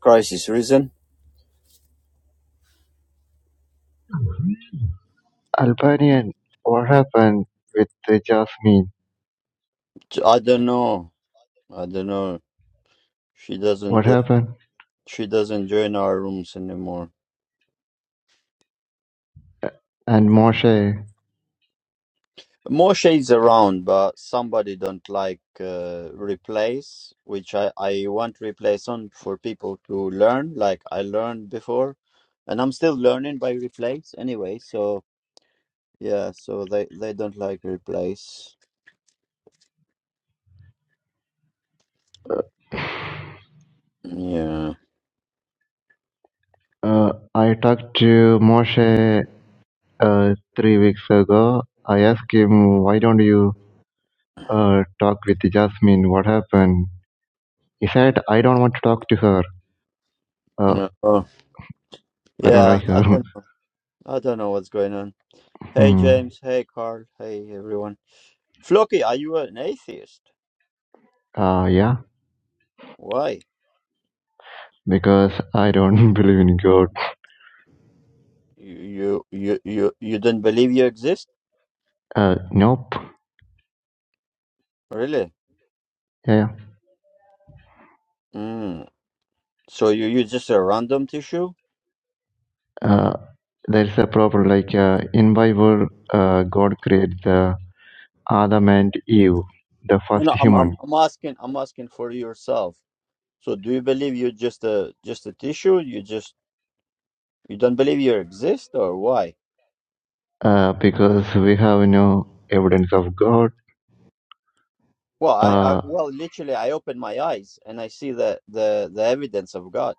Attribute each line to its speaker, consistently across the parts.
Speaker 1: Christ is risen.
Speaker 2: Albanian, What Happened with the Jasmine?
Speaker 1: I don't know. I don't know. She doesn't.
Speaker 2: What Happened?
Speaker 1: She doesn't join our rooms anymore.
Speaker 2: And Moshe.
Speaker 1: Moshe is around, but somebody don't like uh, replace, which I I want replace on for people to learn, like I learned before, and I'm still learning by replace anyway. So yeah, so they they don't like replace. Yeah.
Speaker 2: Uh, I talked to Moshe uh, three weeks ago. I asked him, why don't you uh, talk with Jasmine? What happened? He said, I don't want to talk to her. Uh,
Speaker 1: No. Oh,
Speaker 2: I don't
Speaker 1: yeah.
Speaker 2: like
Speaker 1: I
Speaker 2: her.
Speaker 1: don't know. I don't know what's going on. Hey
Speaker 2: hmm.
Speaker 1: James. Hey Carl. Hey everyone. Flocky, are you an atheist?
Speaker 2: uh, yeah,
Speaker 1: Why?
Speaker 2: because I don't believe in God.
Speaker 1: You you you you don't believe you exist?
Speaker 2: Uh, nope.
Speaker 1: Really?
Speaker 2: Yeah.
Speaker 1: Mm. So you you just a random tissue?
Speaker 2: yeah. Uh, there is a problem like uh, in bible uh, god created the Adam and Eve, the
Speaker 1: No,
Speaker 2: first
Speaker 1: no, I'm I'm
Speaker 2: human,
Speaker 1: I'm asking I'm asking for yourself. So do you believe you're just a just a tissue? You just you don't believe you exist or why?
Speaker 2: uh, because we have no evidence of God.
Speaker 1: Well, I, I
Speaker 2: Uh,
Speaker 1: well literally I open my eyes and I see the the the evidence of God.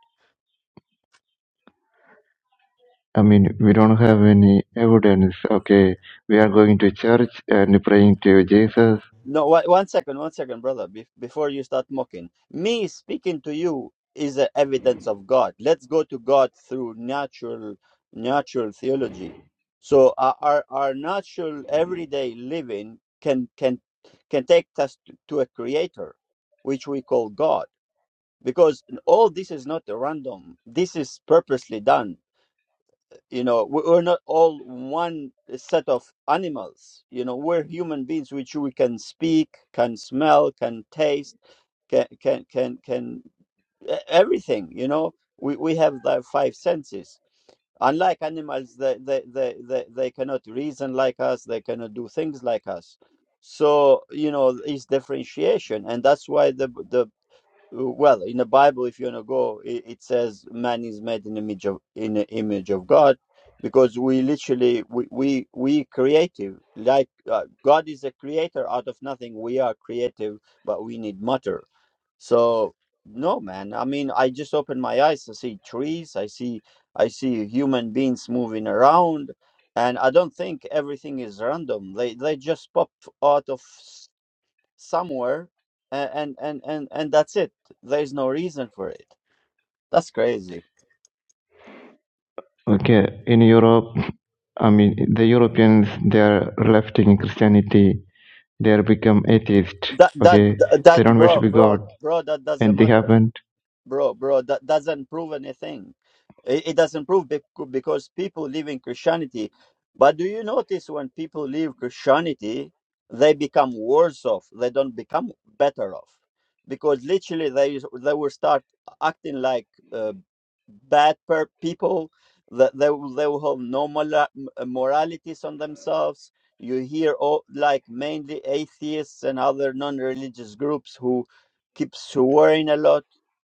Speaker 2: I mean, we don't have any evidence. Okay, we are going to church and praying to Jesus.
Speaker 1: No, one one second, one second, brother. Be- before you start mocking, me speaking to you is the evidence of God. Let's go to God through natural, natural theology. So our our, our natural everyday living can can can take us to, to a creator, which we call God, because all this is not random. This is purposely done you know we- we're not all one set of animals you know we're human beings which we can speak can smell can taste can can can, can e- everything you know we, we have the five senses unlike animals they, they they they they cannot reason like us they cannot do things like us so you know is differentiation and that's why the the well in the bible if you want to go it, it says man is made in the image of in the image of god because we literally we we, we creative like uh, god is a creator out of nothing we are creative but we need matter so no man i mean i just open my eyes I see trees i see i see human beings moving around and i don't think everything is random they they just pop out of somewhere and and and and, and that's it there's no reason for it that's crazy
Speaker 2: Okay, in Europe, I mean, the Europeans they are lefting Christianity. They are become atheist.
Speaker 1: that that
Speaker 2: Okay, they
Speaker 1: that
Speaker 2: don't worship
Speaker 1: bro bro
Speaker 2: God,
Speaker 1: bro that doesn't
Speaker 2: and they
Speaker 1: matter
Speaker 2: haven't.
Speaker 1: bro bro that doesn't prove anything it, it doesn't prove becau- because people live in christianity but do you notice when people leave christianity they become worse off they don't become better off because literally they is- they will start acting like uh, bad per- people that they, will- they will have no mola- moralities on themselves you hear all like mainly atheists and other non-religious groups who keep swearing a lot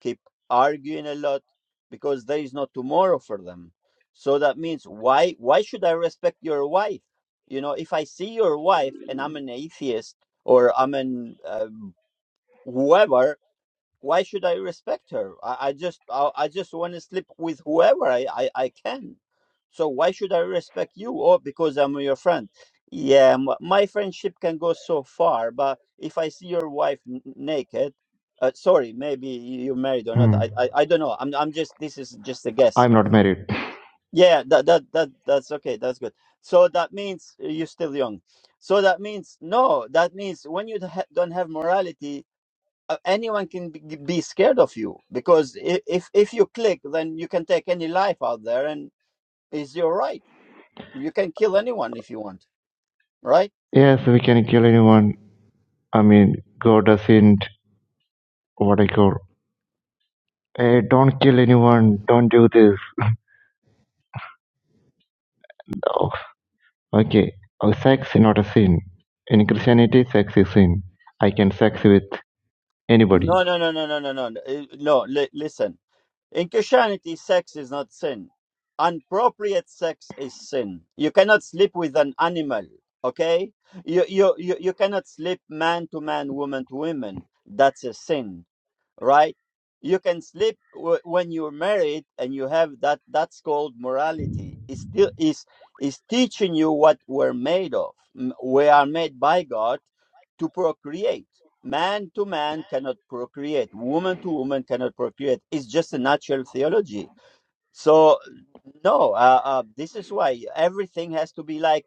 Speaker 1: keep arguing a lot because there is no tomorrow for them so that means why why should i respect your wife you know if i see your wife and i'm an atheist or i'm an uh, whoever why should I respect her? I, I just I, I just want to sleep with whoever I, I, I can. So why should I respect you? Or because I'm your friend? Yeah, m- my friendship can go so far, but if I see your wife n- naked, uh, sorry, maybe you- you're married or not.
Speaker 2: Hmm.
Speaker 1: I, I I don't know. I'm I'm just this is just a guess.
Speaker 2: I'm not married.
Speaker 1: Yeah, that that that that's okay. That's good. So that means uh, you're still young. So that means no. That means when you ha- don't have morality, uh, anyone can be be scared of you because i- if if you click then you can take any life out there and it's your right you can kill anyone if you want right
Speaker 2: Yes, we can kill anyone. I mean, God doesn't what I call. Hey, don't kill anyone. Don't do this. Oh, okay. Oh, sex is not a sin. In Christianity, sex is sin. I can sex with anybody.
Speaker 1: no no no no no no no no Uh, no, li- listen in christianity sex is not sin appropriate sex is sin you cannot sleep with an animal okay you you you, you cannot sleep man to man woman to woman that's a sin right? You can sleep w- when you're married and you have that. That's called morality. It's still is is teaching you what we're made of. M- We are made by God to procreate. Man to man cannot procreate. Woman to woman cannot procreate. It's just a natural theology. So no, uh, uh, this is why everything has to be like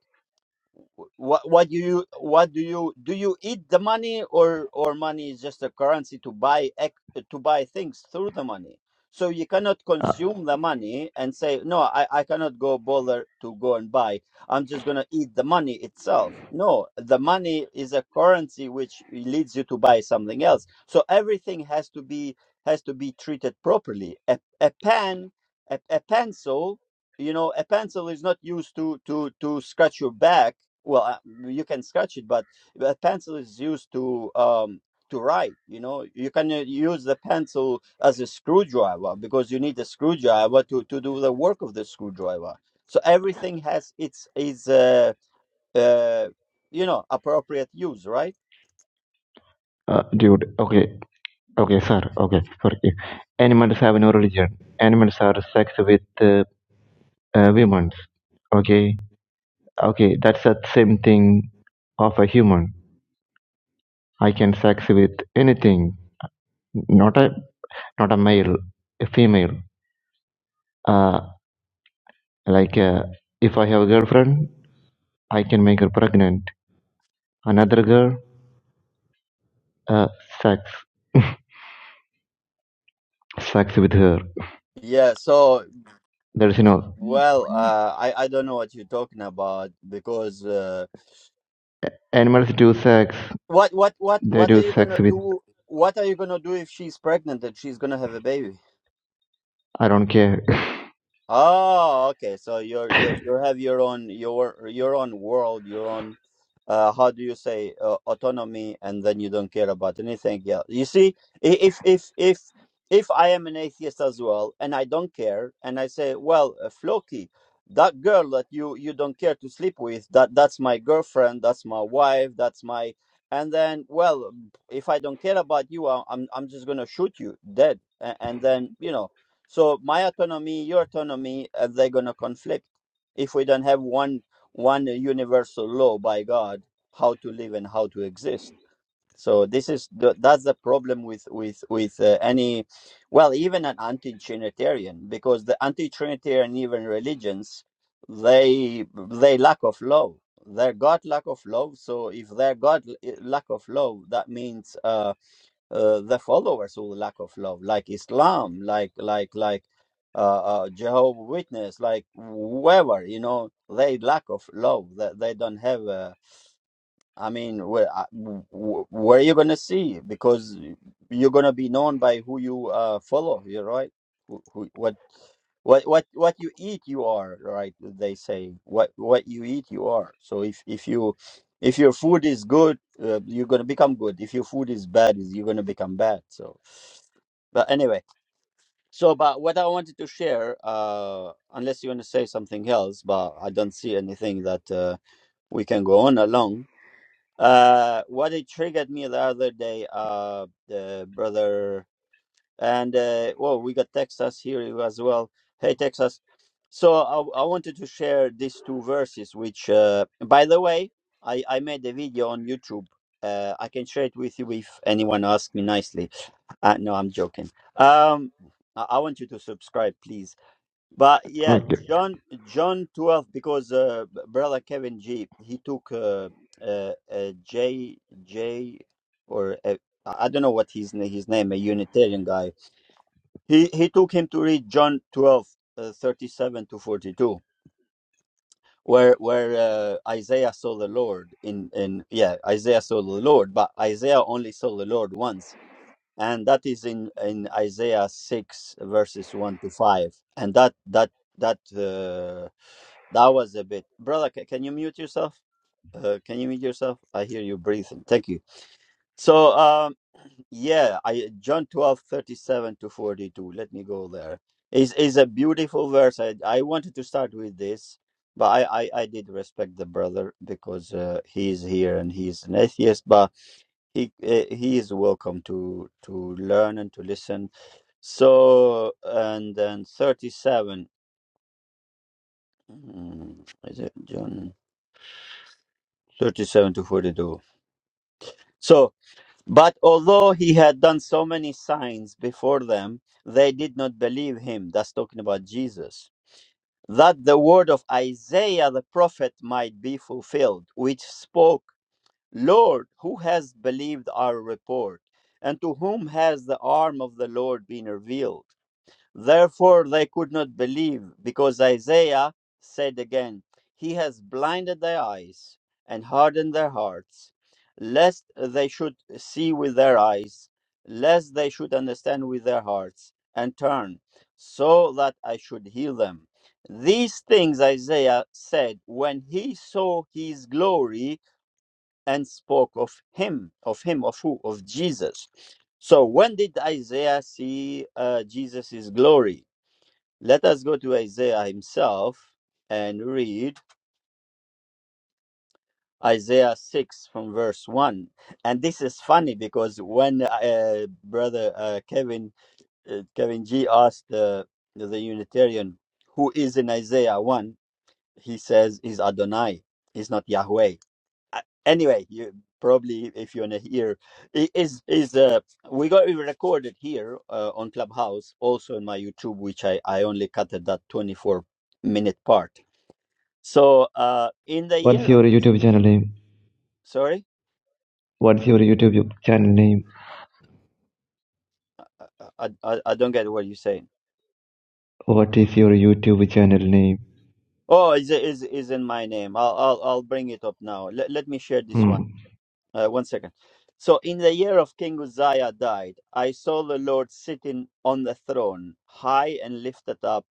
Speaker 1: what what do you what do you do you eat the money or or money is just a currency to buy ec- to buy things through the money so you cannot
Speaker 2: Uh,
Speaker 1: consume the money and say no i i cannot go bother to go and buy i'm just going to eat the money itself no the money is a currency which leads you to buy something else so everything has to be has to be treated properly a, a pen a, a pencil you know a pencil is not used to to to scratch your back well uh, you can scratch it but a pencil is used to um to write you know you can uh, use the pencil as a screwdriver because you need a screwdriver to to do the work of the screwdriver so everything has its is uh, uh you know appropriate use right
Speaker 2: uh, dude, okay. Okay, sir. Okay, sorry. Animals have no religion. Animals are sex with uh, uh, women. Okay. Okay, that's the same thing of a human. I can sex with anything. Not a not a male, a female. Uh, like uh, if I have a girlfriend, I can make her pregnant. Another girl, uh, sex, sex with her.
Speaker 1: yeah so
Speaker 2: That's enough.
Speaker 1: well uh i i don't know what you're talking about because uh
Speaker 2: Animals do sex.
Speaker 1: what what what
Speaker 2: They
Speaker 1: what are
Speaker 2: do
Speaker 1: you
Speaker 2: sex
Speaker 1: gonna
Speaker 2: with.
Speaker 1: do what are you gonna do if she's pregnant and she's gonna have a baby
Speaker 2: I don't care.
Speaker 1: Oh, okay. So you're you you have your own your your own world, your own uh how do you say uh, autonomy and then you don't care about anything else. You see, i- if if if if I am an atheist as well and I don't care and I say, well, uh, Floki, that girl that you you don't care to sleep with, that that's my girlfriend, that's my wife, that's my and then well, if I don't care about you, I, I'm I'm just going to shoot you dead. A- And then, you know, so my autonomy, your autonomy, uh, they're gonna conflict if we don't have one one universal law by God how to live and how to exist. So this is the, that's the problem with with with uh, any, well, even an anti-Trinitarian because the anti-Trinitarian even religions they they lack of law. They're God lack of law. So if they're God eh, lack of law, that means. Uh, uh, the followers who lack of love, like Islam, like like like uh, uh, Jehovah Witness, like whoever you know, they lack of love. That they, don't have. a I mean, where I- w- w- where you gonna see? Because you're gonna be known by who you uh, follow. You're right. Who, who, what, what, what, what you eat, you are. Right? They say what what you eat, you are. So if if you if your food is good, uh, you're gonna become good. If your food is bad, is you're gonna become bad. So, but anyway. So, but what I wanted to share, uh, unless you want to say something else, but I don't see anything that uh, we can go on along uh, what it triggered me the other day, uh, the brother, and uh, oh, we got Texas here as well. Hey, Texas. So I, I wanted to share these two verses, which, uh, by the way, I, I made a video on YouTube. Uh, I can share it with you if anyone asks me nicely. Uh, no, I'm joking. Um, I, I want you to subscribe, please. But yeah,
Speaker 2: okay.
Speaker 1: John John 12 because uh, b- brother Kevin G he took uh, uh, uh, J J or uh, I I don't know what his na- his name a Unitarian guy. He he took him to read John 12 uh, 37 to 42 where where uh, Isaiah saw the Lord in in yeah Isaiah saw the Lord but Isaiah only saw the Lord once and that is in in Isaiah 6 verses 1 to 5 and that that that uh, that was a bit. Brother, ca- can you mute yourself? Uh, can you mute yourself? I hear you breathing. Thank you. So, um, yeah, I John 12 37 to 42. Let me go there. Is is a beautiful verse. I, I wanted to start with this, but I, I, I did respect the brother because uh, he is here and he is an atheist, but he uh, he is welcome to to learn and to listen. So, and then 37. Hmm, Is it John? 37 to 42. So, but although he had done so many signs before them, they did not believe him. That's talking about Jesus. That the word of Isaiah the prophet might be fulfilled, which spoke, Lord, who has believed our report? And to whom has the arm of the Lord been revealed? Therefore, they could not believe, because Isaiah said again, He has blinded their eyes and hardened their hearts, lest they should see with their eyes, lest they should understand with their hearts, and turn, so that I should heal them. These things Isaiah said when he saw his glory and spoke of him, of him, of who? Of Jesus. So, when did Isaiah see uh, Jesus' glory? Let us go to Isaiah himself and read Isaiah 6 from verse 1. And this is funny because when uh, brother uh, Kevin uh, Kevin G asked uh, the Unitarian who is in Isaiah 1, he says he's Adonai, he's not Yahweh. Uh, Anyway, you probably if you want to hear i- is is uh we got it recorded here uh, on clubhouse also in my youtube which i i only cut at that 24 minute part So uh, in the year
Speaker 2: What's
Speaker 1: of
Speaker 2: your YouTube channel name?
Speaker 1: sorry,
Speaker 2: What's your YouTube channel name?
Speaker 1: I, I I don't get what you're saying.
Speaker 2: What is your YouTube channel name?
Speaker 1: Oh, is is is in my name. I'll I'll I'll bring it up now. Let let me share this one.
Speaker 2: Hmm.
Speaker 1: Uh, one second. So in the year of King Uzziah died, I saw the Lord sitting on the throne, high and lifted up,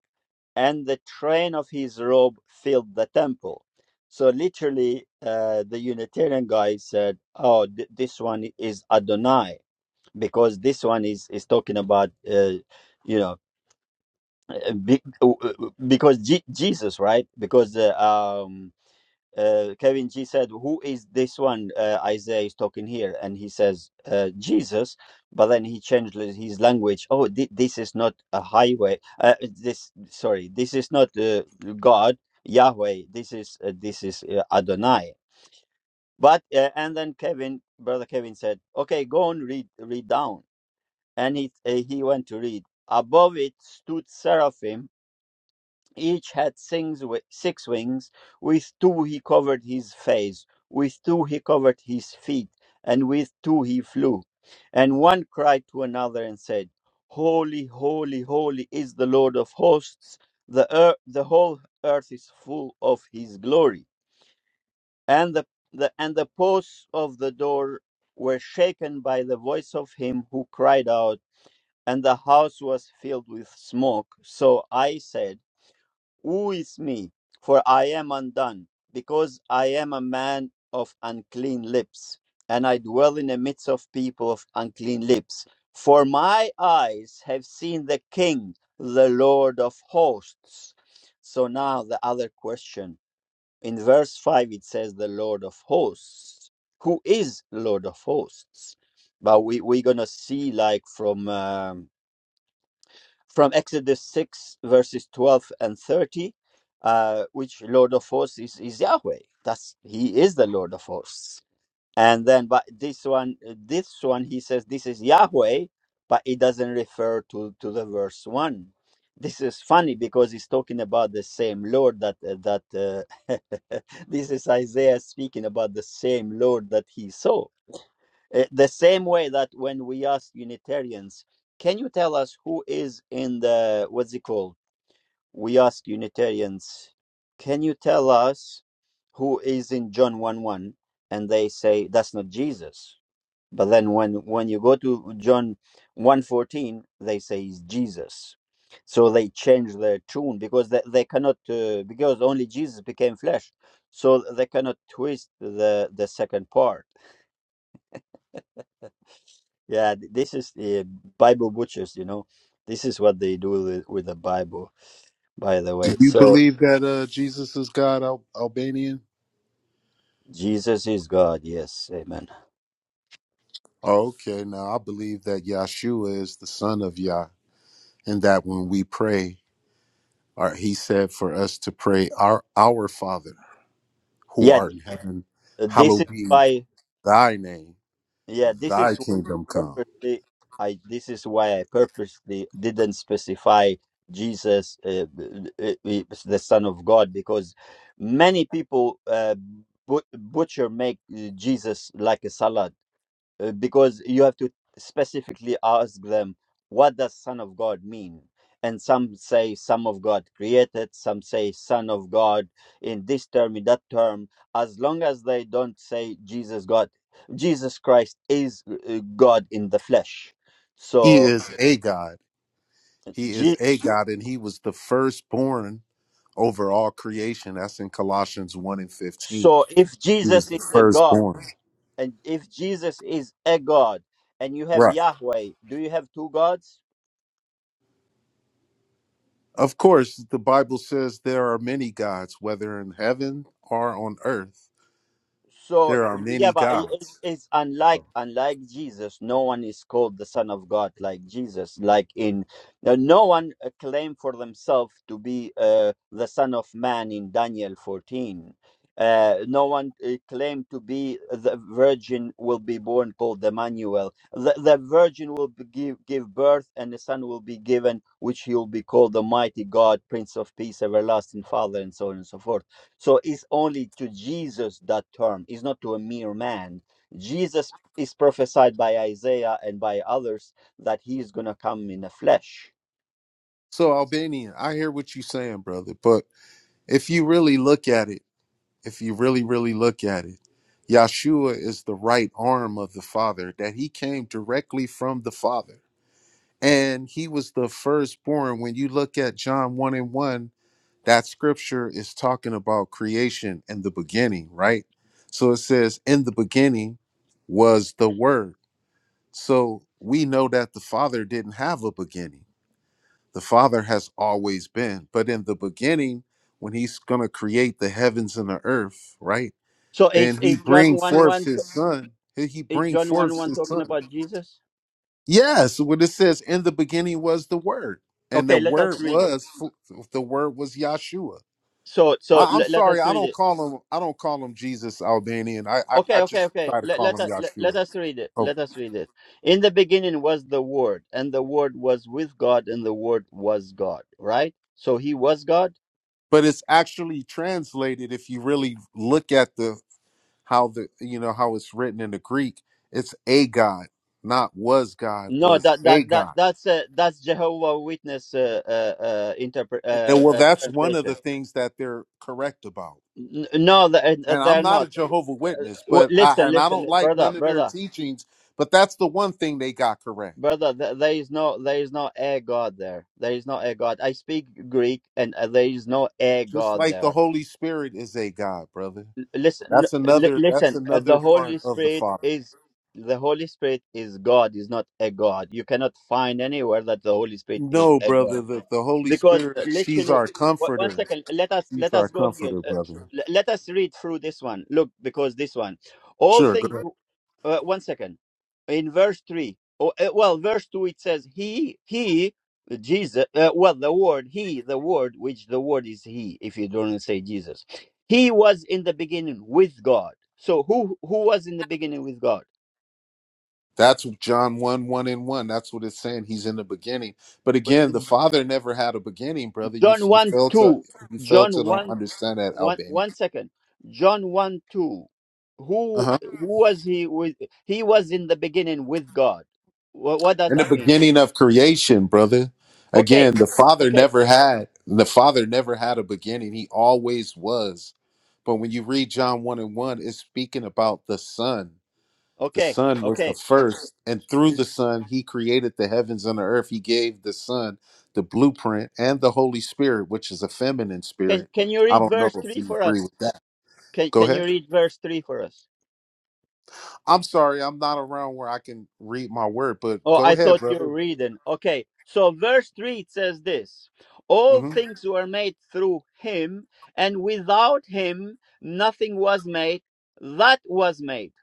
Speaker 1: and the train of his robe filled the temple. So literally, uh, the Unitarian guy said, "Oh, th- this one is Adonai." because this one is is talking about uh, you know uh, be, uh, uh, because G- Jesus right because uh, um uh, Kevin G said who is this one uh, Isaiah is talking here and he says uh, Jesus but then he changed li- his language oh thi- this is not a highway uh, this sorry this is not uh, God Yahweh this is uh, this is uh, Adonai but uh, and then Kevin brother Kevin said okay go on read read down and it, uh, he went to read. Above it stood seraphim, each had six, wi- six wings. With two he covered his face, with two he covered his feet, and with two he flew. And one cried to another and said, Holy, holy, holy is the Lord of hosts. The, earth the whole earth is full of his glory. And the, the, and the posts of the door were shaken by the voice of him who cried out, and the house was filled with smoke. So I said, Who is me? For I am undone, because I am a man of unclean lips, and I dwell in the midst of people of unclean lips. For my eyes have seen the King, the Lord of hosts. So now the other question. In verse 5, it says, The Lord of hosts. Who is Lord of hosts? But we, we're going to see, like, from. Um, from Exodus 6, verses 12 and 30, uh, which Lord of hosts is, is Yahweh. That's He is the Lord of hosts. And then, but this one, this one, he says this is Yahweh, but it doesn't refer to to the verse one. This is funny because he's talking about the same Lord that that uh, this is Isaiah speaking about the same Lord that he saw uh, the same way that when we ask Unitarians, can you tell us who is in the, what's it called? We ask Unitarians, can you tell us who is in John 1 1? And they say, that's not Jesus. But then when, when you go to John one fourteen, they say it's Jesus. So they change their tune because they, they cannot, uh, because only Jesus became flesh. So they cannot twist the, the second part Yeah, th- this is the Bible butchers, you know. This is what they do with, with the Bible, by the way.
Speaker 3: You
Speaker 1: So
Speaker 3: believe that uh, Jesus is God, Al- Albanian?
Speaker 1: Jesus is God, yes, amen.
Speaker 3: Oh, okay, now I believe that Yahshua is the son of Yah, and that when we pray, or he said for us to pray, our our Father who
Speaker 1: Yeah,
Speaker 3: art
Speaker 1: th-
Speaker 3: in heaven,
Speaker 1: uh, this
Speaker 3: hallowed
Speaker 1: is
Speaker 3: be
Speaker 1: why
Speaker 3: thy name,
Speaker 1: yeah, this
Speaker 3: thy
Speaker 1: is
Speaker 3: kingdom
Speaker 1: why
Speaker 3: come.
Speaker 1: purposely I this is why I purposely didn't specify Jesus uh, b- b- b- the son of God because many people uh, bu- butcher make uh, Jesus like a salad uh, because you have to specifically ask them what does son of god mean and some say son of god created some say son of god in this term in that term as long as they don't say jesus god jesus christ is uh, god in the flesh
Speaker 3: He
Speaker 1: so
Speaker 3: is a God. He is
Speaker 1: Je-
Speaker 3: a God, and he was the firstborn over all creation. That's in Colossians 1 and 15.
Speaker 1: so if
Speaker 3: He was
Speaker 1: jesus
Speaker 3: the
Speaker 1: is a god
Speaker 3: firstborn.
Speaker 1: and if jesus is a god and you have
Speaker 3: Right.
Speaker 1: yahweh do you have two gods
Speaker 3: Of course, the Bible says there are many gods, whether in heaven or on earth.
Speaker 1: So
Speaker 3: There are
Speaker 1: yeah,
Speaker 3: many
Speaker 1: but it, it-
Speaker 3: gods.
Speaker 1: it's unlike unlike Jesus. No one is called the Son of God like Jesus. Like in uh, no one uh, claimed for themselves to be uh, the Son of Man in Daniel fourteen. Uh, no one uh, claimed to be uh, the virgin will be born called Emmanuel. The, the virgin will be give, give birth and the son will be given, which he will be called the mighty God, Prince of Peace, Everlasting Father, and so on and so forth so it's only to Jesus that term, it's not to a mere man. Jesus is prophesied by Isaiah and by others that he is going to come in the flesh.
Speaker 3: So, Albanian, I hear what you're saying, brother. But if you really look at it, if you really, really look at it, Yahshua is the right arm of the Father, that he came directly from the Father. And he was the firstborn. When you look at John 1 and 1, that scripture is talking about creation and the beginning, right? So it says, In the beginning was the Word. So we know that the Father didn't have a beginning. The Father has always been. But in the beginning, when He's going to create the heavens and the earth, right?
Speaker 1: So is,
Speaker 3: Then He
Speaker 1: is John
Speaker 3: bring
Speaker 1: 1
Speaker 3: forth
Speaker 1: 1 t-
Speaker 3: His Son. He he
Speaker 1: is
Speaker 3: bring
Speaker 1: John
Speaker 3: forth
Speaker 1: 1 1
Speaker 3: His
Speaker 1: talking
Speaker 3: Son.
Speaker 1: about Jesus?
Speaker 3: Yes, when it says, In the beginning was the Word. And the
Speaker 1: Okay, let
Speaker 3: word
Speaker 1: us read it.
Speaker 3: was the word was Yahshua
Speaker 1: So so
Speaker 3: I, I'm
Speaker 1: let, let
Speaker 3: sorry,
Speaker 1: us
Speaker 3: I
Speaker 1: read
Speaker 3: don't
Speaker 1: it.
Speaker 3: call him. I don't call him Jesus Albanian. I I, I
Speaker 1: Okay, okay,
Speaker 3: just
Speaker 1: okay.
Speaker 3: try to
Speaker 1: Let,
Speaker 3: call
Speaker 1: let,
Speaker 3: him
Speaker 1: us- let, let
Speaker 3: Yahshua.
Speaker 1: us read it.
Speaker 3: Oh,
Speaker 1: Let us read it. In the beginning was the Word, and the Word was with God, and the Word was God, right? So he was God?
Speaker 3: but it's actually translated. If you really look at the how the you know how it's written in the Greek, it's a god, not was God,
Speaker 1: No,
Speaker 3: was
Speaker 1: that
Speaker 3: a
Speaker 1: that that
Speaker 3: god.
Speaker 1: that's uh, that's Jehovah Witness uh, uh, uh, interpret
Speaker 3: And
Speaker 1: uh,
Speaker 3: then, well,
Speaker 1: uh,
Speaker 3: that's one of the
Speaker 1: translation.
Speaker 3: things that they're correct about.
Speaker 1: N- No, they uh, uh,
Speaker 3: And I'm
Speaker 1: they're
Speaker 3: not a
Speaker 1: not.
Speaker 3: Jehovah
Speaker 1: Uh,
Speaker 3: Witness,
Speaker 1: w-
Speaker 3: but I
Speaker 1: Listen,
Speaker 3: and I don't
Speaker 1: listen,
Speaker 3: like
Speaker 1: brother,
Speaker 3: none of their
Speaker 1: brother,
Speaker 3: teachings. But that's the one thing they got correct.
Speaker 1: brother. th- There is no there is no a god there. There is no a god. I speak Greek, and uh, there is no a
Speaker 3: Just
Speaker 1: god
Speaker 3: like the
Speaker 1: there.
Speaker 3: Holy Spirit is a God, brother.
Speaker 1: Listen,
Speaker 3: That's
Speaker 1: l-
Speaker 3: another that's
Speaker 1: listen. Uh,
Speaker 3: another
Speaker 1: the
Speaker 3: part
Speaker 1: Holy
Speaker 3: of the
Speaker 1: Spirit
Speaker 3: Father.
Speaker 1: is the Holy Spirit is God. Is not a god. You cannot find anywhere that the Holy Spirit is
Speaker 3: No,
Speaker 1: a
Speaker 3: brother,
Speaker 1: god.
Speaker 3: the, the Holy
Speaker 1: because uh,
Speaker 3: Spirit, she's
Speaker 1: literally
Speaker 3: our
Speaker 1: one one
Speaker 3: comforter.
Speaker 1: second let us
Speaker 3: She's
Speaker 1: let
Speaker 3: our
Speaker 1: us go here
Speaker 3: comforter,
Speaker 1: uh,
Speaker 3: brother.
Speaker 1: l- let us read through this one look because this one all
Speaker 3: Sure, go
Speaker 1: things
Speaker 3: ahead.
Speaker 1: uh, one second in verse 3 oh, uh, well verse 2 it says he he jesus uh, well the word he the word which the word is he if you don't say jesus he was in the beginning with god so who who was in the beginning with god
Speaker 3: That's John 1, 1 and 1. That's what it's saying. He's in the beginning. But again,
Speaker 1: Uh,
Speaker 3: the Father never had a beginning, brother. You
Speaker 1: john
Speaker 3: you
Speaker 1: 1
Speaker 3: fail to
Speaker 1: 2
Speaker 3: you fail
Speaker 1: john
Speaker 3: to don't
Speaker 1: 1
Speaker 3: understand that,
Speaker 1: one
Speaker 3: Albany.
Speaker 1: one second john 1 2
Speaker 3: Uh
Speaker 1: who
Speaker 3: huh.
Speaker 1: who was he with he was in the beginning with god what, what does
Speaker 3: in the
Speaker 1: that mean to you?
Speaker 3: beginning of creation, brother.
Speaker 1: okay
Speaker 3: Again, the Father
Speaker 1: okay
Speaker 3: never had the Father never had a beginning. He always was. But when you read John 1 and 1, it's speaking about the Son. The
Speaker 1: okay
Speaker 3: Son was the
Speaker 1: okay
Speaker 3: first, and through the Son, he created the heavens and the earth. He gave the Son the blueprint and the Holy Spirit, which is a feminine
Speaker 1: can
Speaker 3: spirit.
Speaker 1: can you
Speaker 3: I
Speaker 1: read
Speaker 3: don't know
Speaker 1: verse
Speaker 3: if
Speaker 1: 3
Speaker 3: you
Speaker 1: for
Speaker 3: agree
Speaker 1: us
Speaker 3: with that.
Speaker 1: can,
Speaker 3: Go
Speaker 1: can you
Speaker 3: ahead.
Speaker 1: read verse 3 for us
Speaker 3: I'm sorry, I'm not around where I can read my word, but
Speaker 1: oh
Speaker 3: go
Speaker 1: i
Speaker 3: ahead,
Speaker 1: thought you were
Speaker 3: brother.
Speaker 1: reading okay so verse 3 it says this all
Speaker 3: Mhm.
Speaker 1: things were made through him and without him nothing was made that was made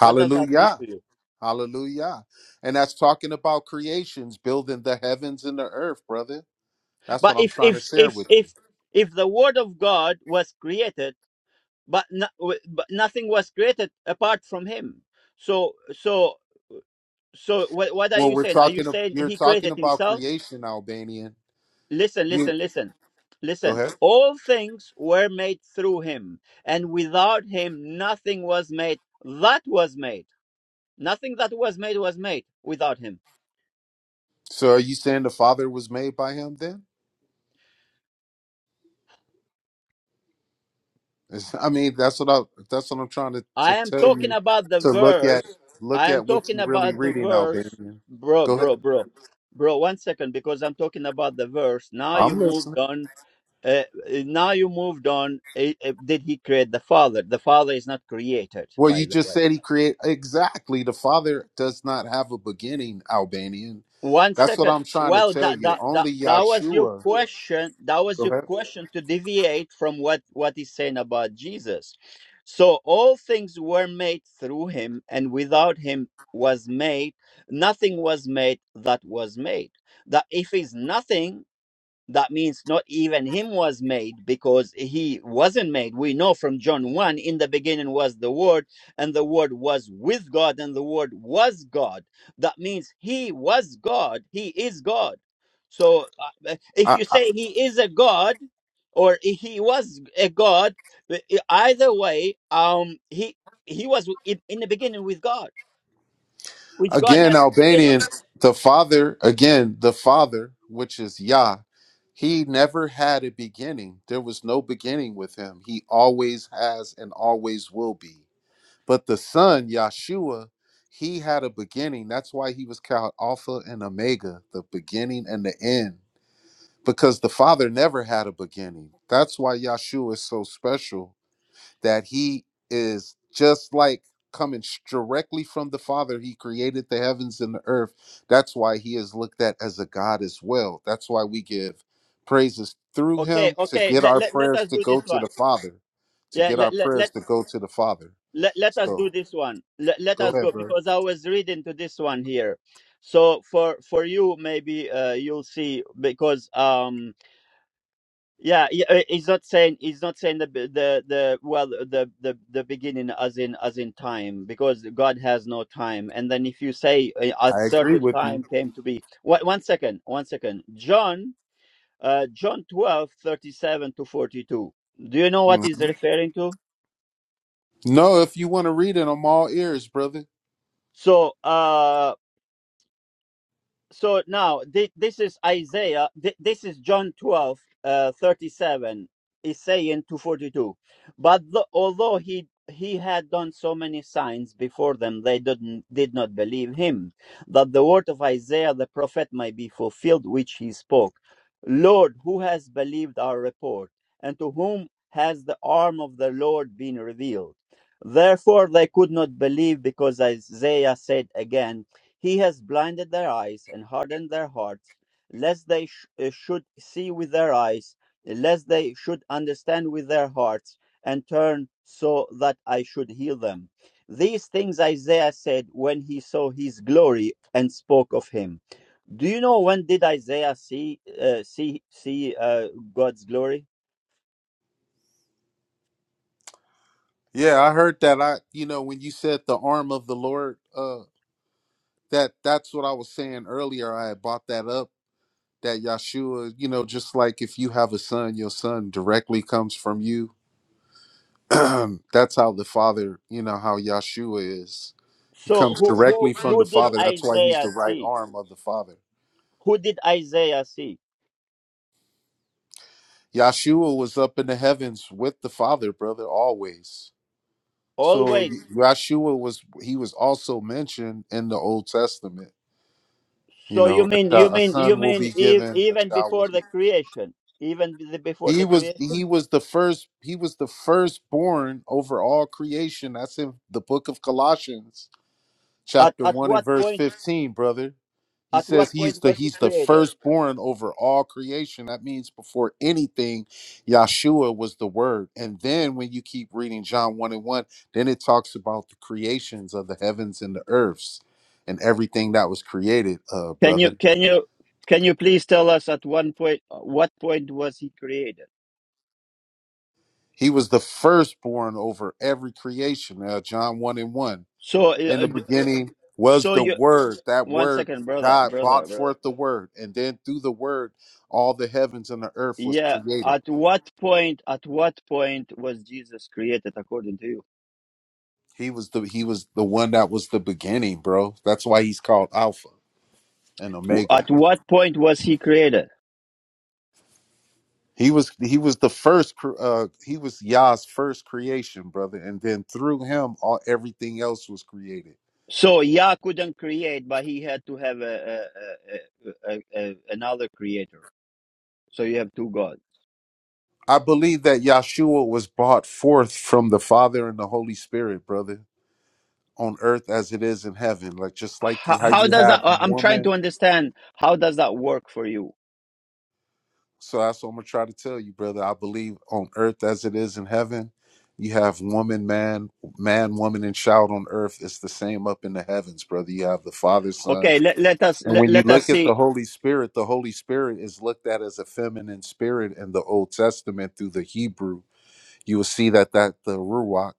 Speaker 1: what does that mean to you
Speaker 3: Hallelujah. And that's talking about creations, building the heavens and the earth, brother. That's
Speaker 1: But
Speaker 3: what I'm
Speaker 1: if
Speaker 3: trying to
Speaker 1: if
Speaker 3: share
Speaker 1: if
Speaker 3: with you.
Speaker 1: if if the Word of God was created, but no, w- but nothing was created apart from Him. So so so what what are
Speaker 3: Well,
Speaker 1: you
Speaker 3: we're
Speaker 1: saying? Are you
Speaker 3: talking of,
Speaker 1: saying
Speaker 3: you're
Speaker 1: He
Speaker 3: talking
Speaker 1: created
Speaker 3: about
Speaker 1: Himself?
Speaker 3: creation, Albanian.
Speaker 1: Listen,
Speaker 3: You
Speaker 1: listen, listen,
Speaker 3: go
Speaker 1: listen.
Speaker 3: ahead.
Speaker 1: All things were made through Him, and without Him, nothing was made that was made. Nothing that was made was made without Him.
Speaker 3: So are you saying the father was made by him then? Is- I mean, that's what I that's what I'm trying to, to
Speaker 1: I am
Speaker 3: tell
Speaker 1: talking
Speaker 3: you
Speaker 1: about the
Speaker 3: to look at
Speaker 1: verse. I
Speaker 3: look
Speaker 1: am
Speaker 3: at what
Speaker 1: talking
Speaker 3: you're really
Speaker 1: about the
Speaker 3: reading,
Speaker 1: verse,
Speaker 3: Albanian.
Speaker 1: bro,
Speaker 3: Go ahead.
Speaker 1: bro, bro, bro. One second, because I'm talking about the verse. Now you
Speaker 3: I'm listening.
Speaker 1: moved on. Uh, now you moved on. Uh, uh, did he create the Father? The Father is not created,
Speaker 3: Well, you
Speaker 1: by the
Speaker 3: just
Speaker 1: way.
Speaker 3: said he created exactly. The Father does not have a beginning, Albanian.
Speaker 1: One
Speaker 3: That's what
Speaker 1: second.
Speaker 3: I'm trying to
Speaker 1: Well,
Speaker 3: tell
Speaker 1: that,
Speaker 3: you.
Speaker 1: that that
Speaker 3: Only
Speaker 1: that was your
Speaker 3: Yahshua.
Speaker 1: question. That was
Speaker 3: Go
Speaker 1: your
Speaker 3: ahead.
Speaker 1: question to deviate from what what he's saying about Jesus. So all things were made through him, and without him was made nothing was made that was made. That if he's nothing, that means not even him was made because he wasn't made we know from john 1 in the beginning was the word and the word was with god and the word was god that means he was god he is god so uh, if
Speaker 3: I,
Speaker 1: you say he is a god or he was a god e- either way um he he was in, in the beginning with god which god
Speaker 3: again,
Speaker 1: has beginning
Speaker 3: Albanian. The Father. Again, the Father, which is Yah. He never had a beginning. There was no beginning with him. He always has and always will be. But the Son, Yahshua, he had a beginning. That's why he was called Alpha and Omega, the beginning and the end. because the father never had a beginning that's why yeshua is so special that he is just like coming s- directly from the father he created the heavens and the earth that's why he is looked at as a god as well that's why we give praises through
Speaker 1: okay
Speaker 3: him to
Speaker 1: okay
Speaker 3: get
Speaker 1: let,
Speaker 3: our
Speaker 1: let, let
Speaker 3: prayers
Speaker 1: us
Speaker 3: to
Speaker 1: do
Speaker 3: go
Speaker 1: this
Speaker 3: to
Speaker 1: one
Speaker 3: the father to
Speaker 1: yeah
Speaker 3: get our
Speaker 1: let let.
Speaker 3: prayers
Speaker 1: let
Speaker 3: to go to the father
Speaker 1: let, let us
Speaker 3: so
Speaker 1: do this one let, let
Speaker 3: go
Speaker 1: us
Speaker 3: ahead
Speaker 1: go
Speaker 3: bro
Speaker 1: because i was reading to this one here so for for you maybe uh, you'll see because um yeah he- uh, he's not saying he's not saying the b- the the well the the the beginning as in as in time because god has no time and then if you say uh, at
Speaker 3: i agree
Speaker 1: certain
Speaker 3: with you
Speaker 1: time came to be one, one second one second john uh john 12 37 to 42 do you know what he's
Speaker 3: Mhm.
Speaker 1: referring to
Speaker 3: no if you want to read it i'm all ears brother
Speaker 1: so uh so now thi- this is isaiah thi- this is john 12 uh, 37 is saying 242 but tho- although he he had done so many signs before them they didn't did not believe him that the word of isaiah the prophet might be fulfilled which he spoke lord who has believed our report and to whom has the arm of the lord been revealed therefore they could not believe because isaiah said again he has blinded their eyes and hardened their hearts, lest they sh- uh, should see with their eyes, lest they should understand with their hearts, and turn so that I should heal them. These things Isaiah said when he saw his glory and spoke of him. Do you know when did Isaiah see uh, see see uh, God's glory?
Speaker 3: Yeah, I heard that. I, you know, when you said the arm of the Lord, uh, that that's what I was saying earlier. I had brought that up that Yahshua, you know, just like if you have a son, your son directly comes from you. that's how the Father, you know, how Yahshua is. He
Speaker 1: So
Speaker 3: comes
Speaker 1: who
Speaker 3: directly
Speaker 1: who
Speaker 3: from the
Speaker 1: who did
Speaker 3: Father. That's why he's the
Speaker 1: Isaiah
Speaker 3: right
Speaker 1: see?
Speaker 3: arm of the Father.
Speaker 1: Who did Isaiah see?
Speaker 3: Yahshua was up in the heavens with the Father, brother, always. So
Speaker 1: Always
Speaker 3: Yahshua was he was also mentioned in the Old Testament You
Speaker 1: So you
Speaker 3: know, a,
Speaker 1: mean you
Speaker 3: child, a
Speaker 1: mean you
Speaker 3: son will
Speaker 1: mean
Speaker 3: be
Speaker 1: e-
Speaker 3: given, a
Speaker 1: even
Speaker 3: child will
Speaker 1: before
Speaker 3: be.
Speaker 1: the creation, even the- before
Speaker 3: He
Speaker 1: the
Speaker 3: was
Speaker 1: creation?
Speaker 3: he was the first he was the firstborn over all creation. That's in the book of Colossians,
Speaker 1: At
Speaker 3: chapter
Speaker 1: at
Speaker 3: one and
Speaker 1: what
Speaker 3: verse
Speaker 1: point?
Speaker 3: fifteen, brother. He
Speaker 1: At
Speaker 3: says
Speaker 1: what
Speaker 3: he's
Speaker 1: point
Speaker 3: the
Speaker 1: was he
Speaker 3: he's the
Speaker 1: created?
Speaker 3: firstborn over all creation. That means before anything, Yahshua was the word. And then when you keep reading John one and one, then it talks about the creations of the heavens and the earths and everything that was created, uh,
Speaker 1: Can you
Speaker 3: brother.
Speaker 1: can you can you please tell us at one point what point was he created?
Speaker 3: He was the firstborn over every creation. Uh, John 1 and 1.
Speaker 1: So
Speaker 3: In
Speaker 1: uh,
Speaker 3: the
Speaker 1: d-
Speaker 3: beginning was
Speaker 1: so
Speaker 3: the
Speaker 1: you
Speaker 3: Word. That
Speaker 1: one
Speaker 3: Word,
Speaker 1: second, brother,
Speaker 3: God
Speaker 1: brother,
Speaker 3: brought
Speaker 1: brother.
Speaker 3: forth the Word. And then through the Word, all the heavens and the earth was
Speaker 1: Yeah,
Speaker 3: created.
Speaker 1: at what point? At what point was Jesus created according to you?
Speaker 3: He was the he was the one that was the beginning, bro. That's why he's called Alpha and
Speaker 1: W-
Speaker 3: Omega.
Speaker 1: At what point was he created?
Speaker 3: He was he was the first cr- uh he was Yah's first creation, brother. And then through him all everything else was created.
Speaker 1: So Yah couldn't create, but he had to have a, a, a, a, a, another creator. So you have two gods.
Speaker 3: I believe that Yahshua was brought forth from the Father and the Holy Spirit, brother, on earth as it is in heaven. Like just like
Speaker 1: How,
Speaker 3: you- how
Speaker 1: how
Speaker 3: you
Speaker 1: does
Speaker 3: have
Speaker 1: that? uh, I'm trying to
Speaker 3: woman.
Speaker 1: understand. How does that work for you?
Speaker 3: So that's what I'm gonna try to tell you, brother. I believe on earth as it is in heaven, you have woman, man, man, woman, and child on earth. It's the same up in the heavens, brother. You have the Father, Son,
Speaker 1: Okay, let, let us
Speaker 3: and
Speaker 1: let,
Speaker 3: when you
Speaker 1: let us
Speaker 3: look at
Speaker 1: see.
Speaker 3: the Holy Spirit, the Holy Spirit is looked at as a feminine spirit in the Old Testament through the Hebrew you will see that that the ruach,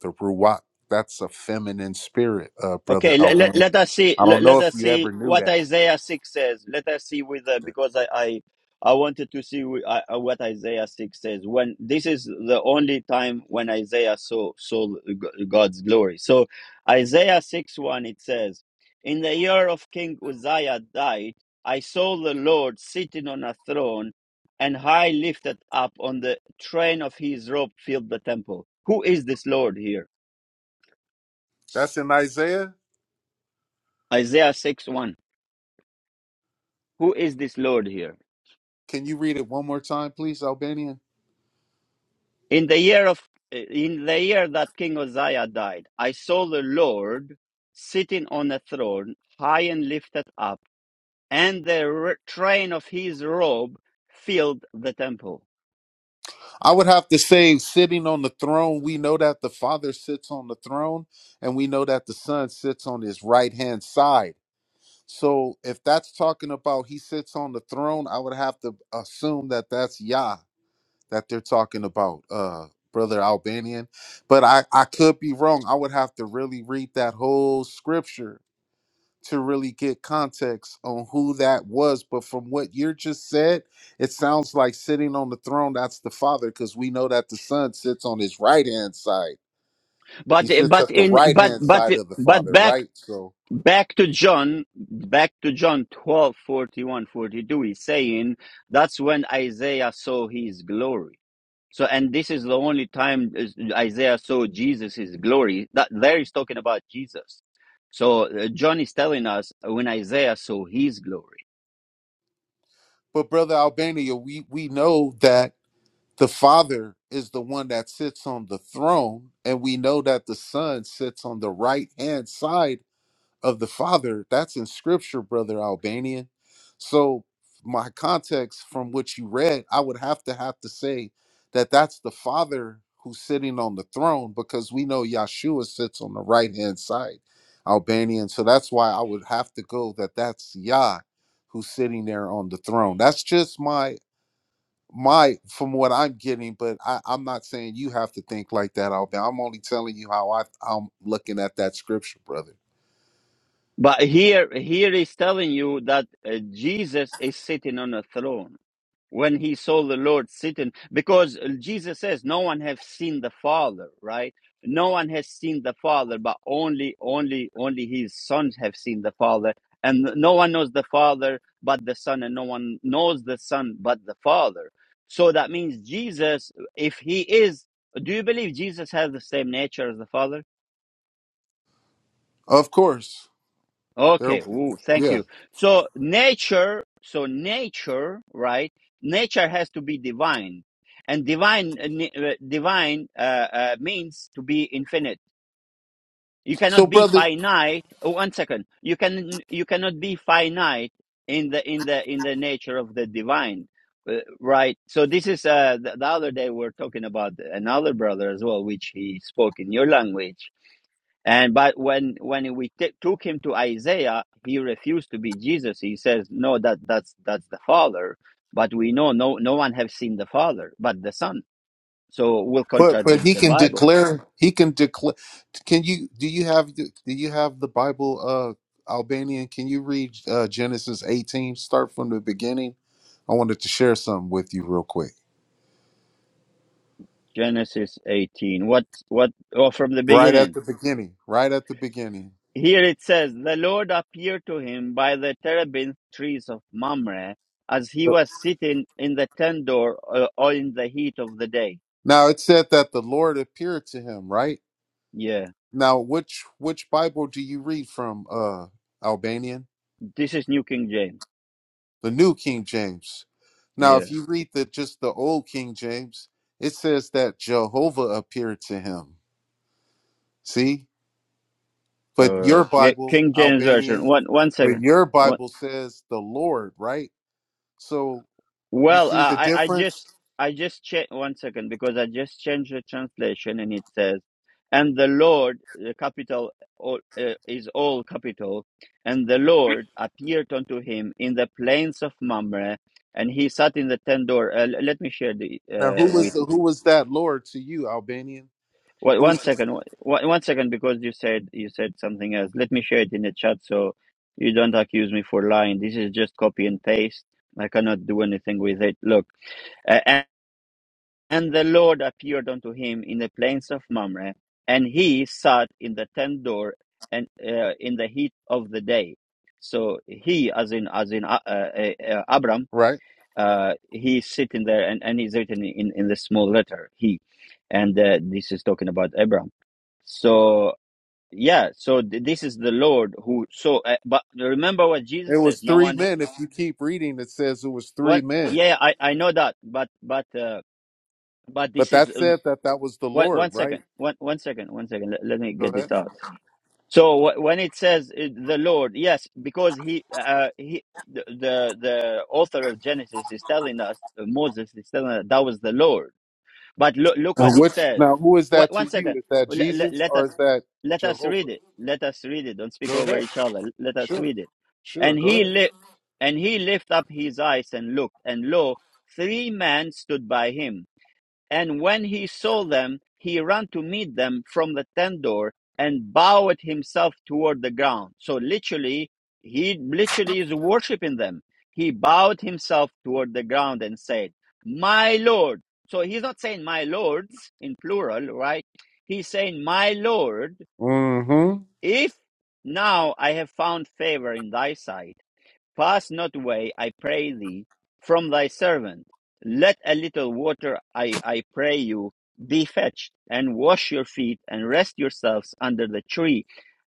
Speaker 3: the ruach, that's a feminine spirit, uh, brother
Speaker 1: Okay, let, let,
Speaker 3: Albani.
Speaker 1: let us see.
Speaker 3: I don't
Speaker 1: Let,
Speaker 3: know
Speaker 1: let
Speaker 3: if
Speaker 1: us
Speaker 3: you
Speaker 1: see
Speaker 3: ever knew
Speaker 1: what
Speaker 3: that.
Speaker 1: Isaiah six says. Let us see with uh, because I, I I wanted to see wi- I- I- what Isaiah six says. When this is the only time when Isaiah saw saw G- God's glory. So Isaiah six one it says, "In the year of King Uzziah died, I saw the Lord sitting on a throne, and high lifted up. On the train of his robe filled the temple." Who is this Lord here?
Speaker 3: That's in Isaiah.
Speaker 1: Isaiah six one. who is this lord here
Speaker 3: Can you read it one more time, please, Albanian?
Speaker 1: in the year of in the year that king uzziah died i saw the lord sitting on a throne high and lifted up and the r- train of his robe filled the temple
Speaker 3: I would have to say, sitting on the throne, we know that the Father sits on the throne, and we know that the Son sits on his right hand side. So, if that's talking about he sits on the throne, I would have to assume that that's Yah. that they're talking about, uh, brother Albanian. But I, I could be wrong. I would have to really read that whole scripture to really get context on who that was. But from what you just said, it sounds like sitting on the throne, that's the Father, because we know that the Son sits on his right hand side. He
Speaker 1: but
Speaker 3: sits
Speaker 1: but
Speaker 3: at the
Speaker 1: in
Speaker 3: right
Speaker 1: but
Speaker 3: hand
Speaker 1: but
Speaker 3: side of the
Speaker 1: but
Speaker 3: Father,
Speaker 1: back
Speaker 3: right? So,
Speaker 1: back to John, back to John 12 41 42. he's saying that's when Isaiah saw his glory. So, and this is the only time is- Isaiah saw Jesus' glory. That there is talking about Jesus. So, uh, John is telling us when Isaiah saw his glory.
Speaker 3: but brother Albania, we we know that. the father is the one that sits on the throne and we know that the son sits on the right hand side of the father that's in scripture brother albanian so my context from what you read i would have to have to say that that's the father who's sitting on the throne because we know yeshua sits on the right hand side albanian so that's why i would have to go that that's yah who's sitting there on the throne that's just my my from what I'm getting, but I, I'm not saying you have to think like that, Alvin. I'm only telling you how I, I'm looking at that scripture, brother.
Speaker 1: But here, here he's telling you that uh, Jesus is sitting on a throne when he saw the Lord sitting, because uh, Jesus says, "No one has seen the Father." Right? No one has seen the Father, but only, only, only His sons have seen the Father, and no one knows the Father but the Son, and no one knows the Son but the Father. So that means Jesus, if He is, do you believe Jesus has the same nature as the Father?
Speaker 3: Of course, there.
Speaker 1: Okay. Ooh, thank
Speaker 3: Yeah.
Speaker 1: you. So nature, so nature, right? Nature has to be divine, and divine, uh, ni- uh, divine uh, uh, means to be infinite. You
Speaker 3: So,
Speaker 1: cannot be
Speaker 3: brother,
Speaker 1: finite. Oh, one second. You can you cannot be finite in the in the in the nature of the divine, uh, right? So this is uh, the, the other day we are talking about another brother as well, which he spoke in your language and but when when we t- took him to Isaiah, he refused to be Jesus. He says, "No, that that's that's the Father." But we know no no one have seen the Father, but the Son. So we'll
Speaker 3: but but
Speaker 1: contradict
Speaker 3: he
Speaker 1: the
Speaker 3: can
Speaker 1: Bible.
Speaker 3: declare. He can declare. Can you? Do you have? Do you have the Bible? Uh, Albanian. Can you read uh, Genesis 18? Start from the beginning. I wanted to share something with you real quick.
Speaker 1: Genesis eighteen. What what? Oh, from the
Speaker 3: Right at
Speaker 1: beginning.
Speaker 3: the beginning. Right at the beginning.
Speaker 1: Here it says, "The Lord appeared to him by the terebinth trees of Mamre, as he was sitting in the tent door uh, or in the heat of the day."
Speaker 3: Now it said that the Lord appeared to him, right?
Speaker 1: Yeah,
Speaker 3: Now, which which Bible do you read from? Uh, Albanian,
Speaker 1: this is New King James.
Speaker 3: the New King James. Now,
Speaker 1: Yeah.
Speaker 3: if you read the just the Old King James, it says that Jehovah appeared to him. See, but
Speaker 1: Uh,
Speaker 3: your
Speaker 1: K-
Speaker 3: Bible,
Speaker 1: King James
Speaker 3: Albanian,
Speaker 1: version. One one
Speaker 3: but
Speaker 1: second.
Speaker 3: your
Speaker 1: One,
Speaker 3: Bible says the Lord, right? So you
Speaker 1: well, uh,
Speaker 3: see the
Speaker 1: I I
Speaker 3: difference.
Speaker 1: just I just cha- one second because I just changed the translation and it says, and the Lord, the capital all, uh, is all capital, and the Lord appeared unto him in the plains of Mamre, and he sat in the tent door. Uh, l- let me share the
Speaker 3: Now, who
Speaker 1: uh,
Speaker 3: was
Speaker 1: with
Speaker 3: the,
Speaker 1: you.
Speaker 3: who was that Lord to you, Albanian?
Speaker 1: Wait, one
Speaker 3: Who's the-
Speaker 1: second, one, one second, because you said you said something else. Let me share it in the chat so you don't accuse me for lying. This is just copy and paste. I cannot do anything with it. Look, uh, and, and the Lord appeared unto him in the plains of Mamre, and he sat in the tent door and uh, in the heat of the day. So he, as in as in uh, uh, uh, Abram,
Speaker 3: right?
Speaker 1: uh, he's sitting there and, and he's written in, in the small letter he and uh, this is talking about Abraham. so yeah so th- this is the lord who so uh, but remember what
Speaker 3: It
Speaker 1: jesus says
Speaker 3: was
Speaker 1: no
Speaker 3: three
Speaker 1: one ha-
Speaker 3: men. If you keep reading, it says it was three
Speaker 1: what
Speaker 3: men.
Speaker 1: yeah yeah, i i know that but but uh, but
Speaker 3: But
Speaker 1: this is
Speaker 3: that
Speaker 1: uh,
Speaker 3: said that that was the
Speaker 1: one,
Speaker 3: Lord,
Speaker 1: one
Speaker 3: right?
Speaker 1: second one one second one second let, let me
Speaker 3: Go
Speaker 1: get this
Speaker 3: ahead.
Speaker 1: out so wh- when it says uh, the lord yes because he uh he the the the author of genesis is telling us uh, moses is telling us that was the lord But look, look
Speaker 3: Now,
Speaker 1: what it
Speaker 3: which
Speaker 1: says.
Speaker 3: now who is
Speaker 1: What,
Speaker 3: that
Speaker 1: one
Speaker 3: to you?
Speaker 1: second.
Speaker 3: Is that
Speaker 1: Let, let,
Speaker 3: Jesus
Speaker 1: let
Speaker 3: or is
Speaker 1: us
Speaker 3: that
Speaker 1: let us read
Speaker 3: Jehovah?
Speaker 1: it. Let us read it. Don't speak
Speaker 3: Go
Speaker 1: over
Speaker 3: ahead.
Speaker 1: each other. Let us
Speaker 3: Sure,
Speaker 1: read it.
Speaker 3: sure.
Speaker 1: And
Speaker 3: Go
Speaker 1: he
Speaker 3: ahead.
Speaker 1: li- and he lift up his eyes and looked, and lo, three men stood by him and when he saw them, he ran to meet them from the tent door and bowed himself toward the ground. So literally, he literally is worshiping them. He bowed himself toward the ground and said, My Lord. So he's not saying my lords in plural, right? He's saying, My Lord,
Speaker 3: Mm-hmm.
Speaker 1: if now I have found favor in thy sight Pass not away, I pray thee, from thy servant. Let a little water, I, I pray you, be fetched, and wash your feet, and rest yourselves under the tree.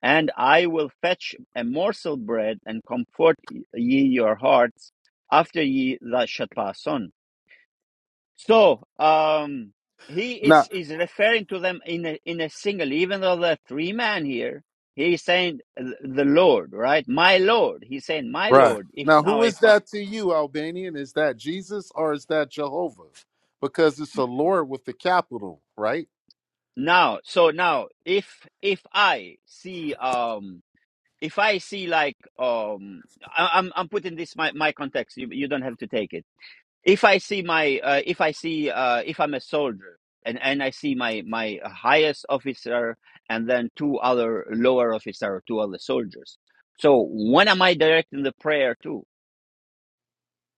Speaker 1: And I will fetch a morsel bread, and comfort ye your hearts after ye that shall pass on. So um, he
Speaker 3: Now,
Speaker 1: is is referring to them in a, in a single, even though they're three men here. He is saying the Lord, right? My Lord. He's saying my
Speaker 3: right.
Speaker 1: Lord. If
Speaker 3: Now,
Speaker 1: now
Speaker 3: who
Speaker 1: if
Speaker 3: is
Speaker 1: I,
Speaker 3: that to you, Albanian? Is that Jesus or is that Jehovah? Because it's a Lord with the capital, right?
Speaker 1: now so now if if I see um if I see like um I, I'm I'm putting this my my context. You you don't have to take it if I see my uh, if I see uh, if I'm a soldier and and I see my my highest officer and then two other lower officer, two other soldiers. So when am I directing the prayer to?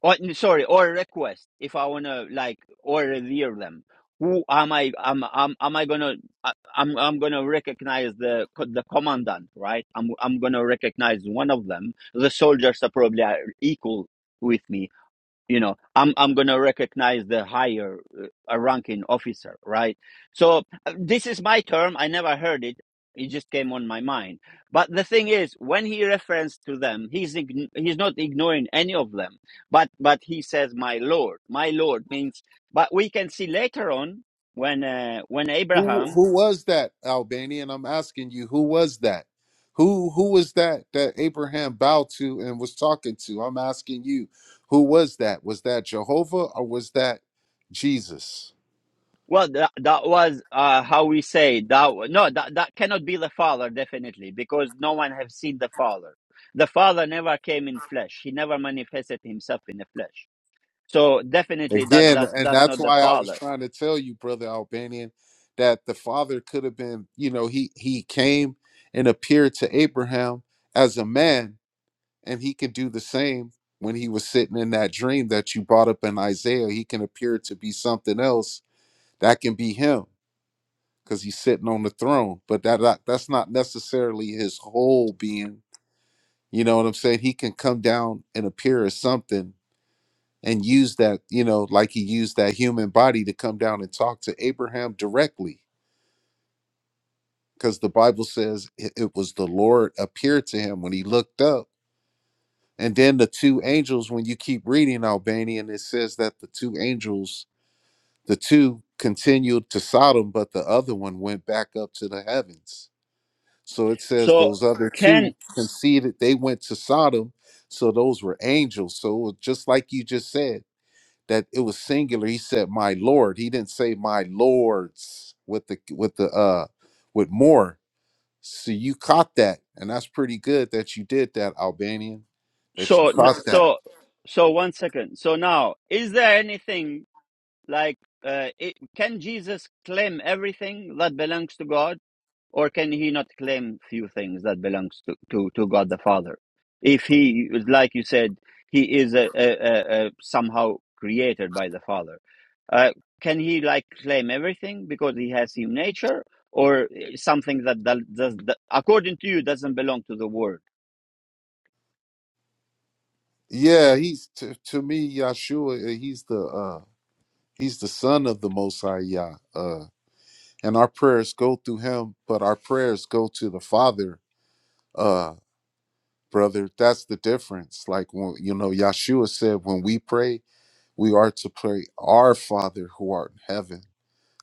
Speaker 1: Or sorry, or request if I wanna like or revere them. Who am I? Am am am I gonna? I- I'm I'm gonna recognize the co- the commandant, right? I'm I'm gonna recognize one of them. The soldiers are probably are equal with me, you know i'm i'm going to recognize the higher uh, a ranking officer right so uh, this is my term i never heard it it just came on my mind but the thing is when he refers to them he's ign- he's not ignoring any of them but but he says my lord my lord means but we can see later on when uh, when
Speaker 3: Who
Speaker 1: abraham
Speaker 3: who was that, Albanian? I'm asking you, who was that? Who who was that that Abraham bowed to and was talking to? I'm asking you, who was that? Was that Jehovah or was that Jesus?
Speaker 1: Well, that, that was uh, how we say that. No, that, that cannot be the Father, definitely, because no one has seen the Father. The Father never came in flesh. He never manifested himself in the flesh. So definitely, that
Speaker 3: Again,
Speaker 1: that's
Speaker 3: and
Speaker 1: that's
Speaker 3: that's
Speaker 1: not the
Speaker 3: why I was
Speaker 1: Father.
Speaker 3: trying to tell you, brother Albanian, that the father could have been, you know, he he came and appeared to Abraham as a man, and he could do the same when he was sitting in that dream that you brought up in Isaiah. He can appear to be something else that can be him because he's sitting on the throne, but that, that that's not necessarily his whole being. You know what I'm saying? He can come down and appear as something and use that, you know, like he used that human body to come down and talk to Abraham directly. Because the Bible says it it was the Lord appeared to him when he looked up. And then the two angels, when you keep reading Albanian, it says that the two angels, the two continued to Sodom, but the other one went back up to the heavens. So it says
Speaker 1: So
Speaker 3: those other
Speaker 1: can
Speaker 3: two conceded they went to Sodom. So those were angels. So it was just like you just said, that it was singular. He said, "My Lord." He didn't say "my lords" with the with the uh with more. So you caught that, and that's pretty good that you did that, Albanian. That you
Speaker 1: so
Speaker 3: caught that.
Speaker 1: so so one second. So now, is there anything like uh, it, can Jesus claim everything that belongs to God? Or can he not claim few things that belongs to, to, to God the Father? If he, like you said, he is a, a, a, a somehow created by the Father, uh, can he like claim everything because he has human nature or eh, something that, that, does that according to you doesn't belong to the Word?
Speaker 3: Yeah, he's to, to me Yahshua. uh, He's the uh he's the son of the Most High Yah. Uh, and our prayers go through him, but our prayers go to the Father. Uh, brother, that's the difference. Like when you know Yahshua said, when we pray. We are to pray, Our Father who art in heaven,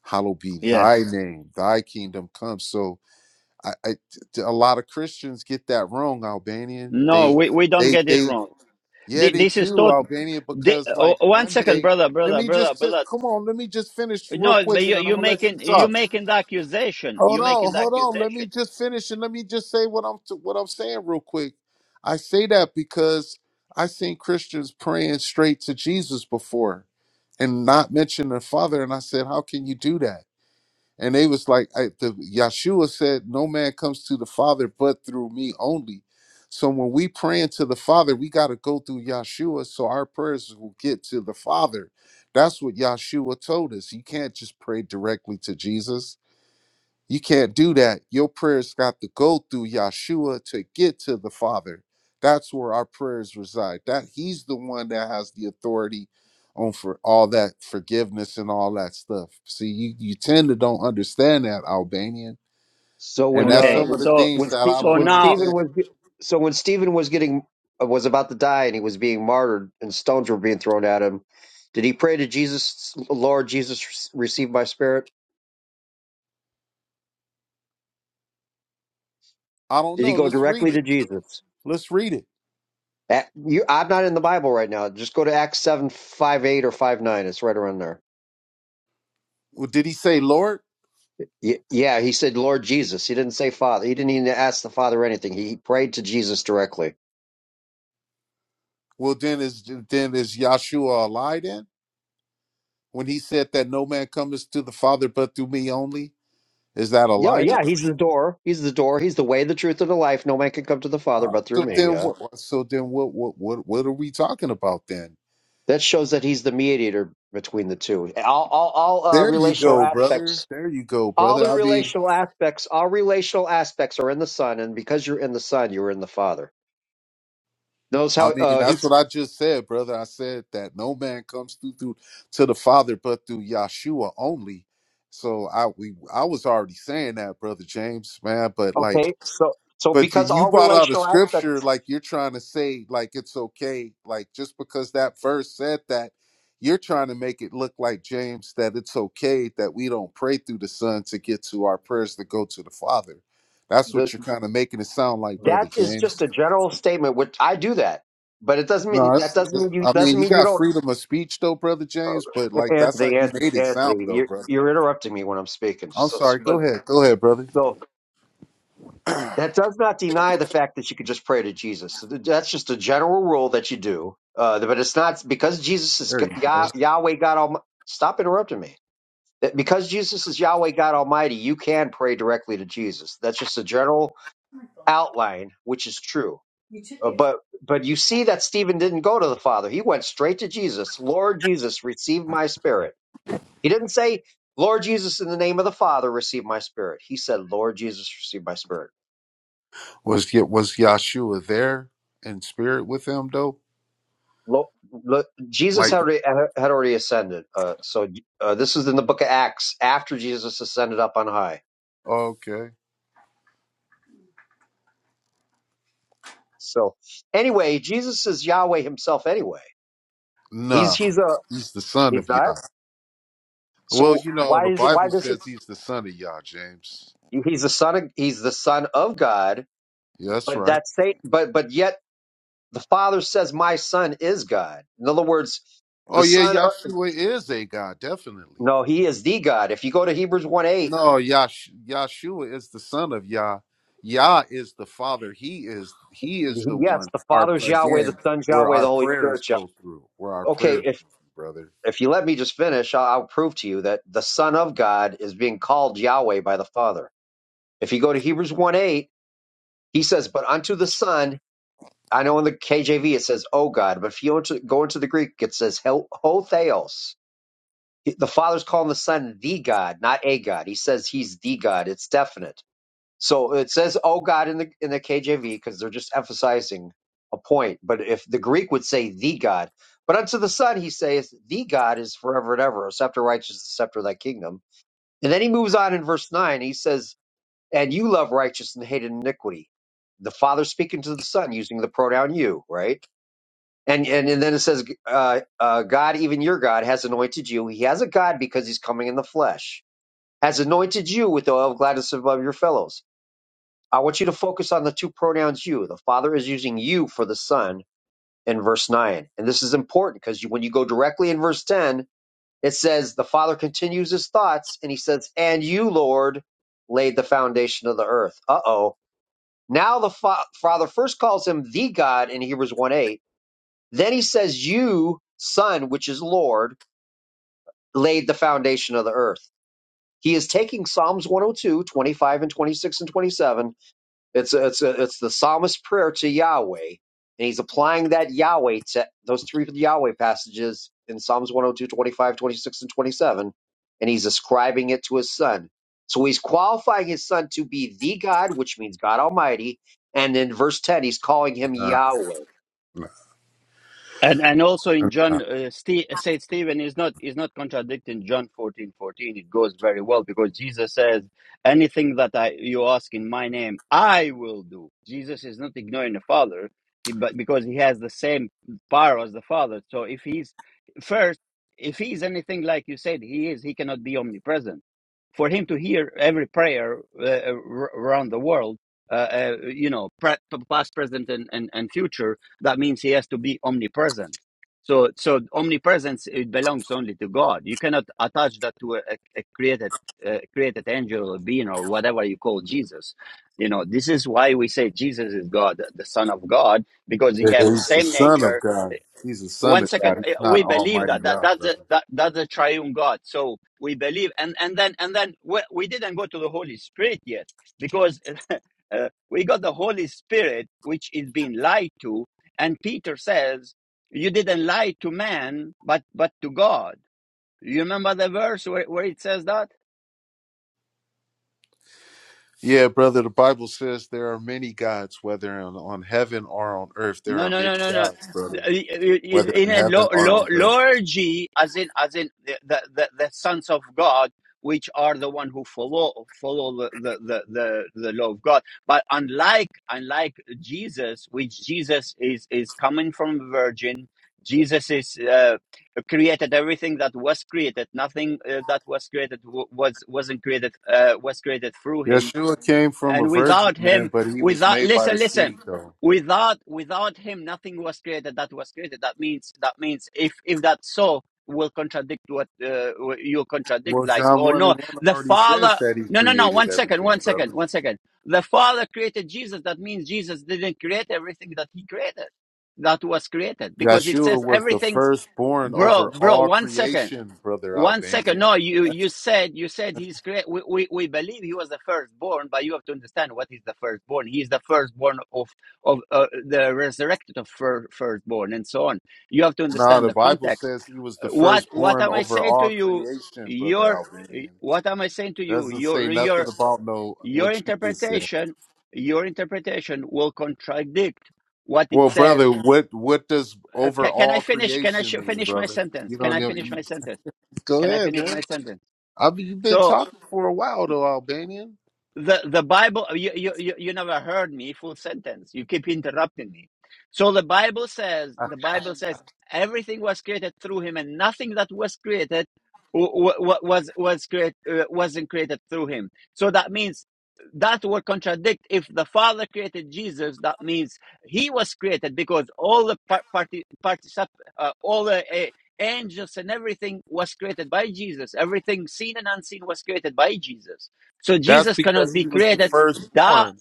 Speaker 3: hallowed be thy
Speaker 1: Yes.
Speaker 3: name, thy kingdom come. So I, I t- a lot of Christians get that wrong, Albanian.
Speaker 1: No,
Speaker 3: They
Speaker 1: we, we don't
Speaker 3: they
Speaker 1: get it
Speaker 3: they
Speaker 1: wrong.
Speaker 3: yeah,
Speaker 1: Th-
Speaker 3: they
Speaker 1: This is
Speaker 3: do,
Speaker 1: taught
Speaker 3: Albanian,
Speaker 1: the,
Speaker 3: because
Speaker 1: oh,
Speaker 3: like
Speaker 1: one
Speaker 3: one
Speaker 1: second,
Speaker 3: day,
Speaker 1: brother,
Speaker 3: let
Speaker 1: brother,
Speaker 3: me
Speaker 1: brother,
Speaker 3: just t-
Speaker 1: brother.
Speaker 3: come on, let me just finish real
Speaker 1: No,
Speaker 3: quick
Speaker 1: but
Speaker 3: and
Speaker 1: you
Speaker 3: then I'm
Speaker 1: you
Speaker 3: gonna let you
Speaker 1: making you
Speaker 3: talk.
Speaker 1: making the accusation.
Speaker 3: Hold
Speaker 1: You
Speaker 3: on,
Speaker 1: making the
Speaker 3: hold on. Let
Speaker 1: accusation.
Speaker 3: me just finish and let me just say what I'm t- what I'm saying real quick. I say that because I seen Christians praying straight to Jesus before and not mention their father. And I said, How can you do that? And they was like, I, the Yeshua said, No man comes to the Father but through me only. So when we praying to the Father, we got to go through Yeshua so our prayers will get to the Father. That's what Yeshua told us. You can't just pray directly to Jesus you can't do that. Your prayers got to go through Yahshua to get to the Father. That's where our prayers reside. That he's the one that has the authority on for all that forgiveness and all that stuff. See, you, you tend to don't understand that, Albanian.
Speaker 4: So
Speaker 3: And
Speaker 4: when
Speaker 3: that's
Speaker 4: uh,
Speaker 3: some
Speaker 1: Okay,
Speaker 3: of
Speaker 4: when
Speaker 3: the
Speaker 1: so
Speaker 3: things
Speaker 4: when,
Speaker 3: that
Speaker 4: Ste
Speaker 3: I
Speaker 1: so
Speaker 3: don't
Speaker 4: when
Speaker 1: now
Speaker 4: Stephen
Speaker 3: understand.
Speaker 4: was so when Stephen was getting uh, was about to die and he was being martyred and stones were being thrown at him, did he pray to Jesus, Lord Jesus, receive my spirit?
Speaker 3: I don't
Speaker 4: Did he
Speaker 3: know.
Speaker 4: go
Speaker 3: Let's read
Speaker 4: directly
Speaker 3: it.
Speaker 4: to Jesus?
Speaker 3: Let's read it.
Speaker 4: At, you, I'm not in the Bible right now. Just go to Acts seven five eight or five nine. It's right around there.
Speaker 3: Well, did he say Lord?
Speaker 4: Y- Yeah, he said Lord Jesus. He didn't say Father. He didn't even ask the Father anything. He prayed to Jesus directly.
Speaker 3: Well, then is then is Yahshua a lie then? When he said that no man cometh to the Father but through me only? Is that a
Speaker 4: Yeah,
Speaker 3: lie then?
Speaker 4: yeah, he's the door. He's the door. He's the way, the truth, and the life. No man can come to the Father but through
Speaker 3: So
Speaker 4: me.
Speaker 3: then
Speaker 4: Yeah.
Speaker 3: what so then what what what what are we talking about then?
Speaker 4: That shows that he's the mediator between the two. All, all, all uh,
Speaker 3: There you
Speaker 4: relational
Speaker 3: go, brother.
Speaker 4: aspects,
Speaker 3: There you go,
Speaker 4: all
Speaker 3: brother.
Speaker 4: the
Speaker 3: I mean
Speaker 4: relational aspects, all relational aspects are in the Son, and because you're in the Son, you're in the Father. Knows
Speaker 3: I
Speaker 4: how
Speaker 3: mean
Speaker 4: uh,
Speaker 3: that's
Speaker 4: he's
Speaker 3: what I just said, brother. I said that no man comes through, through to the Father but through Yahshua only. So I we I was already saying that, brother James, man, but like
Speaker 4: okay. So, so
Speaker 3: But you
Speaker 4: because
Speaker 3: you
Speaker 4: all
Speaker 3: brought out a
Speaker 4: relational
Speaker 3: scripture
Speaker 4: aspects,
Speaker 3: like you're trying to say like it's okay, like just because that verse said that, you're trying to make it look like James that it's okay that we don't pray through the Son to get to our prayers to go to the Father. That's
Speaker 4: the
Speaker 3: what you're kind of making it sound like,
Speaker 4: that
Speaker 3: brother
Speaker 4: is just
Speaker 3: James.
Speaker 4: a general statement. Which I do that, but it doesn't mean
Speaker 3: No,
Speaker 4: that
Speaker 3: it's,
Speaker 4: doesn't
Speaker 3: it's,
Speaker 4: mean you
Speaker 3: I mean
Speaker 4: doesn't
Speaker 3: you
Speaker 4: mean you
Speaker 3: got
Speaker 4: don't
Speaker 3: freedom of speech though, brother
Speaker 4: Uh,
Speaker 3: James, but like that's how
Speaker 4: Anthony,
Speaker 3: you
Speaker 4: Anthony,
Speaker 3: made it sound
Speaker 4: Anthony,
Speaker 3: though,
Speaker 4: you're
Speaker 3: brother.
Speaker 4: you're interrupting me when I'm speaking.
Speaker 3: I'm
Speaker 4: So, so,
Speaker 3: sorry.
Speaker 4: but
Speaker 3: Go ahead, go ahead, brother.
Speaker 4: so that does not deny the fact that you could just pray to Jesus. So th- That's just a general rule that you do. Uh, but it's not because Jesus is
Speaker 3: There
Speaker 4: G-
Speaker 3: you
Speaker 4: Yah,
Speaker 3: go.
Speaker 4: Yahweh God Almighty. Stop interrupting me. That because Jesus is Yahweh God Almighty, you can pray directly to Jesus. That's just a general outline, which is true. Uh, but but you see that Stephen didn't go to the Father. He went straight to Jesus. Lord Jesus, receive my spirit He didn't say, Lord Jesus, in the name of the Father, receive my spirit. He said, Lord Jesus, receive my spirit.
Speaker 3: Was was Yahshua there in spirit with him though?
Speaker 4: Lo- lo- Jesus
Speaker 3: Like.
Speaker 4: had already, had already ascended. Uh, so uh, this is in the book of Acts after Jesus ascended up on high.
Speaker 3: Okay.
Speaker 4: So anyway, Jesus is Yahweh himself anyway. He's,
Speaker 3: Nah,
Speaker 4: he's a,
Speaker 3: he's the son
Speaker 4: he's
Speaker 3: of
Speaker 4: not.
Speaker 3: Yah. Well,
Speaker 4: So
Speaker 3: you know,
Speaker 4: why
Speaker 3: the
Speaker 4: is, why
Speaker 3: Bible
Speaker 4: does it,
Speaker 3: says he's the son of Yah, James.
Speaker 4: he's the son of, he's the son of God,
Speaker 3: Yeah, that's
Speaker 4: but
Speaker 3: right.
Speaker 4: that's, sa- but, but yet the father says, my son is God. In other words,
Speaker 3: Oh,
Speaker 4: the
Speaker 3: yeah,
Speaker 4: son. uh,
Speaker 3: Yahshua is a God, definitely.
Speaker 4: No, he is the God. If you go to Hebrews 1 8,
Speaker 3: No, Yash- Yahshua is the son of Yah. Yah is the father. He is he is the
Speaker 4: yes,
Speaker 3: one.
Speaker 4: the
Speaker 3: Our
Speaker 4: Father's Yahweh, the
Speaker 3: again,
Speaker 4: Son's
Speaker 3: where
Speaker 4: Yahweh,
Speaker 3: our
Speaker 4: the Holy
Speaker 3: prayers
Speaker 4: Spirit's Yahweh.
Speaker 3: go through, where our
Speaker 4: Okay,
Speaker 3: prayers, go
Speaker 4: if
Speaker 3: through, brother.
Speaker 4: if you let me just finish, I'll, I'll prove to you that the Son of God is being called Yahweh by the Father. If you go to Hebrews 1 8, he says, But unto the Son, I know in the KJV it says, Oh God, but if you go into, go into the Greek, it says, Ho ho theos. The Father's calling the Son the God, not a God. He says he's the God. It's definite. So it says, "Oh God" in the in the KJV because they're just emphasizing a point. But if the Greek would say "the God," but unto the Son he saith, "The God is forever and ever; a scepter righteous, the scepter of thy kingdom." And then he moves on in verse nine. He says, "And you love righteousness and hate iniquity." The Father speaking to the Son using the pronoun "you," right? And and, and then it says, uh, uh, "God, even your God, has anointed you. He has a God because He's coming in the flesh." Has anointed you with the oil of gladness above your fellows I want you to focus on the two pronouns you. The Father is using you for the Son in verse 9. And this is important because when you go directly in verse 10, it says, The Father continues his thoughts and he says, And you, Lord, laid the foundation of the earth. Uh oh. Now the fa- Father first calls him the God in Hebrews 1 8. Then he says, You, Son, which is Lord, laid the foundation of the earth. He is taking Psalms 102, 25, and 26 and 27 It's it's it's the psalmist's prayer to Yahweh, and he's applying that Yahweh to those three Yahweh passages in Psalms 102, 25, 26, and 27, and he's ascribing it to his son. So he's qualifying his son to be the God, which means God Almighty, and in verse 10, he's calling him
Speaker 3: Nah,
Speaker 4: Yahweh.
Speaker 3: nah,
Speaker 1: And and also in John,
Speaker 3: nah.
Speaker 1: uh, Ste Saint Stephen is not is not contradicting John fourteen fourteen. It goes very well because Jesus says, "Anything that I you ask in my name, I will do." Jesus is not ignoring the Father, he, but because he has the same power as the Father. So if he's first, if he's anything like you said he is, he cannot be omnipresent. For him to hear every prayer uh, uh, around the world, uh, uh, you know, pre- past, present, and, and and future that means he has to be omnipresent so so omnipresence it belongs only to god you cannot attach that to a, a created uh, created angel or being or whatever you call jesus you know this is why we say jesus is god the son of god because he has the
Speaker 3: He's the
Speaker 1: same
Speaker 3: son
Speaker 1: nature
Speaker 3: of God. He's the son
Speaker 1: one
Speaker 3: of God.
Speaker 1: second eh,
Speaker 3: He's not
Speaker 1: we believe
Speaker 3: Almighty
Speaker 1: that that
Speaker 3: Yah,
Speaker 1: that's
Speaker 3: brother.
Speaker 1: a, that that's a triune god so we believe and and then and then we, we didn't go to the holy spirit yet because uh, we got the holy spirit which is being lied to and peter says you didn't lie to man but but to god you remember the verse where, where it says that
Speaker 3: Yeah, brother, the Bible says there are many gods, whether on, on heaven or on earth. There
Speaker 1: No,
Speaker 3: are
Speaker 1: no,
Speaker 3: many
Speaker 1: no, no,
Speaker 3: gods,
Speaker 1: no.
Speaker 3: brother, whether
Speaker 1: In
Speaker 3: in
Speaker 1: a
Speaker 3: heaven
Speaker 1: lo,
Speaker 3: or
Speaker 1: lo,
Speaker 3: on earth.
Speaker 1: lower G, as in, as in the, the, the, the sons of God, which are the one who follow follow the, the, the, the, the law of God. But unlike unlike Jesus, which Jesus is is coming from a virgin, Jesus is uh, created everything that was created. Nothing uh, that was created w- was wasn't created uh, was created through him
Speaker 3: Yeshua came from a
Speaker 1: and
Speaker 3: virgin,
Speaker 1: without
Speaker 3: man,
Speaker 1: him,
Speaker 3: but he was
Speaker 1: without
Speaker 3: made by the
Speaker 1: listen, listen.
Speaker 3: seed, though.
Speaker 1: Without without him, nothing was created that was created. That means that means if if that so will contradict what uh, you contradict,
Speaker 3: Well,
Speaker 1: like
Speaker 3: John
Speaker 1: or
Speaker 3: 1 and
Speaker 1: no,
Speaker 3: 1
Speaker 1: the
Speaker 3: already says
Speaker 1: Father.
Speaker 3: that he
Speaker 1: No, no, no.
Speaker 3: created
Speaker 1: One second,
Speaker 3: everything,
Speaker 1: one
Speaker 3: brother.
Speaker 1: second, one second. The Father created Jesus. That means Jesus didn't create everything that He created, that was created, because it says
Speaker 3: Yeshua was the
Speaker 1: everything.
Speaker 3: firstborn
Speaker 1: Bro,
Speaker 3: over
Speaker 1: bro.
Speaker 3: all
Speaker 1: One second.
Speaker 3: creation, brother
Speaker 1: One second.
Speaker 3: Albanian.
Speaker 1: No, you you said you said he's great. We, we we believe he was the firstborn, but you have to understand what is the firstborn. He is the firstborn of of uh, the resurrected of fir- firstborn, and so on. You have to
Speaker 3: Nah,
Speaker 1: understand
Speaker 3: the
Speaker 1: the
Speaker 3: Bible
Speaker 1: context.
Speaker 3: says he was the
Speaker 1: Uh, What what
Speaker 3: firstborn
Speaker 1: am I
Speaker 3: over
Speaker 1: saying to
Speaker 3: all
Speaker 1: you?
Speaker 3: creation, brother
Speaker 1: Your
Speaker 3: Albanian.
Speaker 1: what am I saying to you?
Speaker 3: Doesn't say
Speaker 1: Your
Speaker 3: nothing
Speaker 1: your
Speaker 3: about no
Speaker 1: your
Speaker 3: what you just said.
Speaker 1: interpretation your interpretation will contradict what
Speaker 3: Well,
Speaker 1: it says.
Speaker 3: brother, what what does
Speaker 1: Uh, ca- can I
Speaker 3: overall
Speaker 1: finish? Can I
Speaker 3: creation
Speaker 1: sh-
Speaker 3: mean,
Speaker 1: finish my
Speaker 3: brother?
Speaker 1: sentence?
Speaker 3: You
Speaker 1: Can
Speaker 3: don't
Speaker 1: I
Speaker 3: know.
Speaker 1: finish my
Speaker 3: you-
Speaker 1: sentence?
Speaker 3: Go
Speaker 1: Can I
Speaker 3: ahead,
Speaker 1: finish
Speaker 3: man.
Speaker 1: my sentence?
Speaker 3: I mean, you've been
Speaker 1: So
Speaker 3: talking for a while, though, Albanian.
Speaker 1: the the bible you, you you you never heard me full sentence you keep interrupting me so the bible says
Speaker 3: Uh,
Speaker 1: the bible says everything was created through him and nothing that was created w- w- was was create, uh, wasn't created through him so that means that would contradict if the father created jesus that means he was created because all the par- party particip- uh, all the uh, angels and everything was created by jesus everything seen and unseen was created by jesus so
Speaker 3: That's
Speaker 1: Jesus cannot
Speaker 3: because he
Speaker 1: be
Speaker 3: was the
Speaker 1: created. That
Speaker 3: firstborn.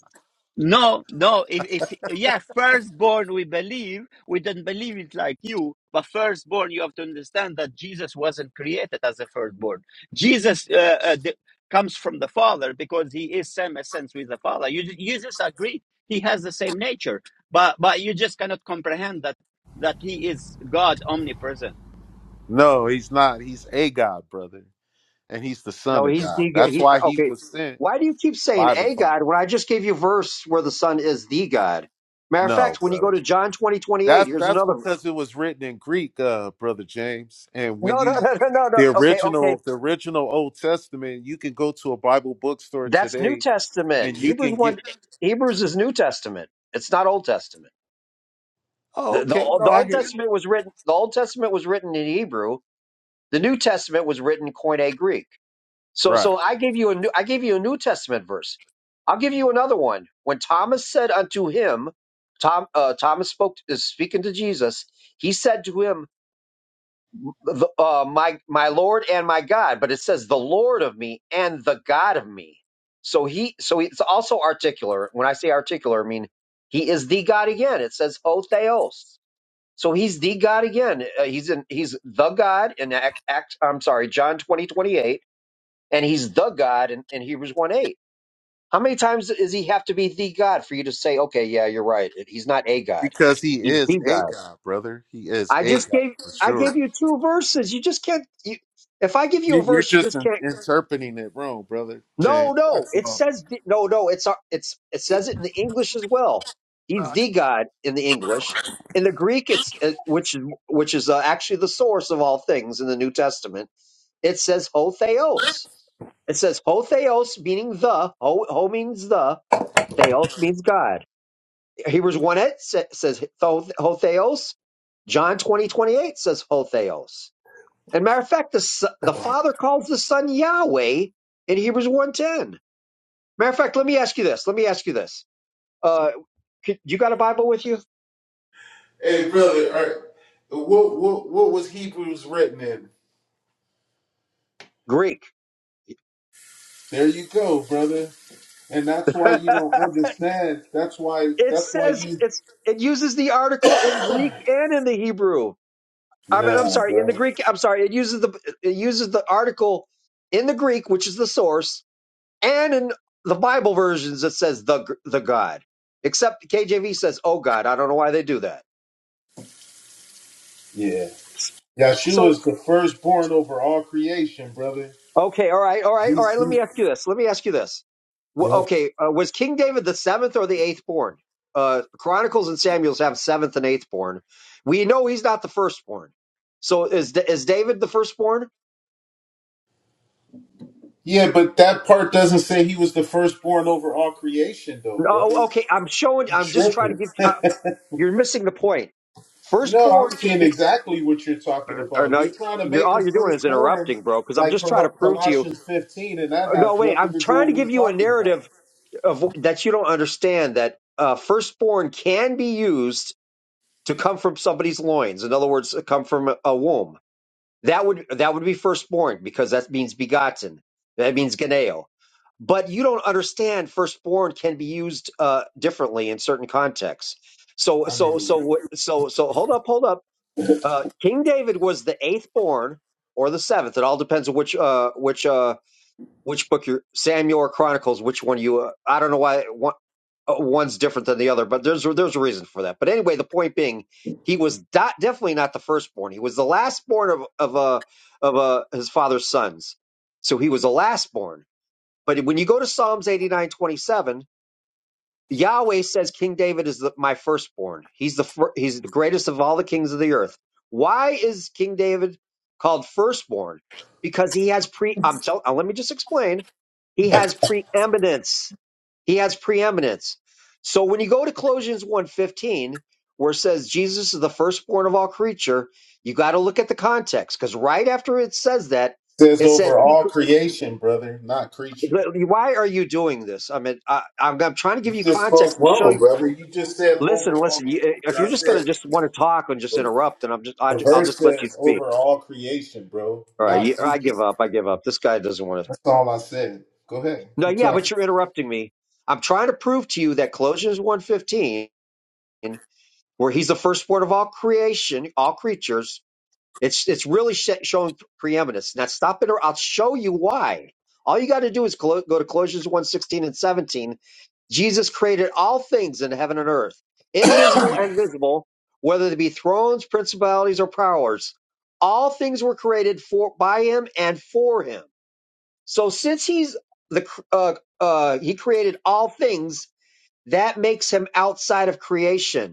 Speaker 1: no, no. If, if yeah, firstborn we believe. We don't believe it like you, but firstborn you have to understand that Jesus wasn't created as a firstborn. Jesus uh, uh, the, comes from the Father because he is same essence with the Father. You ju- you just agree he has the same nature, but but you just cannot comprehend that that he is God omnipresent.
Speaker 3: No, he's not. He's a god, brother, and he's the son
Speaker 4: No,
Speaker 3: of
Speaker 4: he's
Speaker 3: God.
Speaker 4: the
Speaker 3: That's
Speaker 4: he,
Speaker 3: why he
Speaker 4: okay.
Speaker 3: was sent
Speaker 4: Why do you keep saying
Speaker 3: by the
Speaker 4: a God
Speaker 3: Father.
Speaker 4: when I just gave you a verse where the son is the God? Matter of
Speaker 3: No,
Speaker 4: fact, when you
Speaker 3: brother.
Speaker 4: go to John 20 28,
Speaker 3: That's
Speaker 4: here's
Speaker 3: that's
Speaker 4: another
Speaker 3: because it was written in Greek, uh, brother James. And when
Speaker 4: no, no,
Speaker 3: you
Speaker 4: no, no, no, no.
Speaker 3: the
Speaker 4: Okay, okay.
Speaker 3: original the original Old Testament, you can go to a Bible bookstore
Speaker 4: That's New
Speaker 3: today
Speaker 4: Testament.
Speaker 3: and you
Speaker 4: Hebrews
Speaker 3: can
Speaker 4: one.
Speaker 3: get
Speaker 4: Hebrews is New Testament. It's not Old Testament.
Speaker 3: Oh,
Speaker 4: The, the
Speaker 3: okay. No,
Speaker 4: the
Speaker 3: I
Speaker 4: Old
Speaker 3: hear you.
Speaker 4: Testament was written. The Old Testament was written in Hebrew. The New Testament was written in Koine Greek. So
Speaker 3: Right.
Speaker 4: so I gave you a new. I gave you a New Testament verse. I'll give you another one. When Thomas said unto him, Tom uh, Thomas spoke is speaking to Jesus. He said to him, the, uh, my my Lord and my God, but it says the Lord of me and the God of me. So he so it's also articular. When I say articular, I mean he is the God again. It says ho theos. So he's the God again. Uh, he's in he's the God in Act, Act I'm sorry, John 20 28, and he's the God in, in Hebrews 1 8. How many times does he have to be the God for you to say, okay, yeah, you're right. He's not a God.
Speaker 3: Because he
Speaker 4: He's
Speaker 3: is
Speaker 4: the
Speaker 3: a
Speaker 4: God.
Speaker 3: God, brother. He is
Speaker 4: I
Speaker 3: a
Speaker 4: just
Speaker 3: God
Speaker 4: gave
Speaker 3: for
Speaker 4: I
Speaker 3: sure.
Speaker 4: gave you two verses. You just can't. You, if I give you
Speaker 3: You-
Speaker 4: a
Speaker 3: You're
Speaker 4: verse, you
Speaker 3: just
Speaker 4: just
Speaker 3: in-
Speaker 4: can't.
Speaker 3: interpreting it wrong, brother
Speaker 4: No,
Speaker 3: James.
Speaker 4: no.
Speaker 3: That's
Speaker 4: It
Speaker 3: all.
Speaker 4: says the- no, no. It's our- it's it says it in the English as well. He's the God in the English. In the Greek, it's uh, which is which is uh, actually the source of all things in the New Testament. It says ho theos. It says ho theos, meaning the. Ho, ho means the. Theos means God. Hebrews one it says ho ho theos. John twenty twenty eight says ho theos. And matter of fact, the, s- the Father calls the Son Yahweh in Hebrews one ten. Matter of fact, let me ask you this. Let me ask you this. Uh, c- you got a Bible with you?
Speaker 3: Hey, brother, are, what, what what was Hebrews written in?
Speaker 4: Greek.
Speaker 3: There you go, brother. And that's why you don't understand. That's why.
Speaker 4: it
Speaker 3: That's why
Speaker 4: says
Speaker 3: you.
Speaker 4: it's it uses the article in Greek and in the Hebrew. I mean, I'm
Speaker 3: Nah,
Speaker 4: sorry, in the
Speaker 3: bro.
Speaker 4: Greek. I'm sorry, it uses the it uses the article in the Greek, which is the source, and in the Bible versions it says the the God. Except KJV says, "Oh God." I don't know why they do that.
Speaker 3: Yeah.
Speaker 4: So
Speaker 3: Yahshua is the firstborn over all creation, brother.
Speaker 4: Okay, all right, all right, all
Speaker 3: He's,
Speaker 4: right. Let
Speaker 3: he,
Speaker 4: me ask you this. Let me ask you this. Wh-
Speaker 3: yeah.
Speaker 4: Okay, uh, was King David the seventh or the eighth born? Uh, Chronicles and Samuel's have seventh and eighth born. We know he's not the firstborn. So is Da- is David the firstborn?
Speaker 3: Yeah, but that part doesn't say he was the firstborn over all creation, though, brother.
Speaker 4: No. Okay, I'm showing.
Speaker 3: You
Speaker 4: I'm just trying to
Speaker 3: tripping?
Speaker 4: give. Uh, you're missing the point.
Speaker 3: no, I'm
Speaker 4: Firstborn can
Speaker 3: seeing
Speaker 4: be.
Speaker 3: exactly what you're talking
Speaker 4: Or, or
Speaker 3: about.
Speaker 4: no,
Speaker 3: You're trying to
Speaker 4: you're
Speaker 3: make
Speaker 4: all
Speaker 3: him
Speaker 4: you're doing is
Speaker 3: firstborn,
Speaker 4: interrupting, bro. Because I'm
Speaker 3: like
Speaker 4: just trying to
Speaker 3: Col-
Speaker 4: prove to you.
Speaker 3: Colossians 15, and that
Speaker 4: Uh, No,
Speaker 3: has
Speaker 4: wait.
Speaker 3: nothing
Speaker 4: I'm
Speaker 3: to do
Speaker 4: trying to
Speaker 3: with what we're
Speaker 4: give you a
Speaker 3: talking about.
Speaker 4: narrative of that you don't understand. That uh, firstborn can be used to come from somebody's loins. In other words, come from a womb. That would that would be firstborn because that means begotten. That means geneo. But you don't understand firstborn can be used uh, differently in certain contexts. So
Speaker 3: I
Speaker 4: so
Speaker 3: mean,
Speaker 4: so so so hold up, hold up. Uh, King David was the eighth born or the seventh. It all depends on which uh, which uh, which book you Samuel or Chronicles. Which one you? Uh, I don't know why uh, one's different than the other, but there's there's a reason for that. But anyway, the point being, he was not, definitely not the firstborn. He was the lastborn of of uh, of uh, his father's sons, so he was the lastborn. But when you go to Psalms eighty nine twenty seven, Yahweh says King David is the, my firstborn. He's the fir- he's the greatest of all the kings of the earth. Why is King David called firstborn? Because he has pre. I'm tell. uh, Let me just explain. He has preeminence he has preeminence. So when you go to Colossians one fifteen, where it says Jesus is the firstborn of all creature, you got to look at the context because right after it says that,
Speaker 3: says
Speaker 4: it says
Speaker 3: over
Speaker 4: he.
Speaker 3: all creation, brother, not creature.
Speaker 4: Why are you doing this? I mean, I, I'm, I'm trying to
Speaker 3: You
Speaker 4: give you
Speaker 3: just
Speaker 4: context
Speaker 3: spoke
Speaker 4: to show
Speaker 3: wrong,
Speaker 4: you.
Speaker 3: brother. You just said over
Speaker 4: Listen,
Speaker 3: all
Speaker 4: listen. You,
Speaker 3: creature.
Speaker 4: if
Speaker 3: I
Speaker 4: you're just gonna
Speaker 3: said
Speaker 4: just want to talk and just
Speaker 3: the,
Speaker 4: interrupt, and I'm just I,
Speaker 3: the
Speaker 4: I'll
Speaker 3: verse
Speaker 4: just let you
Speaker 3: says over
Speaker 4: speak.
Speaker 3: all creation, bro,
Speaker 4: All right,
Speaker 3: not
Speaker 4: you, I
Speaker 3: creature.
Speaker 4: give up. I give up. This guy doesn't want to.
Speaker 3: That's all I said. Go ahead,
Speaker 4: No,
Speaker 3: keep
Speaker 4: yeah,
Speaker 3: talking.
Speaker 4: but you're interrupting me. I'm trying to prove to you that Colossians one fifteen. where he's the firstborn of all creation, all creatures. It's it's really sh- showing preeminence. Now stop it, or I'll show you why. All you got to do is clo- go to Colossians one sixteen and 17. Jesus created all things in heaven and earth, invisible and visible, whether they be thrones, principalities, or powers. All things were created for by him and for him. So since he's the cr- uh, uh, he created all things, that makes him outside of creation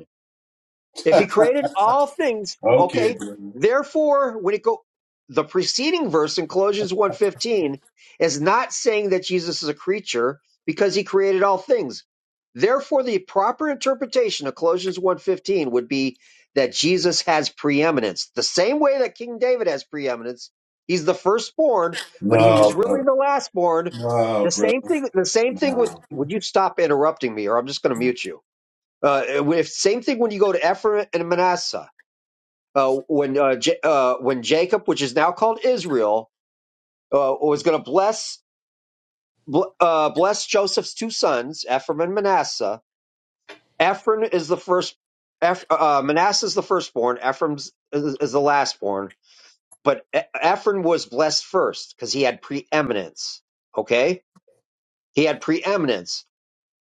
Speaker 4: if he created all things,
Speaker 3: okay,
Speaker 4: okay.
Speaker 3: brother.
Speaker 4: Therefore, when it go the preceding verse in Colossians one fifteen is not saying that Jesus is a creature because he created all things. Therefore, the proper interpretation of Colossians one fifteen would be that Jesus has preeminence. The same way that King David has preeminence, he's the firstborn, but he was
Speaker 3: No,
Speaker 4: really
Speaker 3: brother.
Speaker 4: the lastborn.
Speaker 3: No,
Speaker 4: The
Speaker 3: brother.
Speaker 4: same thing the same thing with
Speaker 3: No.
Speaker 4: would you stop interrupting me or I'm just going to mute you. Uh, if, same thing when you go to Ephraim and Manasseh. Uh, when uh, J- uh, when Jacob, which is now called Israel, uh, was going to bless bl- uh, bless Joseph's two sons, Ephraim and Manasseh. Ephraim is the first. Eph- uh, Manasseh is the firstborn. Ephraim is, is the lastborn. But E- Ephraim was blessed first because he had preeminence. Okay, he had preeminence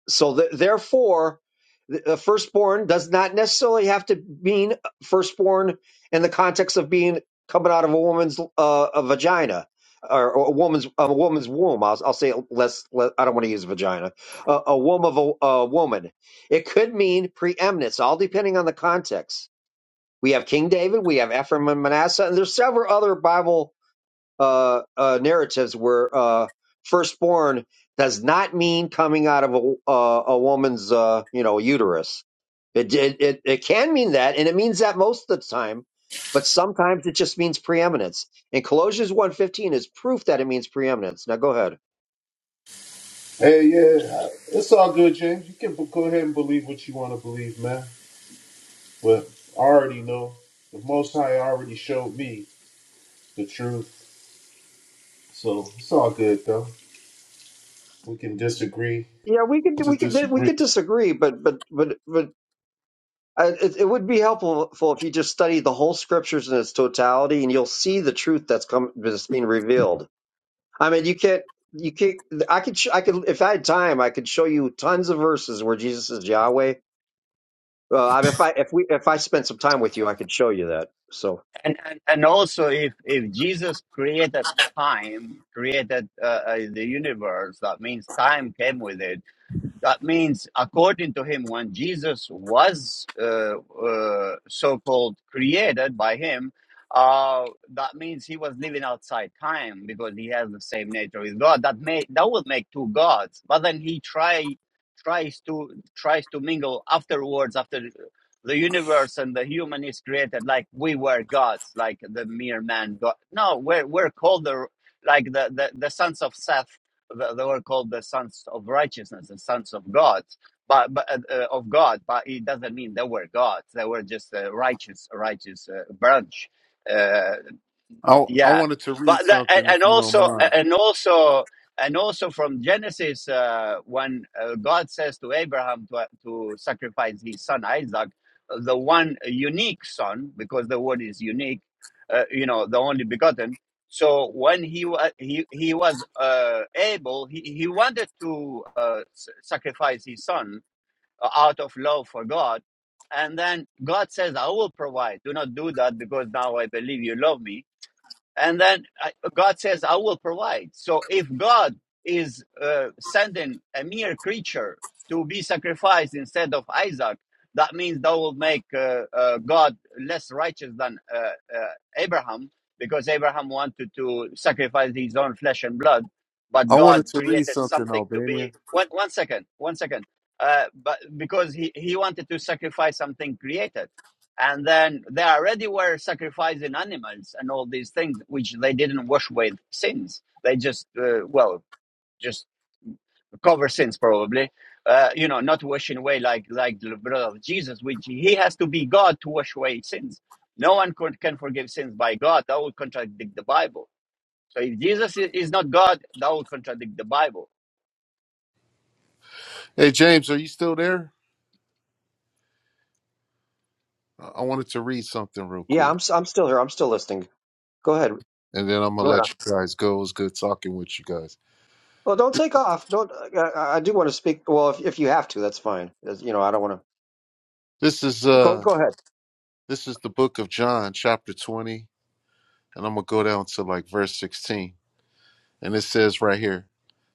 Speaker 4: So th- therefore, the the firstborn does not necessarily have to mean firstborn in the context of being coming out of a woman's uh, a vagina or, or a woman's a woman's womb. I'll, I'll say it less, less. I don't want to use vagina. A, a womb of a, a woman. It could mean preeminence, all depending on the context. We have King David, we have Ephraim and Manasseh, and there's several other Bible uh, uh, narratives where uh, firstborn does not mean coming out of a, uh, a woman's uh, you know uterus. It, it it it can mean that, and it means that most of the time, but sometimes it just means preeminence. And Colossians one fifteen is proof that it means preeminence. Now go ahead.
Speaker 3: Hey, yeah, it's all good, James. You can b- go ahead and believe what you want to believe, man. But I already know the Most High already showed me the truth. So it's all good though. We can disagree
Speaker 4: Yeah, we could
Speaker 3: to
Speaker 4: we could we
Speaker 3: disagree.
Speaker 4: could disagree, but but but but. uh, It, it would be helpful if you just study the whole scriptures in its totality, and you'll see the truth that's come that's being revealed. I mean, you can't. You can't. I could. sh- I could. If I had time, I could show you tons of verses where Jesus is Yahweh. Well, I mean, if I if we if I spent some time with you, I could show you that. So
Speaker 1: and and, and also if if jesus created time created uh, uh, the universe that means time came with it that means according to him when jesus was uh, uh, so-called created by him uh, that means he was living outside time because he has the same nature with god that may that would make two gods but then he try tries to tries to mingle afterwards after the universe and the human is created like we were gods, like the mere man god. No, we're we're called the like the the, the sons of Seth. the- They were called the sons of righteousness and sons of God, but but uh, uh, of God. But it doesn't mean they were gods. They were just a righteous righteous uh, branch. Uh,
Speaker 3: I I
Speaker 1: yeah
Speaker 3: wanted to read
Speaker 1: but that,
Speaker 3: something
Speaker 1: a-
Speaker 3: if
Speaker 1: and
Speaker 3: you don't
Speaker 1: also
Speaker 3: mind.
Speaker 1: and also and also from genesis uh, when uh, god says to abraham to, to sacrifice his son isaac the one unique son because the word is unique uh, you know the only begotten so when he wa- he, he was uh, able he, he wanted to uh, s- sacrifice his son uh, out of love for god and then god says i will provide do not do that because now i believe you love me and then I- God says, "I will provide." So if God is uh, sending a mere creature to be sacrificed instead of Isaac, that means that will make uh, uh, God less righteous than uh, uh, Abraham, because Abraham wanted to sacrifice his own flesh and blood, but
Speaker 3: I wanted
Speaker 1: God
Speaker 3: to read
Speaker 1: created
Speaker 3: something,
Speaker 1: something to
Speaker 3: Albanian.
Speaker 1: be. One, one second, one second. Uh, but because he, he wanted to sacrifice something created and then they already were sacrificing animals and all these things which they didn't wash with sins they just uh, well just cover sins probably uh, you know not washing away like like the blood of jesus which he has to be god to wash away sins no one could, can forgive sins by god that would contradict the bible so if jesus is not god that would contradict the bible
Speaker 3: Hey James, are you still there? I I wanted to read something real
Speaker 4: yeah,
Speaker 3: quick.
Speaker 4: I'm s- I'm still here. I'm still listening. Go ahead.
Speaker 3: And then I'm
Speaker 4: Go
Speaker 3: gonna
Speaker 4: ahead.
Speaker 3: let you guys go. It was good talking with you guys.
Speaker 4: Well, don't take off. Don't. I, I I do want to speak. Well, if if you have to, that's fine. As- You know, I don't want to.
Speaker 3: This is
Speaker 4: Go
Speaker 3: uh
Speaker 4: go ahead.
Speaker 3: this is the book of John, chapter twenty, and I'm gonna go down to like verse sixteen. And it says right here,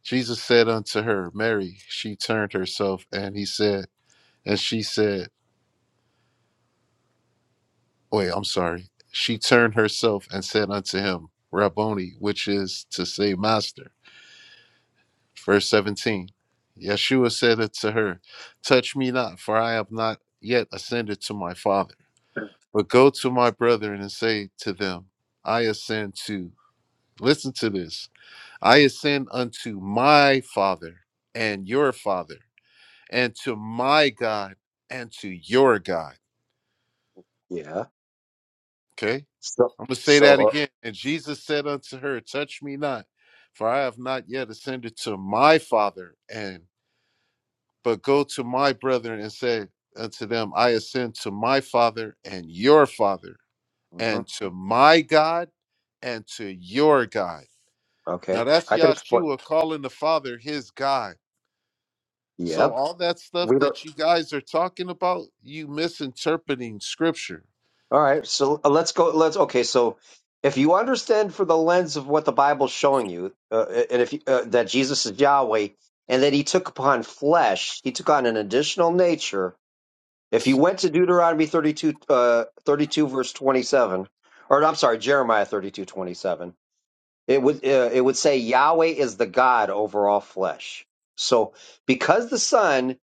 Speaker 3: Jesus said unto her, Mary, she turned herself and he said, and she said, wait, I'm sorry. She turned herself and said unto him, Rabboni, which is to say, Master. Verse 17 Yeshua said unto her, Touch me not, for I have not yet ascended to my Father. But go to my brethren and say to them, I ascend to, listen to this, I ascend unto my Father and your Father, and to my God and to your God.
Speaker 4: Yeah.
Speaker 3: Okay?
Speaker 4: So
Speaker 3: I'm going to say that
Speaker 4: so.
Speaker 3: again. And Jesus said unto her, Touch me not, for I have not yet ascended to my Father. And but go to my brethren and say unto them, I ascend to my Father and your Father,
Speaker 4: Uh,
Speaker 3: and
Speaker 4: mhm.
Speaker 3: to my God and to your God. Now
Speaker 4: Okay.
Speaker 3: that's
Speaker 4: I could explain.
Speaker 3: Yahshua calling the Father his God. So
Speaker 4: Yep.
Speaker 3: all that stuff
Speaker 4: We don't.
Speaker 3: that you guys are talking about, you misinterpreting Scripture.
Speaker 4: All right, so uh, let's go. Let's okay. So, if you understand for the lens of what the Bible's showing you, uh, and if you, uh, that Jesus is Yahweh, and that He took upon flesh, He took on an additional nature. If you went to Deuteronomy 32, uh, 32 verse twenty-seven, or I'm sorry, Jeremiah thirty-two twenty-seven, it would uh, it would say Yahweh is the God over all flesh. So, because the Son,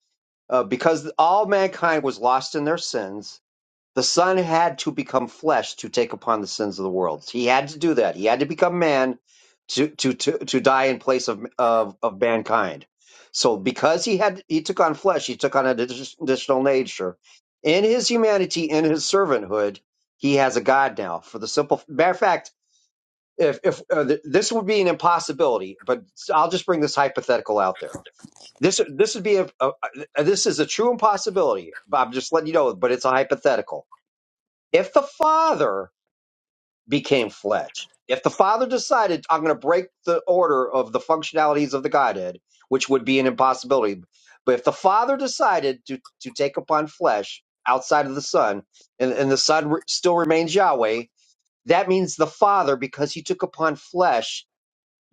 Speaker 4: uh, because all mankind was lost in their sins the Son had to become flesh to take upon the sins of the world. He had to do that. He had to become man to to to, to die in place of, of of mankind. So because he had he took on flesh, he took on an additional nature. In his humanity, in his servanthood, he has a God now. For the simple matter of fact, if if uh, th- this would be an impossibility, but I'll just bring this hypothetical out there. This this would be a, a, a this is a true impossibility. but I'm just letting you know, but it's a hypothetical if the Father became flesh, if the Father decided, I'm going to break the order of the functionalities of the Godhead, which would be an impossibility, but if the Father decided to, to take upon flesh outside of the Son, and, and the Son re- still remains Yahweh, that means the Father, because he took upon flesh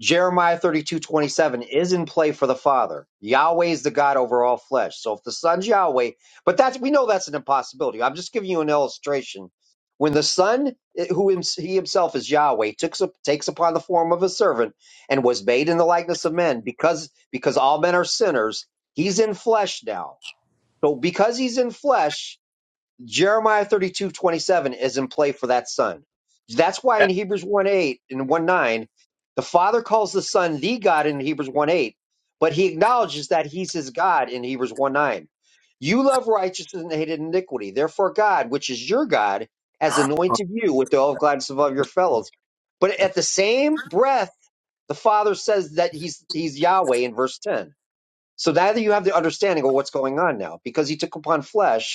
Speaker 4: Jeremiah 32 27 is in play for the Father. Yahweh is the God over all flesh. So if the Son's Yahweh, but that's, we know that's an impossibility. I'm just giving you an illustration. When the Son, eh, who hims- he himself is Yahweh, took, sup- takes upon the form of a servant and was made in the likeness of men, because, because all men are sinners, he's in flesh now. So because he's in flesh, Jeremiah 32 27 is in play for that son. That's why
Speaker 1: Uh,
Speaker 4: in Hebrews 1 8 and 1 9, the Father calls the Son the God in Hebrews 1 8, but he acknowledges that he's his God in Hebrews 1 9. You love righteousness and hated iniquity. Therefore, God, which is your God, has anointed you with the oil of gladness above your fellows. But at the same breath, the Father says that he's, he's Yahweh in verse 10. So now that you have the understanding of what's going on now, because he took upon flesh,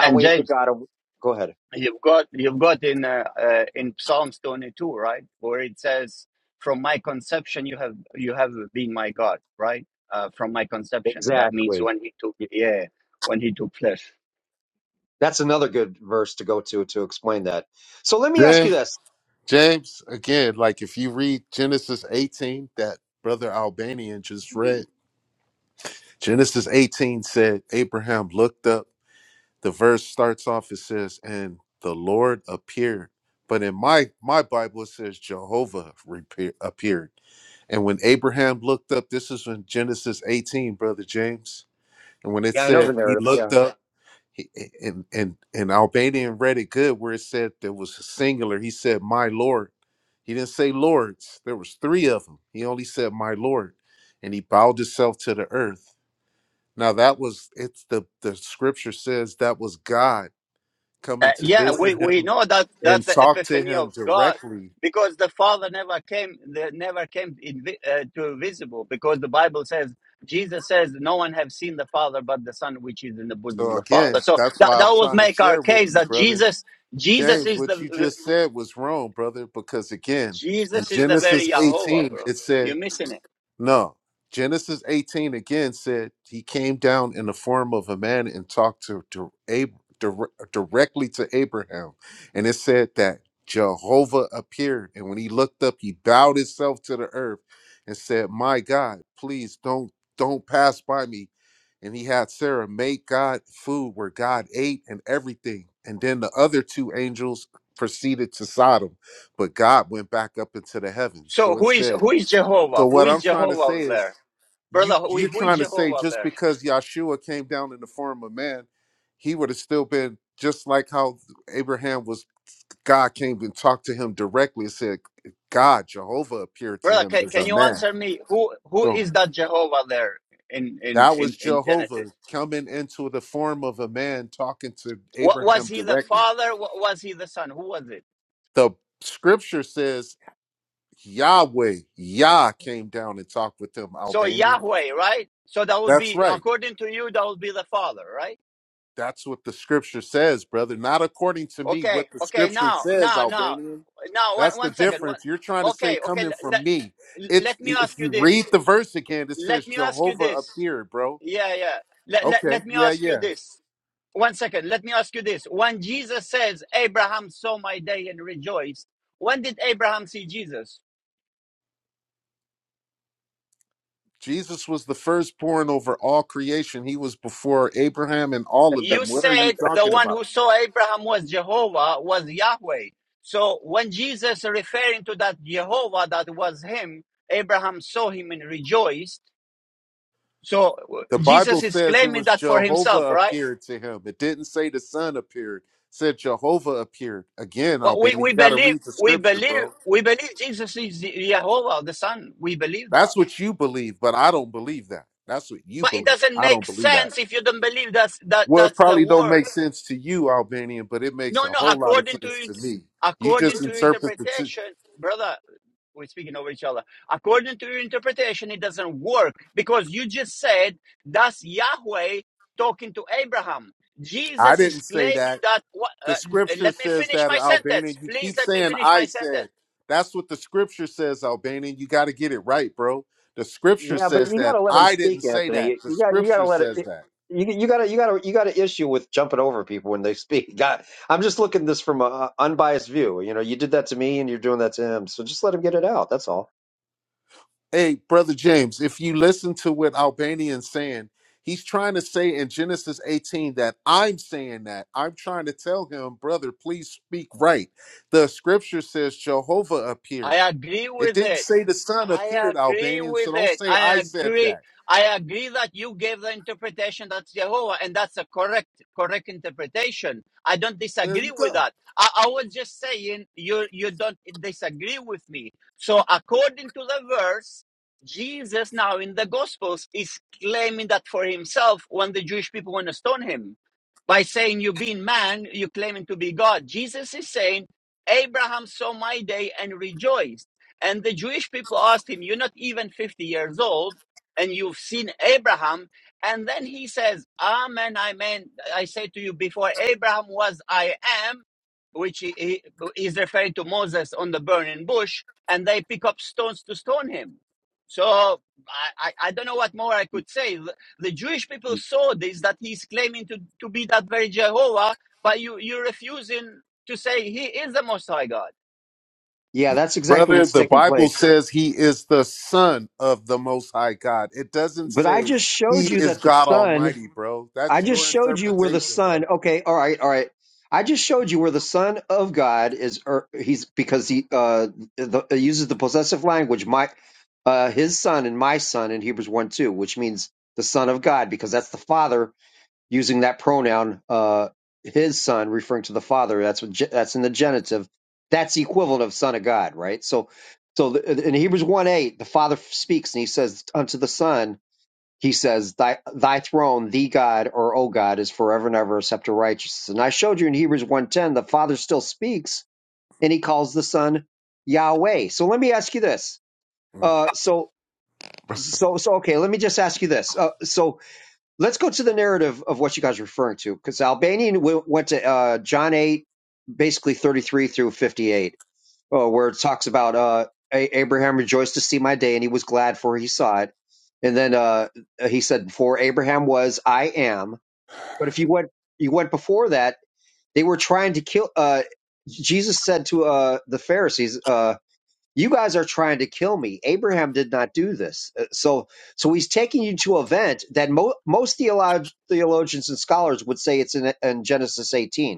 Speaker 1: and
Speaker 4: the
Speaker 1: james
Speaker 4: God of. Go ahead.
Speaker 1: You've got you've got in uh, uh, in Psalms 22, right, where it says, "From my conception, you have you have been my God," right? Uh, from my conception, that means
Speaker 4: Exactly.
Speaker 1: when he took
Speaker 4: Y-
Speaker 1: yeah, when he took flesh.
Speaker 4: That's another good verse to go to to explain that. So let me ask you this.
Speaker 3: James, again, like if you read Genesis 18, that brother Albanian just read, Genesis 18 said, Abraham looked up. The verse starts off, it says, and the Lord appeared. But in my, my Bible, it says Jehovah repe- appeared. And when Abraham looked up, this is in Genesis 18, brother James. And when it
Speaker 4: Yeah, I know the
Speaker 3: said he
Speaker 4: narrative.
Speaker 3: looked
Speaker 4: Yeah,
Speaker 3: up, he- and and and Albanian read it good where it said there was a singular. He said, "My Lord." He didn't say lords. There was three of them. He only said, "My Lord," and he bowed himself to the earth. Now that was it's the the scripture says that was God coming
Speaker 1: Uh,
Speaker 3: to
Speaker 1: yeah, we
Speaker 3: visit
Speaker 1: we
Speaker 3: him
Speaker 1: know that that's
Speaker 3: and
Speaker 1: the
Speaker 3: talk to
Speaker 1: epiphany
Speaker 3: him
Speaker 1: of God
Speaker 3: directly.
Speaker 1: because the Father never came the, never came in, vi- uh, to visible because the Bible says Jesus says no one have seen the Father but the Son which is in the bosom
Speaker 3: So
Speaker 1: of the
Speaker 3: again,
Speaker 1: Father. So
Speaker 3: that's
Speaker 1: that
Speaker 3: why I'm
Speaker 1: that would
Speaker 3: trying to
Speaker 1: make our
Speaker 3: share with
Speaker 1: case
Speaker 3: you,
Speaker 1: that
Speaker 3: brother
Speaker 1: Jesus Jesus
Speaker 3: James.
Speaker 1: is
Speaker 3: What you
Speaker 1: the
Speaker 3: just said was wrong, brother, because again, in
Speaker 1: Jesus is the very
Speaker 3: Genesis
Speaker 1: Jehovah,
Speaker 3: 18,
Speaker 1: bro.
Speaker 3: it said
Speaker 1: You're missing it.
Speaker 3: No. Genesis 18 again said he came down in the form of a man and talked to, to Ab- dire- directly to Abraham. And it said that Jehovah appeared. And when he looked up, he bowed himself to the earth and said, My God, please don't don't pass by me. And he had Sarah make God food where God ate and everything. And then the other two angels proceeded to Sodom, but God went back up into the heavens.
Speaker 1: So
Speaker 3: So it
Speaker 1: who is
Speaker 3: said
Speaker 1: who is
Speaker 3: so
Speaker 1: Jehovah? Who
Speaker 3: what
Speaker 1: is
Speaker 3: I'm trying to say
Speaker 1: Jehovah
Speaker 3: is
Speaker 1: there,
Speaker 3: you
Speaker 1: brother? Who,
Speaker 3: you're
Speaker 1: who is
Speaker 3: trying to say
Speaker 1: Jehovah
Speaker 3: just
Speaker 1: there,
Speaker 3: because Yahshua came down in the form of man, he would have still been just like how Abraham was God came and talked to him directly and said, God, Jehovah appeared to
Speaker 1: brother?
Speaker 3: him
Speaker 1: Can,
Speaker 3: as
Speaker 1: can
Speaker 3: a
Speaker 1: you
Speaker 3: man.
Speaker 1: answer me? Who who
Speaker 3: So
Speaker 1: is that Jehovah there in in
Speaker 3: that was
Speaker 1: in, in Genesis?
Speaker 3: Jehovah coming into the form of a man talking to
Speaker 1: What, was
Speaker 3: Abraham
Speaker 1: he the
Speaker 3: directly.
Speaker 1: father? Wa- was he the son? Who was it?
Speaker 3: The scripture says Yahweh, Yah came down and talked with him,
Speaker 1: So
Speaker 3: Albanian.
Speaker 1: Yahweh, right? So that would
Speaker 3: That's
Speaker 1: be
Speaker 3: right.
Speaker 1: according to you, that would be the father, right?
Speaker 3: That's what the scripture says, brother. Not according to me,
Speaker 1: Okay,
Speaker 3: what the
Speaker 1: okay.
Speaker 3: scripture
Speaker 1: Now,
Speaker 3: says,
Speaker 1: now, now,
Speaker 3: Albanian.
Speaker 1: now. One
Speaker 3: That's the
Speaker 1: one second. One,
Speaker 3: difference. You're trying to say
Speaker 1: okay, okay.
Speaker 3: coming from me.
Speaker 1: let
Speaker 3: It's
Speaker 1: let me
Speaker 3: if
Speaker 1: ask you
Speaker 3: you read
Speaker 1: this.
Speaker 3: the verse again, it says
Speaker 1: Let me ask you
Speaker 3: Jehovah
Speaker 1: this
Speaker 3: appeared, bro.
Speaker 1: Yeah, yeah. Let, let,
Speaker 3: Okay.
Speaker 1: let me
Speaker 3: Yeah,
Speaker 1: ask you
Speaker 3: yeah.
Speaker 1: this. One second. Let me ask you this. When Jesus says, Abraham saw my day and rejoiced, when did Abraham see Jesus?
Speaker 3: Jesus was the firstborn over all creation. He was before Abraham and all of them.
Speaker 1: You
Speaker 3: What are you
Speaker 1: said the
Speaker 3: talking
Speaker 1: one
Speaker 3: about?
Speaker 1: who saw Abraham was Jehovah, was Yahweh. So when Jesus referring to that Jehovah that was him, Abraham saw him and rejoiced. So uh,
Speaker 3: The Bible
Speaker 1: Jesus is
Speaker 3: says it
Speaker 1: claiming
Speaker 3: was
Speaker 1: that for himself,
Speaker 3: Jehovah
Speaker 1: right?
Speaker 3: appeared to him. It didn't say the son appeared. It said Jehovah appeared. Again,
Speaker 1: But we,
Speaker 3: Albanian, you
Speaker 1: we
Speaker 3: got to
Speaker 1: believe,
Speaker 3: read the
Speaker 1: we
Speaker 3: scripture, bro.
Speaker 1: believe, we believe Jesus is Jehovah, the Son. We believe that.
Speaker 3: That's what you believe, but I don't believe that. That's what you
Speaker 1: But it
Speaker 3: believe.
Speaker 1: doesn't
Speaker 3: I
Speaker 1: make
Speaker 3: don't believe that.
Speaker 1: sense if you don't believe that's that
Speaker 3: Well, it
Speaker 1: that's the
Speaker 3: probably don't
Speaker 1: word.
Speaker 3: make sense to you, Albanian, but it makes
Speaker 1: No,
Speaker 3: a
Speaker 1: no.
Speaker 3: whole lot of
Speaker 1: According
Speaker 3: sense
Speaker 1: to
Speaker 3: to me. You just
Speaker 1: according to
Speaker 3: interpret the. T-
Speaker 1: interpretation, brother, we're speaking over each other. According to your interpretation, it doesn't work because you just said that's Yahweh talking to Abraham.
Speaker 3: I
Speaker 1: Jesus is
Speaker 3: didn't say
Speaker 1: claiming
Speaker 3: that.
Speaker 1: that. wha-
Speaker 3: The
Speaker 1: Uh,
Speaker 3: scripture
Speaker 1: let me
Speaker 3: says
Speaker 1: finish
Speaker 3: that,
Speaker 1: my sentence,
Speaker 3: Albanian. You
Speaker 1: please.
Speaker 3: keep
Speaker 1: Let me
Speaker 3: saying
Speaker 1: finish
Speaker 3: I
Speaker 1: my
Speaker 3: said.
Speaker 1: sentence.
Speaker 3: That's what the scripture says, Albanian. You got to get it right, bro. The scripture
Speaker 4: yeah, but
Speaker 3: says
Speaker 4: you got
Speaker 3: that.
Speaker 4: to let him
Speaker 3: I didn't
Speaker 4: speak,
Speaker 3: say that.
Speaker 4: Anthony.
Speaker 3: The
Speaker 4: You got you got to
Speaker 3: scripture
Speaker 4: let it.
Speaker 3: says that.
Speaker 4: You you got to you got to you got to issue with jumping over people when they speak. God, I'm just looking at this from a unbiased view. You know, you did that to me, and you're doing that to him. So just let him get it out. That's all.
Speaker 3: Hey, brother James, if you listen to what Albanian's saying, he's trying to say in Genesis 18 that I'm saying that. I'm trying to tell him, brother, please speak right. The scripture says Jehovah
Speaker 1: I
Speaker 3: appeared.
Speaker 1: agree
Speaker 3: It
Speaker 1: with
Speaker 3: didn't
Speaker 1: it.
Speaker 3: say the son
Speaker 1: I
Speaker 3: appeared,
Speaker 1: agree
Speaker 3: Albanian, so
Speaker 1: with
Speaker 3: don't
Speaker 1: it.
Speaker 3: say I
Speaker 1: I
Speaker 3: said
Speaker 1: agree.
Speaker 3: that.
Speaker 1: I agree that you gave the interpretation that's Jehovah, and that's a correct, correct interpretation. I don't
Speaker 3: There
Speaker 1: disagree
Speaker 3: you
Speaker 1: with
Speaker 3: go.
Speaker 1: that. I, I was just saying you you don't disagree with me. So according to the verse, Jesus now in the Gospels is claiming that for himself when the Jewish people want to stone him by saying you being man, you claiming to be God. Jesus is saying, Abraham saw my day and rejoiced. And the Jewish people asked him, You're not even 50 years old, and you've seen Abraham. And then he says, Amen, amen. I say to you, before Abraham was, I am, which he, he is referring to Moses on the burning bush, and they pick up stones to stone him. So I, I, I don't know what more I could say. The, the Jewish people saw this that he's claiming to, to be that very Jehovah, but you, you're refusing to say he is the Most High God.
Speaker 4: Yeah, that's exactly
Speaker 3: Brother,
Speaker 4: what's
Speaker 3: the
Speaker 4: taking
Speaker 3: Bible
Speaker 4: place.
Speaker 3: says he is the son of the most high God. It doesn't
Speaker 4: But I
Speaker 3: say
Speaker 4: just
Speaker 3: he
Speaker 4: showed you
Speaker 3: is
Speaker 4: that the
Speaker 3: God
Speaker 4: son
Speaker 3: Almighty, bro.
Speaker 4: I
Speaker 3: That's
Speaker 4: just
Speaker 3: your
Speaker 4: showed you where the
Speaker 3: interpretation,
Speaker 4: Son.
Speaker 3: brother.
Speaker 4: Okay, all right, all right. I just showed you where the Son of God is. Or he's because he uh the, it uses the possessive language. My uh his son and my son in Hebrews one two, which means the Son of God, because that's the Father using that pronoun. Uh, his son referring to the Father. That's what ge- that's in the genitive. That's the equivalent of Son of God, right? So. So the- in Hebrews 1 8, the Father speaks and he says unto the Son, he says, thy, thy throne, the God or O God, is forever and ever, a scepter of righteousness. And I showed you in Hebrews one ten, the Father still speaks and he calls the Son Yahweh. So let me ask you this.
Speaker 3: Mm,
Speaker 4: Uh, so, so, so, okay, let me just ask you this. Uh, so let's go to the narrative of what you guys are referring to, because Albanian w- went to uh, John 8, basically 33 through 58 uh, where it talks about uh, A- Abraham rejoiced to see my day, and he was glad for he saw it. And then uh, he said, "Before Abraham was, I am." But if you went, you went before that, they were trying to kill. Uh, Jesus said to uh, the Pharisees, uh, "You guys are trying to kill me. Abraham did not do this." Uh, So, so he's taking you to an event that mo- most theolog- theologians and scholars would say it's in, in Genesis 18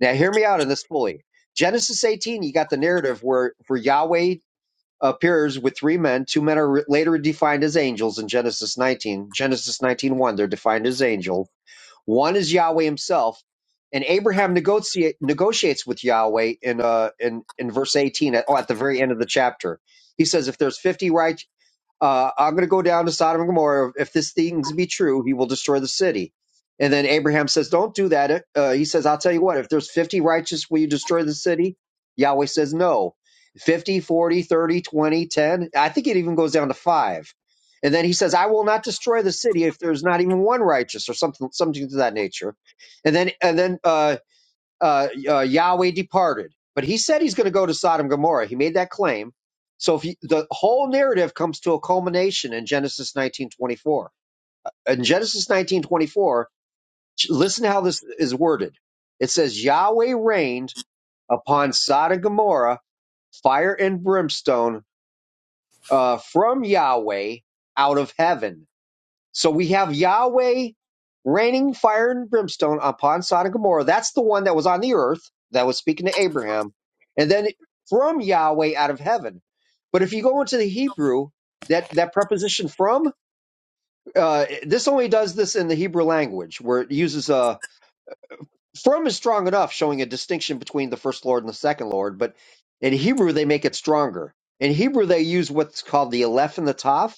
Speaker 4: now, hear me out on this fully. Genesis 18, you got the narrative where, where Yahweh appears with three men. Two men are re- later defined as angels in Genesis 19. Genesis nineteen one, they're defined as angel. One is Yahweh himself. And Abraham negotiate, negotiates with Yahweh in, uh, in, in verse 18 at, oh, at the very end of the chapter. He says, if there's 50 right." uh, I'm going to go down to Sodom and Gomorrah. If this things be true, he will destroy the city. And then Abraham says, Don't do that. Uh, he says, I'll tell you what, if there's 50 righteous, will you destroy the city? Yahweh says, No. 50, 40, 30, 20, 10. I think it even goes down to five. And then he says, I will not destroy the city if there's not even one righteous or something, something to that nature. And then, and then, uh, uh, uh, Yahweh departed. But he said he's going to go to Sodom and Gomorrah. He made that claim. So if you, the whole narrative comes to a culmination in Genesis 19:24. In Genesis 19:24, listen to how this is worded. It says Yahweh rained upon Sodom and Gomorrah fire and brimstone uh, from Yahweh out of heaven so we have Yahweh raining fire and brimstone upon Sodom and Gomorrah. That's the one that was on the earth that was speaking to Abraham, and then from Yahweh out of heaven. But if you go into the Hebrew, that that preposition from uh, this only does this in the Hebrew language where it uses uh, from is strong enough, showing a distinction between the first Lord and the second Lord. But in Hebrew, they make it stronger. In Hebrew, they use what's called the aleph and the Tav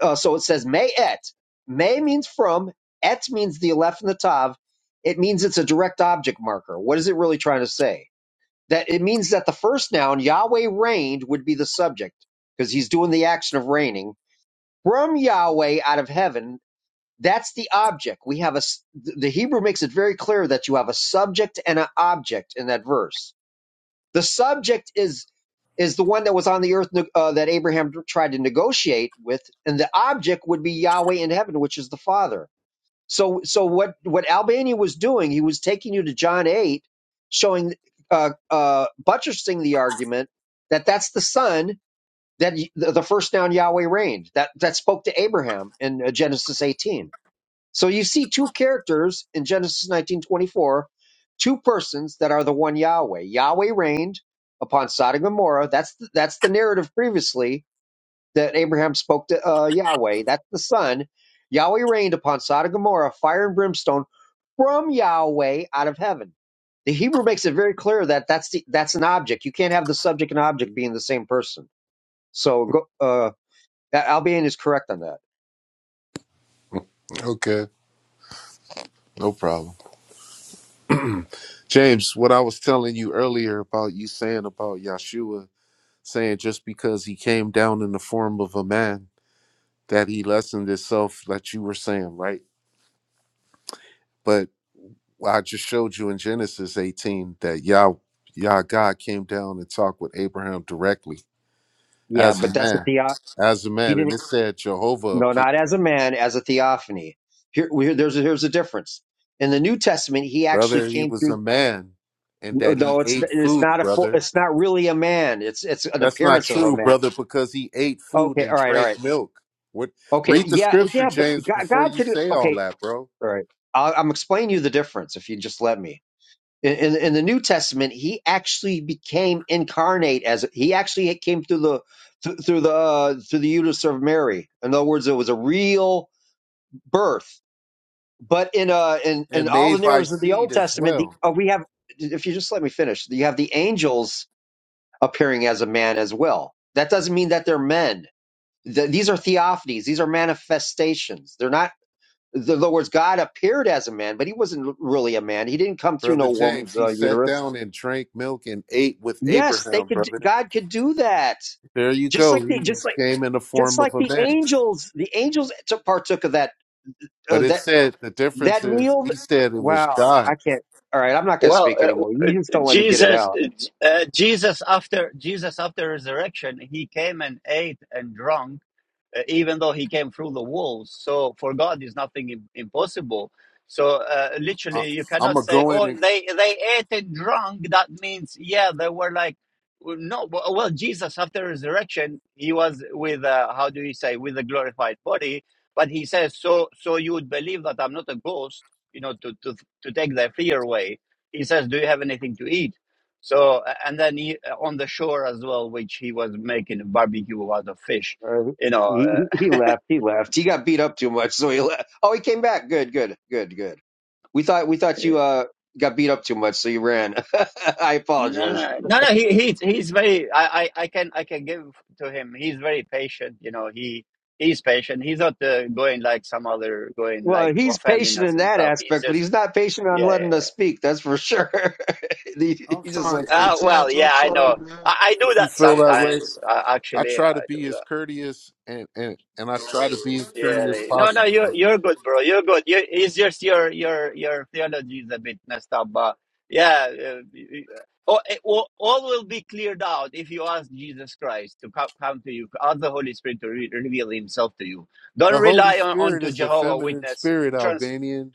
Speaker 4: uh, so it says may et. May means from, et means the aleph and the tav. It means it's a direct object marker. What is it really trying to say? That it means that the first noun, Yahweh reigned, would be the subject because he's doing the action of reigning from Yahweh out of heaven. That's the object. We have a. the Hebrew makes it very clear that you have a subject and an object in that verse the subject is is the one that was on the earth uh, that Abraham tried to negotiate with, and the object would be Yahweh in heaven, which is the Father. So, so what what Albania was doing, he was taking you to John eight, showing uh, uh, buttressing the argument that that's the Son that y- the the first down Yahweh reigned that that spoke to Abraham in uh, Genesis eighteen. So you see two characters in Genesis 19:24, two persons that are the one Yahweh. Yahweh reigned upon Sodom and Gomorrah. That's the, that's the narrative previously that Abraham spoke to uh, Yahweh. That's the son. Yahweh reigned upon Sodom and Gomorrah, fire and brimstone from Yahweh out of heaven. The Hebrew makes it very clear that that's the, that's an object. You can't have the subject and object being the same person. So go, uh, Albion is correct on that.
Speaker 3: Okay, no problem. James, what I was telling you earlier about you saying about Yeshua saying just because he came down in the form of a man that he lessened himself, that you were saying, right? But I just showed you in Genesis 18 that Yah, Yah God came down and talked with Abraham directly
Speaker 4: Yeah,
Speaker 3: as
Speaker 4: but
Speaker 3: a
Speaker 4: that's what
Speaker 3: man,
Speaker 4: the uh,
Speaker 3: as a
Speaker 4: he
Speaker 3: man. And
Speaker 4: didn't.
Speaker 3: it said Jehovah
Speaker 4: No,
Speaker 3: appeared,
Speaker 4: not as a man, as a theophany. Here, we, there's a, here's a difference. In the New Testament, he actually
Speaker 3: brother, he
Speaker 4: came
Speaker 3: was a
Speaker 4: through.
Speaker 3: man and that he
Speaker 4: No, it's
Speaker 3: ate
Speaker 4: it's
Speaker 3: food,
Speaker 4: not a full-
Speaker 3: brother.
Speaker 4: it's not really a man. It's it's an
Speaker 3: That's not
Speaker 4: appearance of a
Speaker 3: true,
Speaker 4: man.
Speaker 3: brother, because he ate food
Speaker 4: Okay,
Speaker 3: and
Speaker 4: all right, all
Speaker 3: drank
Speaker 4: right.
Speaker 3: milk. What
Speaker 4: Okay,
Speaker 3: read the
Speaker 4: yeah,
Speaker 3: scripture,
Speaker 4: yeah, but
Speaker 3: James,
Speaker 4: God,
Speaker 3: before
Speaker 4: God
Speaker 3: you
Speaker 4: could.
Speaker 3: say all
Speaker 4: Okay,
Speaker 3: that, bro.
Speaker 4: all right. I'll, I'm explaining you the difference if you just let me. In, in in the New Testament, he actually became incarnate as he actually came through the through, through the uh, through the uterus of Mary. In other words, it was a real birth But in uh in, in
Speaker 3: And
Speaker 4: all the
Speaker 3: made by
Speaker 4: narratives of the Old
Speaker 3: seed as
Speaker 4: Testament, the
Speaker 3: well.
Speaker 4: uh, we have if you just let me finish, you have the angels appearing as a man as well. That doesn't mean that they're men. Th- these are theophanies. These are manifestations. They're not. In other words, God appeared as a man, but he wasn't really a man. He didn't come through
Speaker 3: Brother
Speaker 4: no
Speaker 3: James,
Speaker 4: woman's
Speaker 3: he
Speaker 4: uh,
Speaker 3: sat
Speaker 4: uterus.
Speaker 3: down and drank milk and ate with
Speaker 4: Yes, they
Speaker 3: Abraham,
Speaker 4: could.
Speaker 3: brother.
Speaker 4: God could do that.
Speaker 3: There you
Speaker 4: Just
Speaker 3: go.
Speaker 4: like
Speaker 3: He
Speaker 4: the just
Speaker 3: was-
Speaker 4: like
Speaker 3: came in the
Speaker 4: just
Speaker 3: form of
Speaker 4: like
Speaker 3: a
Speaker 4: the
Speaker 3: man.
Speaker 4: angels. The angels took partook of that. Uh,
Speaker 3: But it
Speaker 4: that
Speaker 3: said the difference
Speaker 4: That
Speaker 3: is
Speaker 4: meal,
Speaker 3: he said it was
Speaker 4: wow,
Speaker 3: God.
Speaker 4: I can't. All right, I'm not going to speak
Speaker 1: Well,
Speaker 4: anymore.
Speaker 1: uh, uh,
Speaker 4: You just don't let me get it
Speaker 1: Jesus,
Speaker 4: out.
Speaker 1: uh, uh, Jesus after Jesus after resurrection, he came and ate and drank uh, even though he came through the walls. So for God is nothing im- impossible. So uh,
Speaker 3: I,
Speaker 1: literally, you
Speaker 3: I'm
Speaker 1: cannot
Speaker 3: gonna
Speaker 1: say,
Speaker 3: go in
Speaker 1: "Oh,
Speaker 3: and
Speaker 1: they they ate and drunk." That means, yeah, they were like, well, no. Well, well, Jesus after resurrection, he was with uh, how do you say with a glorified body, but he says, "So so you would believe that I'm not a ghost." You know, to to to take their fear away. He says, "Do you have anything to eat?" So uh, and then he, uh, on the shore as well, which he was making a barbecue out of fish
Speaker 4: All right.
Speaker 1: you know.
Speaker 4: He, he
Speaker 1: Uh,
Speaker 4: he left. He left. He got beat up too much, so he left. Oh, he came back. Good, good, good, good. We thought we thought
Speaker 1: eh,
Speaker 4: you uh got beat up too much, so you ran. I
Speaker 1: no,
Speaker 4: apologize.
Speaker 1: no, no, no. He, he's he's very. I, I, I can I can give to him. He's very patient. You know, he he's patient. He's not uh, going like some other going like
Speaker 4: Well, he's
Speaker 1: offending
Speaker 4: patient
Speaker 1: us
Speaker 4: in
Speaker 1: and
Speaker 4: that
Speaker 1: stuff. He's
Speaker 4: aspect, but
Speaker 1: just
Speaker 4: he's not patient on
Speaker 1: yeah. yeah,
Speaker 4: letting
Speaker 1: yeah.
Speaker 4: us speak. That's for sure. he, he's just like,
Speaker 1: Uh, well, yeah, I know. I, I do
Speaker 3: if you
Speaker 1: that
Speaker 3: feel that way,
Speaker 1: sometimes. Uh,
Speaker 3: I
Speaker 1: actually,
Speaker 3: try to
Speaker 1: I do
Speaker 3: be
Speaker 1: that.
Speaker 3: as courteous and and, and I try to be as
Speaker 1: Yeah,
Speaker 3: courteous as
Speaker 1: right. no, no,
Speaker 3: possible.
Speaker 1: you're you're good, bro. You're good. You, it's just your your your theology is a bit messed up, but yeah, uh, y- y- all, it will, all will be cleared out if you ask Jesus Christ to come, come to you, ask the Holy Spirit to re- reveal Himself to you. Don't
Speaker 3: The Holy
Speaker 1: rely on
Speaker 3: Spirit
Speaker 1: onto
Speaker 3: is a
Speaker 1: Jehovah
Speaker 3: feminine
Speaker 1: Witness
Speaker 3: spirit, Albanian.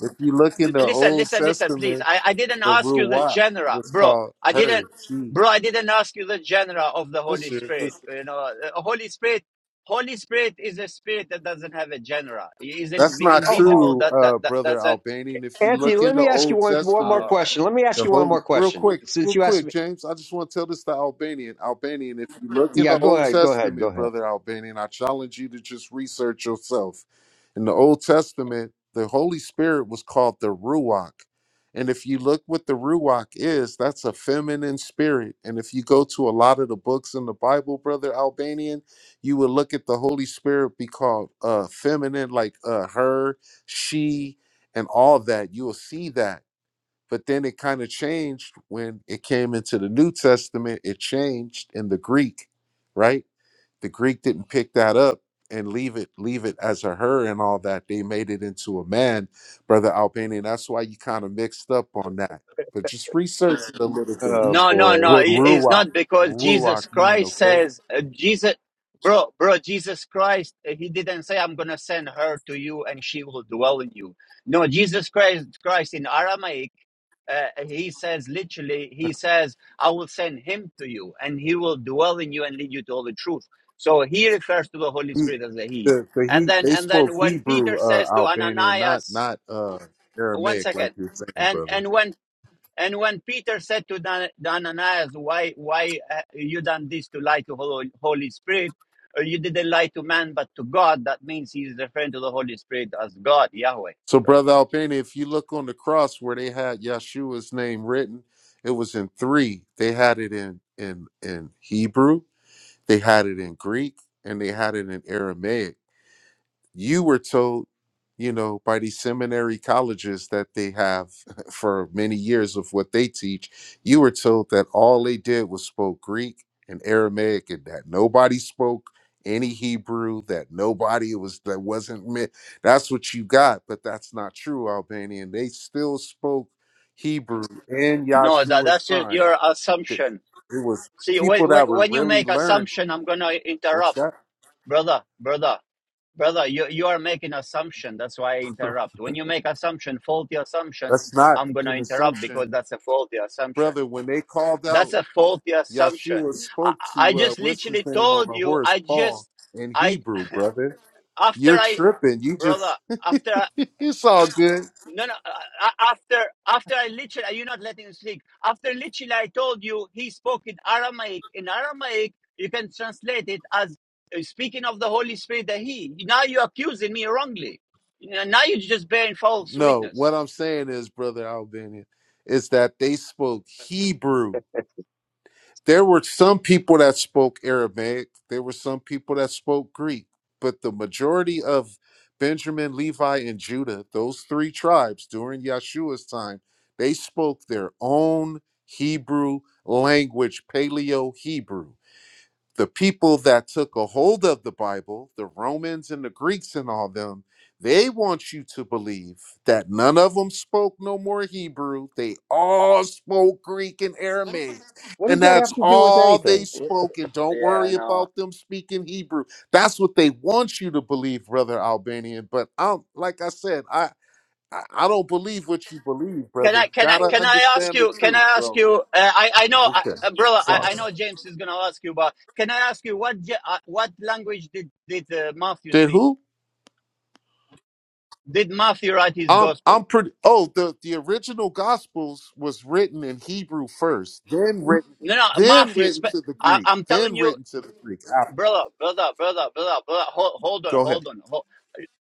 Speaker 3: If you look in the
Speaker 1: listen,
Speaker 3: Old
Speaker 1: listen, listen, please.
Speaker 3: Testament,
Speaker 1: I, I didn't
Speaker 3: the
Speaker 1: ask you the
Speaker 3: Ruach
Speaker 1: genre,
Speaker 3: was
Speaker 1: bro.
Speaker 3: called
Speaker 1: I didn't,
Speaker 3: her, she.
Speaker 1: bro. I didn't ask you the genre of the
Speaker 3: For
Speaker 1: Holy
Speaker 3: sure, for
Speaker 1: Spirit.
Speaker 3: sure.
Speaker 1: You know, the Holy Spirit, Holy Spirit is a spirit that doesn't have a genre. He is
Speaker 3: That's
Speaker 1: inv-
Speaker 3: not
Speaker 4: oh, oh,
Speaker 1: invisible.
Speaker 3: true,
Speaker 1: That that
Speaker 3: uh,
Speaker 1: that
Speaker 3: brother
Speaker 1: doesn't.
Speaker 3: Albanian. If you
Speaker 4: Anthony.
Speaker 3: look in
Speaker 4: Let
Speaker 3: the
Speaker 4: me ask you
Speaker 3: Old
Speaker 4: one one more
Speaker 3: Testament,
Speaker 1: uh,
Speaker 4: question. Let me ask
Speaker 3: The
Speaker 4: you one
Speaker 3: holy,
Speaker 4: more
Speaker 3: real
Speaker 4: question.
Speaker 3: quick,
Speaker 4: Since
Speaker 3: real
Speaker 4: you asked
Speaker 3: quick,
Speaker 4: me,
Speaker 3: James. I just want to tell this to Albanian. Albanian, if you look in
Speaker 4: yeah,
Speaker 3: the
Speaker 4: go
Speaker 3: Old
Speaker 4: ahead, go ahead, go
Speaker 3: Testament,
Speaker 4: ahead.
Speaker 3: brother Albanian, I challenge you to just research yourself. In the Old Testament, the Holy Spirit was called the Ruach. And if you look what the Ruach is, that's a feminine spirit. And if you go to a lot of the books in the Bible, brother Albanian, you would look at the Holy Spirit be called uh feminine, like uh her, she, and all that. You will see that but then it kind of changed when it came into the New Testament. It changed in the Greek, right? The Greek didn't pick that up and leave it leave it as a her and all that. They made it into a man, brother Albanian. That's why you kind of mixed up on that. But just research it a little bit.
Speaker 4: Oh
Speaker 1: No, no,
Speaker 4: boy.
Speaker 1: no.
Speaker 3: What
Speaker 1: it- It's
Speaker 3: ruach
Speaker 1: not because Jesus
Speaker 3: ruach mean?
Speaker 1: Christ
Speaker 3: Okay,
Speaker 1: says, uh, Jesus, bro, bro, Jesus Christ, uh, he didn't say, I'm going to send her to you and she will dwell in you. No, Jesus Christ, Christ in Aramaic, uh, he says literally, he says, I will send him to you and he will dwell in you and lead you to all the truth. So he refers to the Holy
Speaker 3: he,
Speaker 1: Spirit as a he.
Speaker 3: the the
Speaker 1: And
Speaker 3: he
Speaker 1: then,
Speaker 3: they
Speaker 1: and
Speaker 3: spoke
Speaker 1: then when
Speaker 3: Hebrew
Speaker 1: Peter
Speaker 3: uh,
Speaker 1: says to
Speaker 3: Albanian, not
Speaker 1: Ananias,
Speaker 3: not uh,
Speaker 1: one
Speaker 3: Aramaic like
Speaker 1: second,
Speaker 3: you're saying,
Speaker 1: and,
Speaker 3: brother.
Speaker 1: and when and when Peter said to Dan- Ananias, why, why uh, you done this to lie to Hol- Holy Spirit? Or you didn't lie to man, but to God. That means he's referring to the Holy Spirit as God, Yahweh.
Speaker 3: So,
Speaker 1: So
Speaker 3: Brother Albania, if you look on the cross where they had Yeshua's name written, it was in three. They had it in in in Hebrew, they had it in Greek, and they had it in Aramaic you were told you know by these seminary colleges that they have for many years of what they teach you were told that all they did was spoke greek and aramaic and that nobody spoke any hebrew that nobody was that wasn't meant that's what you got but that's not true albanian they still spoke hebrew in
Speaker 1: no, that,
Speaker 3: yahshua's
Speaker 1: that's just
Speaker 3: time
Speaker 1: your
Speaker 3: Th-
Speaker 1: assumption.
Speaker 3: it was
Speaker 1: See,
Speaker 3: people
Speaker 1: when, when,
Speaker 3: that were
Speaker 1: when you
Speaker 3: really
Speaker 1: make
Speaker 3: learned
Speaker 1: assumption, I'm gonna
Speaker 3: what's
Speaker 1: interrupt,
Speaker 3: that
Speaker 1: brother, brother, brother. You you are making assumption. That's why I interrupt. When you make assumption, faulty assumptions,
Speaker 3: that's not
Speaker 1: I'm gonna
Speaker 3: an
Speaker 1: interrupt
Speaker 3: assumption
Speaker 1: because that's a faulty assumption.
Speaker 3: brother, when they called
Speaker 1: That's
Speaker 3: out,
Speaker 1: a faulty assumption.
Speaker 3: Yeshua
Speaker 1: I,
Speaker 3: spoke
Speaker 1: I
Speaker 3: to uh,
Speaker 1: just
Speaker 3: what's his
Speaker 1: literally
Speaker 3: name on
Speaker 1: told
Speaker 3: the
Speaker 1: you.
Speaker 3: horse,
Speaker 1: I
Speaker 3: Paul,
Speaker 1: just,
Speaker 3: in
Speaker 1: I
Speaker 3: Hebrew, brother.
Speaker 1: after
Speaker 3: You're
Speaker 1: I,
Speaker 3: tripping. You
Speaker 1: brother,
Speaker 3: just,
Speaker 1: after I,
Speaker 3: it's all good.
Speaker 1: no, no, uh, uh, after after I literally, are you not letting me speak? After literally, I told you he spoke in Aramaic. In Aramaic, you can translate it as uh, speaking of the Holy Spirit. That he. Now you're accusing me wrongly. You know, Now you're just bearing false
Speaker 3: No, what
Speaker 1: witness.
Speaker 3: I'm saying is, brother Albanian, is that they spoke Hebrew. There were some people that spoke Aramaic, there were some people that spoke Greek, but the majority of Benjamin, Levi, and Judah, those three tribes during Yeshua's time, they spoke their own Hebrew language, Paleo Hebrew the people that took a hold of the Bible, the Romans and the Greeks and all them, they want you to believe that none of them spoke no more Hebrew. They all spoke Greek and Aramaic.
Speaker 4: What does
Speaker 3: And
Speaker 4: that
Speaker 3: that's
Speaker 4: have to do with
Speaker 3: all they
Speaker 4: anything?
Speaker 3: spoke. And don't
Speaker 1: Yeah, I
Speaker 3: worry
Speaker 1: know.
Speaker 3: about them speaking Hebrew. That's what they want you to believe, brother Albanian. But I'm like I said, I I I don't believe what you believe,
Speaker 1: Can
Speaker 3: brother. You
Speaker 1: I can I
Speaker 3: gotta
Speaker 1: can I ask
Speaker 3: understand the
Speaker 1: you? Can
Speaker 3: truth,
Speaker 1: I ask
Speaker 3: bro.
Speaker 1: you? Uh, I I know, uh,
Speaker 3: Okay.
Speaker 1: uh, brother. I,
Speaker 3: Sorry.
Speaker 1: I know James is gonna ask you, but can I ask you what Ja- uh, what language did did uh, Matthew
Speaker 3: Did
Speaker 1: speak?
Speaker 3: who?
Speaker 1: Did Matthew write his
Speaker 3: I'm
Speaker 1: gospel?
Speaker 3: I'm pretty. Oh, the the original Gospels was written in Hebrew first, then written,
Speaker 1: No, no,
Speaker 3: then
Speaker 1: Matthew.
Speaker 3: written
Speaker 1: Spe-
Speaker 3: to the
Speaker 1: I,
Speaker 3: Greek,
Speaker 1: I'm telling
Speaker 3: then
Speaker 1: you,
Speaker 3: written to the Greek after.
Speaker 1: brother, brother, brother, brother, brother. Hold, hold on,
Speaker 3: Go ahead.
Speaker 1: hold on. Hold.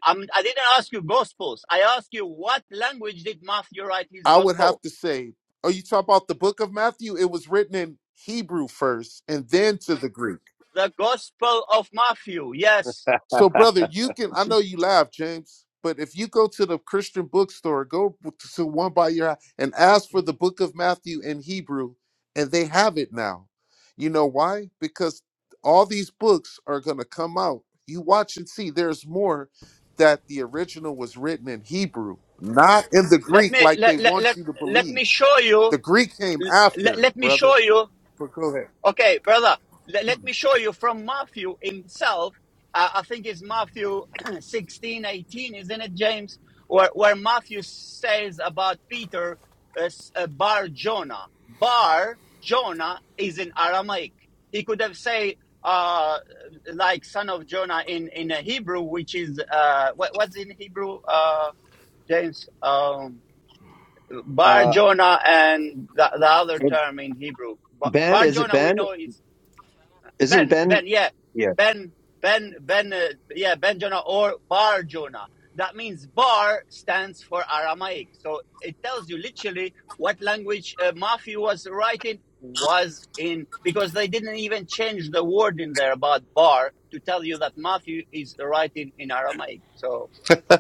Speaker 1: I'm, I didn't ask you gospels. I asked you what language did Matthew write his
Speaker 3: I would have
Speaker 1: gospel?
Speaker 3: to say. Oh, you talk about the Book of Matthew? It was written in Hebrew first, and then to the Greek.
Speaker 1: The Gospel of Matthew. Yes.
Speaker 3: So, brother, you can. I know you laugh, James, but if you go to the Christian bookstore, go to one by your house and ask for the book of Matthew in Hebrew, and they have it now. You know why? Because all these books are going to come out. You watch and see. There's more that the original was written in Hebrew, not in the
Speaker 1: Let
Speaker 3: Greek
Speaker 1: me
Speaker 3: like they
Speaker 1: let let
Speaker 3: want
Speaker 1: let,
Speaker 3: you to
Speaker 1: let
Speaker 3: believe.
Speaker 1: me show you
Speaker 3: The Greek came
Speaker 1: let,
Speaker 3: after,
Speaker 1: let me
Speaker 3: brother.
Speaker 1: show you
Speaker 3: But go ahead.
Speaker 1: Okay, brother, le- let me show you from Matthew himself. Uh, I think it's Matthew sixteen eighteen, isn't it, James? Where, where Matthew says about Peter, uh, s- uh, Bar Jonah. Bar Jonah is in Aramaic. He could have said, uh, like son of Jonah in, in a Hebrew, which is, uh, what, what's in Hebrew, uh, James? Um, Bar
Speaker 4: Uh,
Speaker 1: Jonah and the, the other
Speaker 4: and
Speaker 1: term in Hebrew. Ba-
Speaker 4: ben,
Speaker 1: Bar
Speaker 4: is it
Speaker 1: Jonah, we
Speaker 4: Ben?
Speaker 1: know is
Speaker 4: Isn't
Speaker 1: Ben,
Speaker 4: Ben?
Speaker 1: Ben, yeah,
Speaker 4: Yeah.
Speaker 1: Ben, Ben, Ben, uh, yeah, Ben Jonah or Bar Jonah. That means Bar stands for Aramaic. So it tells you literally what language uh, Matthew was writing was in, because they didn't even change the word in there about Bar to tell you that Matthew is writing in Aramaic. So.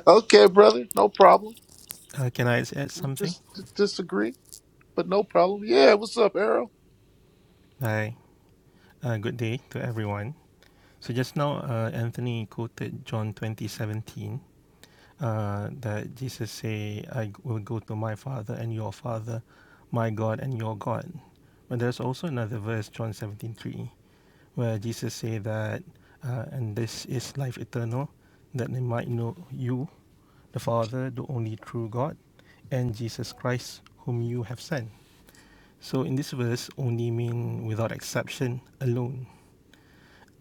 Speaker 3: okay, brother. No problem.
Speaker 5: Uh, can I s- add
Speaker 3: We
Speaker 5: something?
Speaker 3: just d- disagree. But no problem. Yeah, what's up, Errol?
Speaker 5: Hi. Uh, good day to everyone. So just now, uh, Anthony quoted John 20:17 uh, that Jesus say, "I will go to my Father and your Father, my God and your God." But there's also another verse, John 17:3, where Jesus say that, uh, "And this is life eternal, that they might know you, the Father, the only true God, and Jesus Christ, whom you have sent." So in this verse, only mean without exception alone.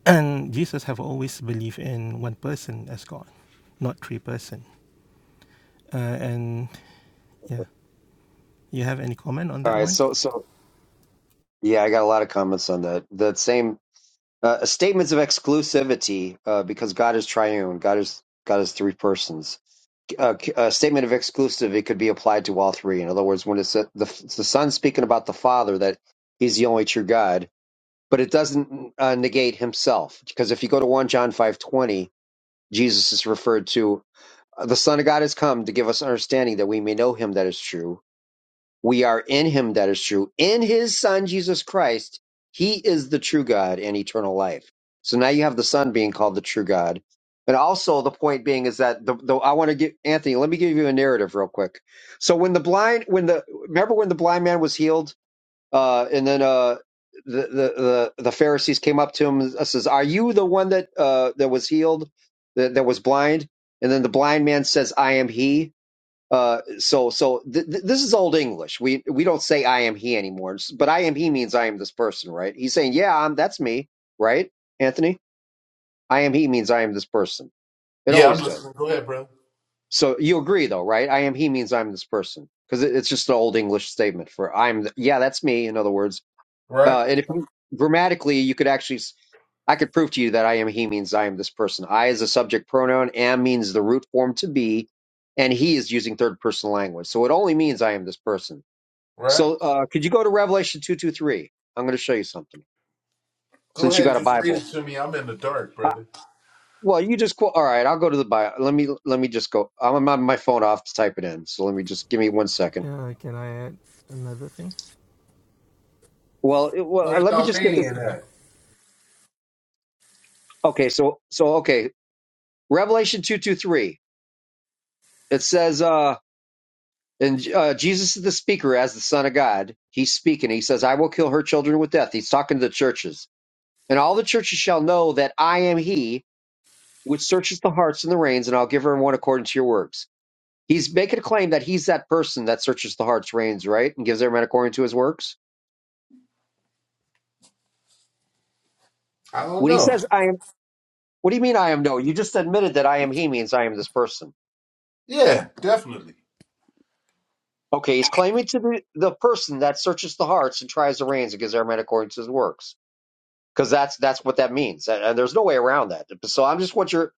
Speaker 5: And Jesus have always believed in one person as God, not three person. Uh, and yeah,
Speaker 4: All
Speaker 5: you have any comment on that
Speaker 4: right.
Speaker 5: one?
Speaker 4: So, so yeah, I got a lot of comments on that. That same uh, statements of exclusivity, uh, because God is triune. God is God is three persons. Uh, a statement of exclusivity could be applied to all three. In other words, when it's the, the Son speaking about the Father, that He's the only true God, but it doesn't uh, negate Himself. Because if you go to one John five twenty, Jesus is referred to. The Son of God has come to give us understanding that we may know him that is true. We are in him that is true. In his Son, Jesus Christ, he is the true God and eternal life. So now you have the Son being called the true God. And also the point being is that the, the I want to give Anthony, let me give you a narrative real quick. So when the blind when the remember when the blind man was healed uh, and then uh, the, the the the Pharisees came up to him and says, "Are you the one that uh, that was healed, that, that was blind?" And then the blind man says, "I am he." Uh, so so th- th- this is old English. We we don't say "I am he" anymore, It's- but "I am he" means I am this person, right? He's saying, "Yeah, I'm that's me," right, Anthony? "I am he" means I am this person. It
Speaker 3: Yeah, I'm
Speaker 4: always does.
Speaker 3: listening. Go ahead, bro.
Speaker 4: So you agree, though, right? "I am he" means I'm this person because it's just an old English statement for "I'm." The, yeah, that's me. In other words
Speaker 3: Right,
Speaker 4: uh, and if you, grammatically, you could actually, s- I could prove to you that I am he means I am this person. I is a subject pronoun, am means the root form to be, and he is using third person language. So it only means I am this person.
Speaker 3: right.
Speaker 4: So uh, could you go to Revelation 223? I'm going to show you something
Speaker 3: Go
Speaker 4: since you
Speaker 3: ahead,
Speaker 4: got a
Speaker 3: just read it
Speaker 4: Bible.
Speaker 3: to me. I'm in the dark,
Speaker 4: Uh,
Speaker 3: brother.
Speaker 4: well, you just quote. All right, I'll go to the Bible. Let me let me just go. I'm on my phone off to type it in. So let me just give me one second.
Speaker 5: Yeah, can I add another thing?
Speaker 4: Well, it, well, uh,
Speaker 3: Where's
Speaker 4: let me just get this.
Speaker 3: Albanian
Speaker 5: Okay.
Speaker 3: at?
Speaker 4: Okay, so so okay, Revelation two two three. It says, uh, And uh, Jesus is the speaker as the Son of God. He's speaking. He says, I will kill her children with death. He's talking to the churches. And all the churches shall know that I am He which searches the hearts and the reins, and I'll give her one according to your works. He's making a claim that he's that person that searches the hearts, reins, right? And gives everyone according to his works.
Speaker 3: I don't
Speaker 4: When he
Speaker 3: know.
Speaker 4: says, I am, what do you mean I am no? You just admitted that I am He means I am this person.
Speaker 3: Yeah, definitely.
Speaker 4: Okay, he's claiming to be the person that searches the hearts and tries the reins and gives everyone according to his works. because that's that's what that means, and, and there's no way around that. So I'm just what you're,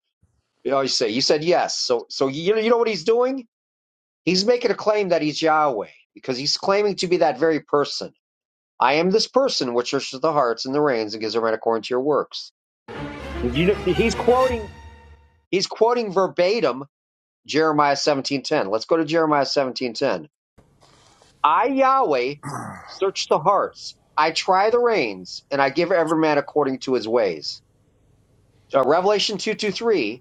Speaker 4: you know, you say you said yes. So so you you know what he's doing? He's making a claim that he's Yahweh because he's claiming to be that very person. I am this person which searches the hearts and the reins and gives a rent according to your works. And You, know- he's quoting he's quoting verbatim Jeremiah 17:10. Let's go to Jeremiah 17:10. I Yahweh search the hearts. I try the reins and I give every man according to his ways. Uh, Revelation 2:2:3.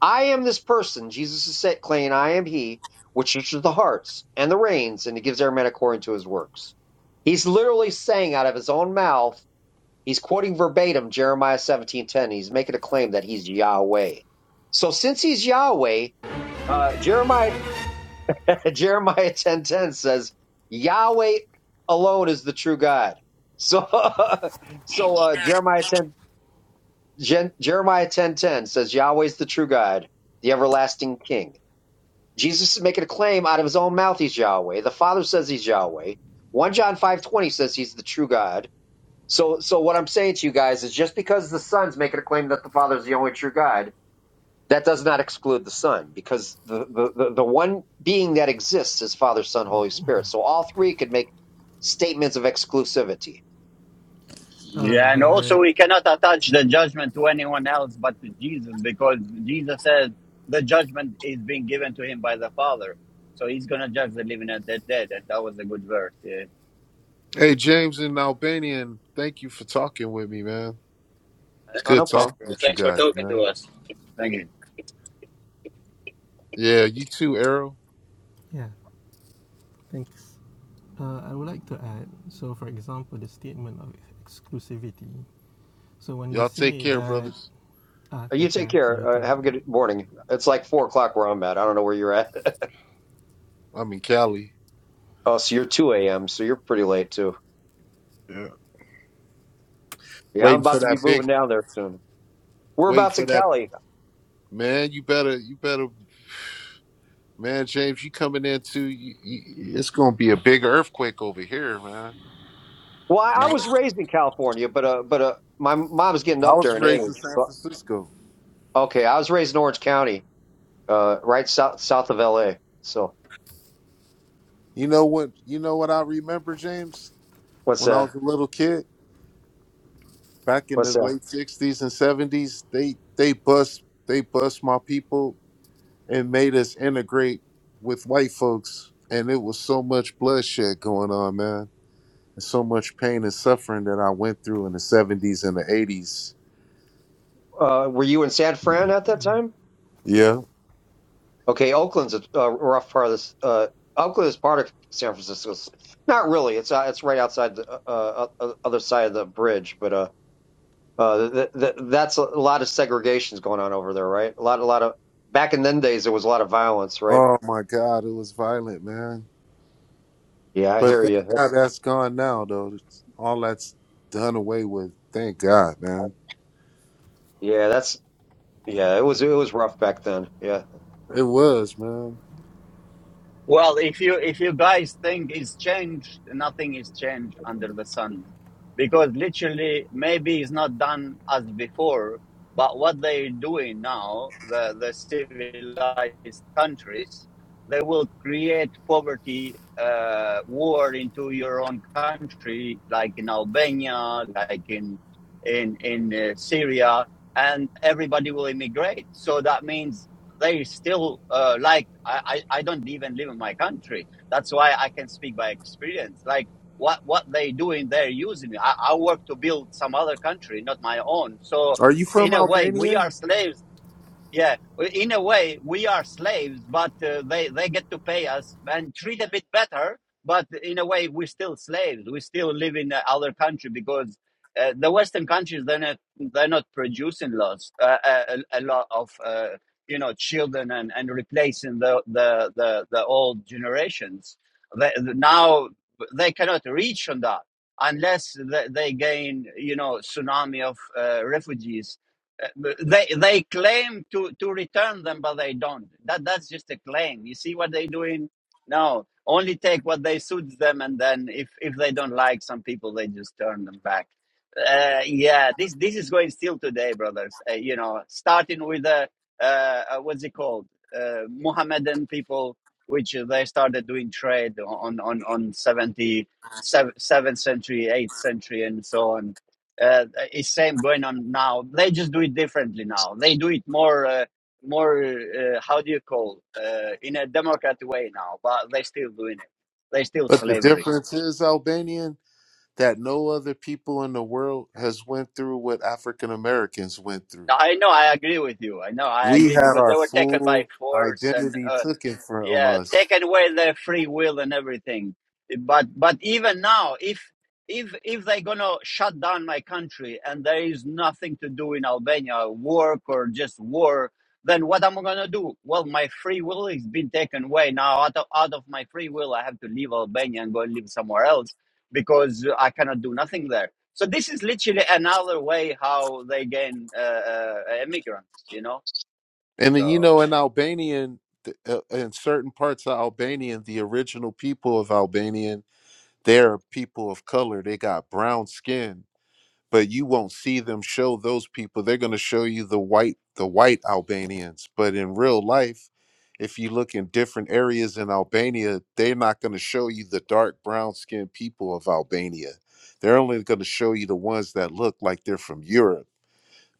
Speaker 4: I am this person, Jesus is set claiming, I am he, which teaches the hearts and the reins, and he gives every man according to his works. He's literally saying out of his own mouth, he's quoting verbatim Jeremiah seventeen ten. He's making a claim that he's Yahweh. So since he's Yahweh, uh, Jeremiah Jeremiah ten ten says, Yahweh alone is the true God. So so uh, Jeremiah ten Gen, Jeremiah ten ten says Yahweh's the true God, the everlasting King. Jesus is making a claim out of his own mouth he's Yahweh. The Father says he's Yahweh. 1 John 5:20 says he's the true God. So so what I'm saying to you guys is just because the Son's making a claim that the Father is the only true God, that does not exclude the Son because the the, the, the one being that exists is Father, Son, Holy Spirit. So all three could make statements of exclusivity.
Speaker 5: Uh,
Speaker 1: Yeah, and also
Speaker 5: but
Speaker 1: we cannot attach the judgment to anyone else but to Jesus because Jesus says the judgment is being given to him by the Father. So he's going to judge the living and the dead. And that was a good verse. Yeah.
Speaker 3: Hey, James and Albanian, thank you for talking with me, man. It's
Speaker 4: Oh,
Speaker 3: good
Speaker 4: no
Speaker 3: talking
Speaker 1: Anytime,
Speaker 4: problem.
Speaker 1: bro.
Speaker 3: with you
Speaker 1: Thanks for
Speaker 3: guys,
Speaker 1: talking to
Speaker 3: man.
Speaker 1: us. Thank you.
Speaker 3: Yeah, you too, Errol.
Speaker 5: yeah, thanks. Uh, I would like to add. So, for example, the statement of exclusivity. So when we
Speaker 3: Y'all take
Speaker 5: say
Speaker 3: care,
Speaker 5: that
Speaker 3: brothers.
Speaker 5: ah,
Speaker 4: Uh, You
Speaker 5: take
Speaker 4: take
Speaker 5: care to you
Speaker 4: care. Uh,
Speaker 5: too,
Speaker 4: have a good morning. It's like four o'clock where I'm at. I don't know where you're at.
Speaker 3: I'm in Cali.
Speaker 4: oh, so you're two a.m. So you're pretty late too.
Speaker 3: Yeah.
Speaker 4: Yeah, I'm
Speaker 3: Waiting for
Speaker 4: about to
Speaker 3: that
Speaker 4: be
Speaker 3: big,
Speaker 4: moving down there soon. We're
Speaker 3: waiting
Speaker 4: about to
Speaker 3: for that.
Speaker 4: Cali.
Speaker 3: Man, you better, you better Man, James, you coming in too? You, you, it's gonna be a big earthquake over here, man.
Speaker 4: Well, I
Speaker 3: You
Speaker 4: I
Speaker 3: know,
Speaker 4: was raised in California, but uh, but uh, my mom's getting
Speaker 3: I
Speaker 4: up
Speaker 3: was
Speaker 4: there in
Speaker 3: raised in
Speaker 4: age.
Speaker 3: San
Speaker 4: So
Speaker 3: Francisco.
Speaker 4: okay, I was raised in Orange County, uh, right south south of L.A. So
Speaker 3: You know what? You know what I remember, James?
Speaker 4: what's
Speaker 3: When I
Speaker 4: that?
Speaker 3: was a little kid, back in the
Speaker 4: What's that?
Speaker 3: late '60s and '70s, they they bust they bust my people and made us integrate with white folks, and it was so much bloodshed going on, man, and so much pain and suffering that I went through in the '70s and the '80s.
Speaker 4: Uh, were you in San Fran at that time?
Speaker 3: Yeah.
Speaker 4: Okay, Oakland's a, a rough part of this. Uh, Oakland is part of San Francisco. Not really. It's uh, it's right outside the uh, uh, uh, other side of the bridge, but uh, Uh, th- th- that's a lot of segregations going on over there, right? A lot, a lot of back in them days, there was a lot of violence, right?
Speaker 3: Oh my God, it was violent, man
Speaker 4: Yeah, I
Speaker 3: But
Speaker 4: hear
Speaker 3: thank
Speaker 4: you.
Speaker 3: God that's gone now, though. It's- All that's done away with. Thank God, man.
Speaker 4: Yeah, that's yeah. It was it was rough back then. Yeah.
Speaker 3: It was, man.
Speaker 1: Well, if you if you guys think it's changed, nothing is changed under the sun, because literally maybe it's not done as before. But what they're doing now, the the civilized countries, they will create poverty uh, war into your own country, like in Albania, like in in in uh, Syria, and everybody will immigrate. So that means they still uh, like I, I I don't even live in my country. That's why I can speak by experience. Like what what they doing, they're using. me. I, I work to build some other country, not my own. So
Speaker 3: Are you from
Speaker 1: in a way, we are
Speaker 3: Albania?
Speaker 1: slaves yeah, w- in a way, we are slaves, but uh, they they get to pay us and
Speaker 6: pay
Speaker 1: treat a bit better. But in a way, we're still slaves. We still live in uh, other country because uh, the Western countries they're not they're not producing lots uh, a, a a lot of uh, you know children and, and replacing the, the the the old generations. They, now they cannot reach on that unless they, they gain you know tsunami of uh, refugees they they claim to to return them but they don't that that's just a claim you see what they're doing no only take what they suits them and then if if they don't like some people they just turn them back uh yeah this this is going still today brothers uh, you know starting with the uh, uh what's it called uh mohammedan people which they started doing trade on on on 70 seventh century 8th century and so on uh, is same going on now. They just do it differently now. They do it more, uh, more. Uh, how do you call uh, in a democratic way now? But they still doing it. They still
Speaker 3: But the
Speaker 1: slavery.
Speaker 3: difference is Albanian that no other people in the world has went through what African Americans went through.
Speaker 1: I know. I agree with you. I know. I
Speaker 3: We
Speaker 1: agree
Speaker 3: had
Speaker 1: because
Speaker 3: our
Speaker 1: they were taken by
Speaker 3: full
Speaker 1: force and
Speaker 3: identity
Speaker 1: uh,
Speaker 3: taken from
Speaker 1: yeah
Speaker 3: us,
Speaker 1: taken away their free will and everything but but even now if if if they're gonna shut down my country and there is nothing to do in albania work or just war then what am i gonna do well my free will is been taken away now out of, out of my free will i have to leave albania and go and live somewhere else because i cannot do nothing there so this is literally another way how they gain uh, uh, immigrants you know
Speaker 3: and then you
Speaker 1: so
Speaker 3: know, in Albanian, th- uh, in certain parts of Albanian, the original people of Albanian, they're people of color. They got brown skin but you won't see them show those people they're going to show you the white the white albanians but in real life if you look in different areas in albania they're not going to show you the dark brown skinned people of albania they're only going to show you the ones that look like they're from europe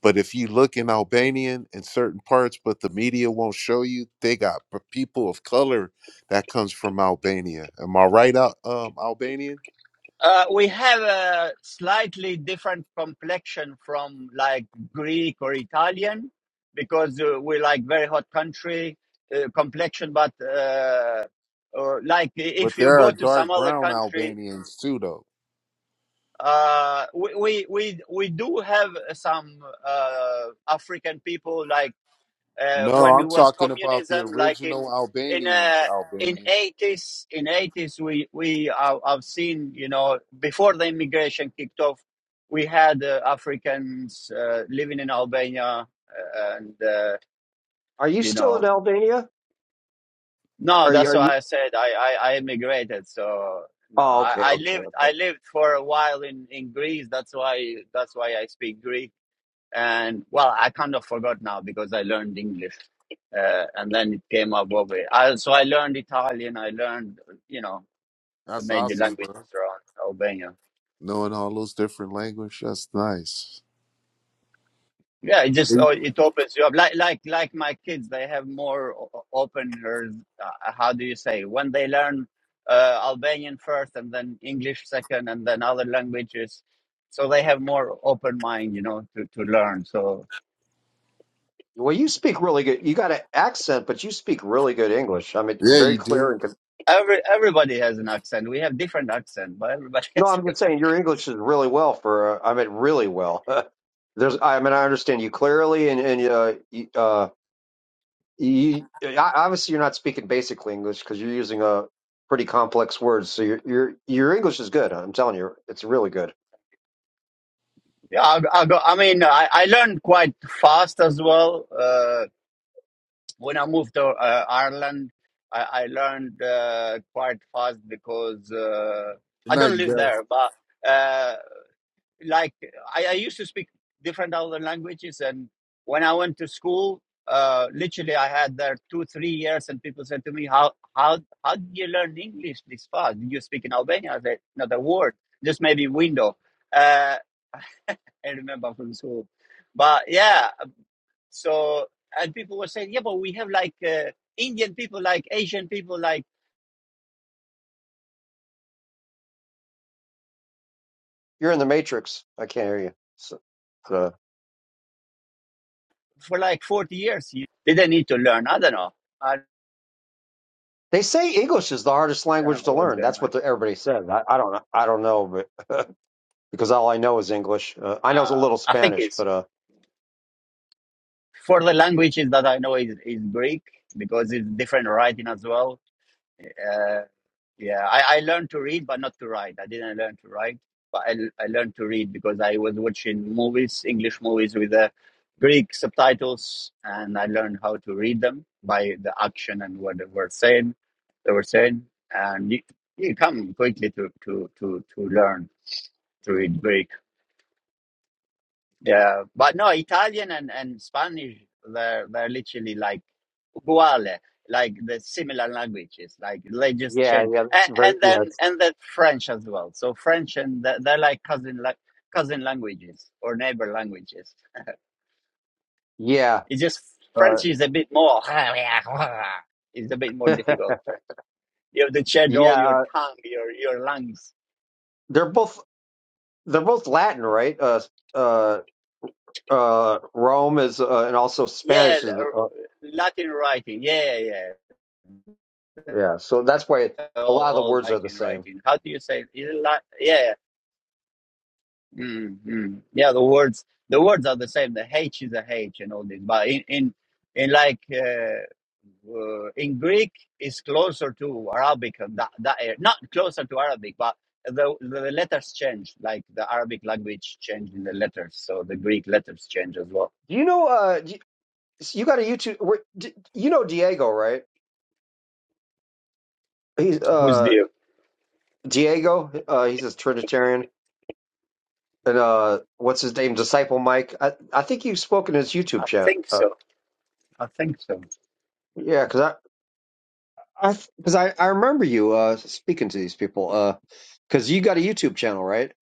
Speaker 3: but if you look in albanian in certain parts but the media won't show you they got p- people of color that comes from albania am i right Al- um, albanian
Speaker 1: Uh, we have a slightly different complexion from like Greek or Italian because uh, we like very hot country uh, complexion. But uh, or like
Speaker 3: but
Speaker 1: if you
Speaker 3: there are
Speaker 1: go to some
Speaker 3: dark
Speaker 1: other
Speaker 3: brown
Speaker 1: country,
Speaker 3: albanians too though
Speaker 1: uh, we, we we we do have some uh, African people like uh,
Speaker 3: No,
Speaker 1: when
Speaker 3: I'm
Speaker 1: it was
Speaker 3: talking about the
Speaker 1: communism, like
Speaker 3: original
Speaker 1: in in
Speaker 3: Albanians,
Speaker 1: uh, in
Speaker 3: Albanian.
Speaker 1: eighties. In eighties, we we i have seen you know before the immigration kicked off, we had uh, Africans uh, living in Albania, uh, and uh,
Speaker 4: Are you
Speaker 1: you
Speaker 4: still in
Speaker 1: know
Speaker 4: Albania?
Speaker 1: no,
Speaker 4: Are you?
Speaker 1: that's
Speaker 4: Are you?
Speaker 1: why I said I I, I immigrated so. No,
Speaker 4: Oh,
Speaker 1: I,
Speaker 4: okay,
Speaker 1: I
Speaker 4: okay,
Speaker 1: lived
Speaker 4: okay.
Speaker 1: I lived for a while in, in Greece. That's why that's why I speak Greek. And well, I kind of forgot now because I learned English. uh, and then it came up over. I, so I learned Italian. I learned, you know, the
Speaker 3: That's
Speaker 1: major
Speaker 3: awesome,
Speaker 1: languages
Speaker 3: bro.
Speaker 1: around Albania.
Speaker 3: Knowing all those different language, that's nice.
Speaker 1: Yeah, it just oh, it opens you up. Like like like my kids, they have more o- o- open. hers- Uh, how do you say when they learn uh, Albanian first, and then English second, and then other languages. So they have more open mind, you know, to, to learn. So
Speaker 4: Well, you speak really good. You got an accent, but you speak really good English. I mean,
Speaker 3: Yeah,
Speaker 4: very
Speaker 3: you
Speaker 4: clear
Speaker 3: do.
Speaker 4: and. Con-
Speaker 1: every everybody has an accent. We have different accent, but everybody
Speaker 4: no,
Speaker 1: has
Speaker 4: I'm just saying your English is really well for. Uh, I mean, really well. There's. I mean, I understand you clearly, and and uh, you, uh, you obviously you're not speaking basic English because you're using a pretty complex words. So your your your English is good. I'm telling you, it's really good.
Speaker 1: Yeah, I, I, go, I mean, I, I learned quite fast as well. Uh, when I moved to uh, Ireland, I, I learned uh, quite fast because uh,
Speaker 3: Good
Speaker 1: I
Speaker 3: night,
Speaker 1: don't
Speaker 3: you
Speaker 1: live
Speaker 3: guys.
Speaker 1: there, but uh, like I, I used to speak different other languages. And when I went to school, uh, literally, I had there two, three years, and people said to me, "How, how, how did you learn English this fast? Did you speak in Albania?" I said, "Not a word, just maybe window." Uh, I remember from school. But yeah, so and people were saying, yeah, but we have like uh, Indian people, like Asian people, like
Speaker 4: You're in the Matrix. I can't hear you. So, uh,
Speaker 1: for like forty years. You didn't need to learn. I don't know. I
Speaker 4: they say English is the hardest
Speaker 1: don't know
Speaker 4: language to
Speaker 1: what's
Speaker 4: learn.
Speaker 1: going
Speaker 4: That's
Speaker 1: on.
Speaker 4: what the, everybody says. I, I don't I don't know, but because all I know is English. Uh, I know a
Speaker 1: Uh,
Speaker 4: little
Speaker 1: I think
Speaker 4: Spanish,
Speaker 1: it's
Speaker 4: but uh,
Speaker 1: for the languages that I know is is Greek because it's different writing as well. Uh, Yeah, I, I learned to read, but not to write. I didn't learn to write, but I, I learned to read because I was watching movies, English movies with the Greek subtitles, and I learned how to read them by the action and what they were saying. They were saying, and you, you come quickly to to to to learn to read Greek. Yeah, but no, Italian and, and Spanish, they're they're literally like uguale, like the similar languages. Like they just
Speaker 4: yeah,
Speaker 1: change,
Speaker 4: yeah, that's
Speaker 1: and,
Speaker 4: very
Speaker 1: and then
Speaker 4: yeah, it's,
Speaker 1: and then French as well. So French and th- they're like cousin like cousin languages or neighbor languages.
Speaker 4: yeah,
Speaker 1: It's just
Speaker 4: uh,
Speaker 1: French is a bit more. It's a bit more difficult French. You have to change all
Speaker 4: yeah.
Speaker 1: your
Speaker 4: Uh,
Speaker 1: tongue, your your lungs.
Speaker 4: they're both they're both Latin, right? Uh, uh, uh, Rome is uh, and also
Speaker 1: Yeah,
Speaker 4: Spanish is. Uh,
Speaker 1: Latin writing. Yeah, yeah. yeah.
Speaker 4: Yeah, so that's why a
Speaker 1: all,
Speaker 4: lot of the
Speaker 1: all
Speaker 4: words are the
Speaker 1: writing,
Speaker 4: same.
Speaker 1: writing. How do you say? It? Is it like yeah, yeah. mm mm. yeah. The words, the words are the same. The H is a H and all this, but in in in like uh, uh, in Greek is closer to Arabic. uh, That that not closer to Arabic, but the the letters change. Like the Arabic language changed in the letters, so the Greek letters change as well.
Speaker 4: Do you know? Uh, d- so you got a YouTube. where- d- You know Diego, right? He's
Speaker 1: Who's
Speaker 4: uh
Speaker 1: the?
Speaker 4: Diego. Uh, he's a Trinitarian, and uh, what's his name? Disciple Mike. I I think you've spoken in his YouTube
Speaker 1: I
Speaker 4: chat.
Speaker 1: think
Speaker 4: Uh,
Speaker 1: so. I think so.
Speaker 4: yeah, because I. I, because I, I remember you uh, speaking to these people. Uh, because you got a YouTube channel, right?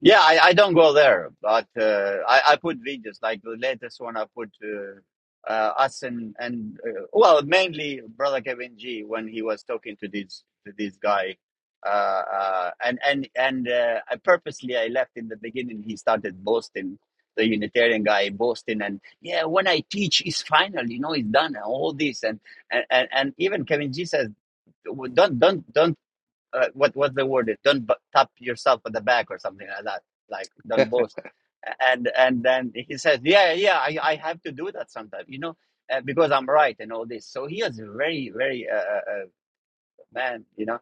Speaker 1: Yeah, I, I don't go there, but uh, I, I put videos like the latest one I put uh, uh, us and and uh, well mainly brother Kevin G when he was talking to this to this guy, uh, uh, and and and uh, I purposely I left in the beginning. He started boasting the Unitarian guy boasting and yeah when I teach it's final you know it's done and all this and and and, and even Kevin G says don't don't don't uh, what what's the word? is? Don't bu- tap yourself on the back or something like that. Like don't boast. And and then he says, yeah, yeah, yeah, I, I have to do that sometimes, you know, uh, because I'm right and all this. So he is very very uh, uh, uh, man, you know,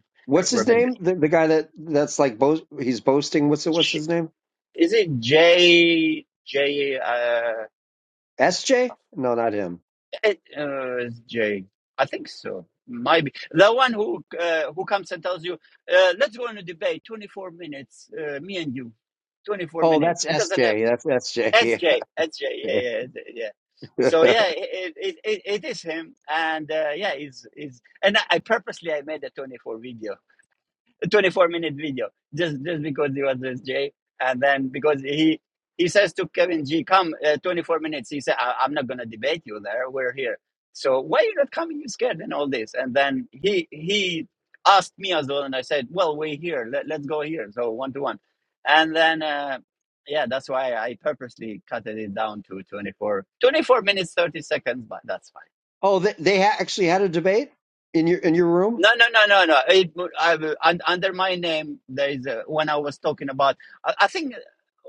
Speaker 4: what's his name?
Speaker 1: rebellious.
Speaker 4: The, the guy that that's like bo- he's boasting. What's what's
Speaker 1: J-
Speaker 4: his name?
Speaker 1: Is it J J? Uh,
Speaker 4: SJ? No, not him.
Speaker 1: it, uh, it's J. I think so. Might be the one who uh, who comes and tells you, uh, "Let's go on a debate. Twenty four minutes, uh, me and you. Twenty four
Speaker 4: Oh, that's
Speaker 1: minutes." He doesn't have.
Speaker 4: SJ. That's
Speaker 1: S
Speaker 4: SJ.
Speaker 1: J S J
Speaker 4: Yeah.
Speaker 1: yeah, yeah, yeah. yeah. So yeah, it it, it, it is him, and uh, yeah, is is and I I purposely I made a 24 video a 24 minute video just just because he was with Jay. And then because he he says to Kevin G, come uh, 24 minutes. He said, I- I'm not going to debate you there. We're here. So why you not coming? You scared and all this. And then he he asked me as well. And I said, well, we're here. Let, let's go here. So one to one. And then, uh, yeah, that's why I purposely cut it down to 24, 24 minutes, 30 seconds, but that's fine.
Speaker 4: oh, they, they ha- actually had a debate in your in your room.
Speaker 1: No, no, no, no, no. It, I, un- under my name, there is a, when I was talking about. I, I think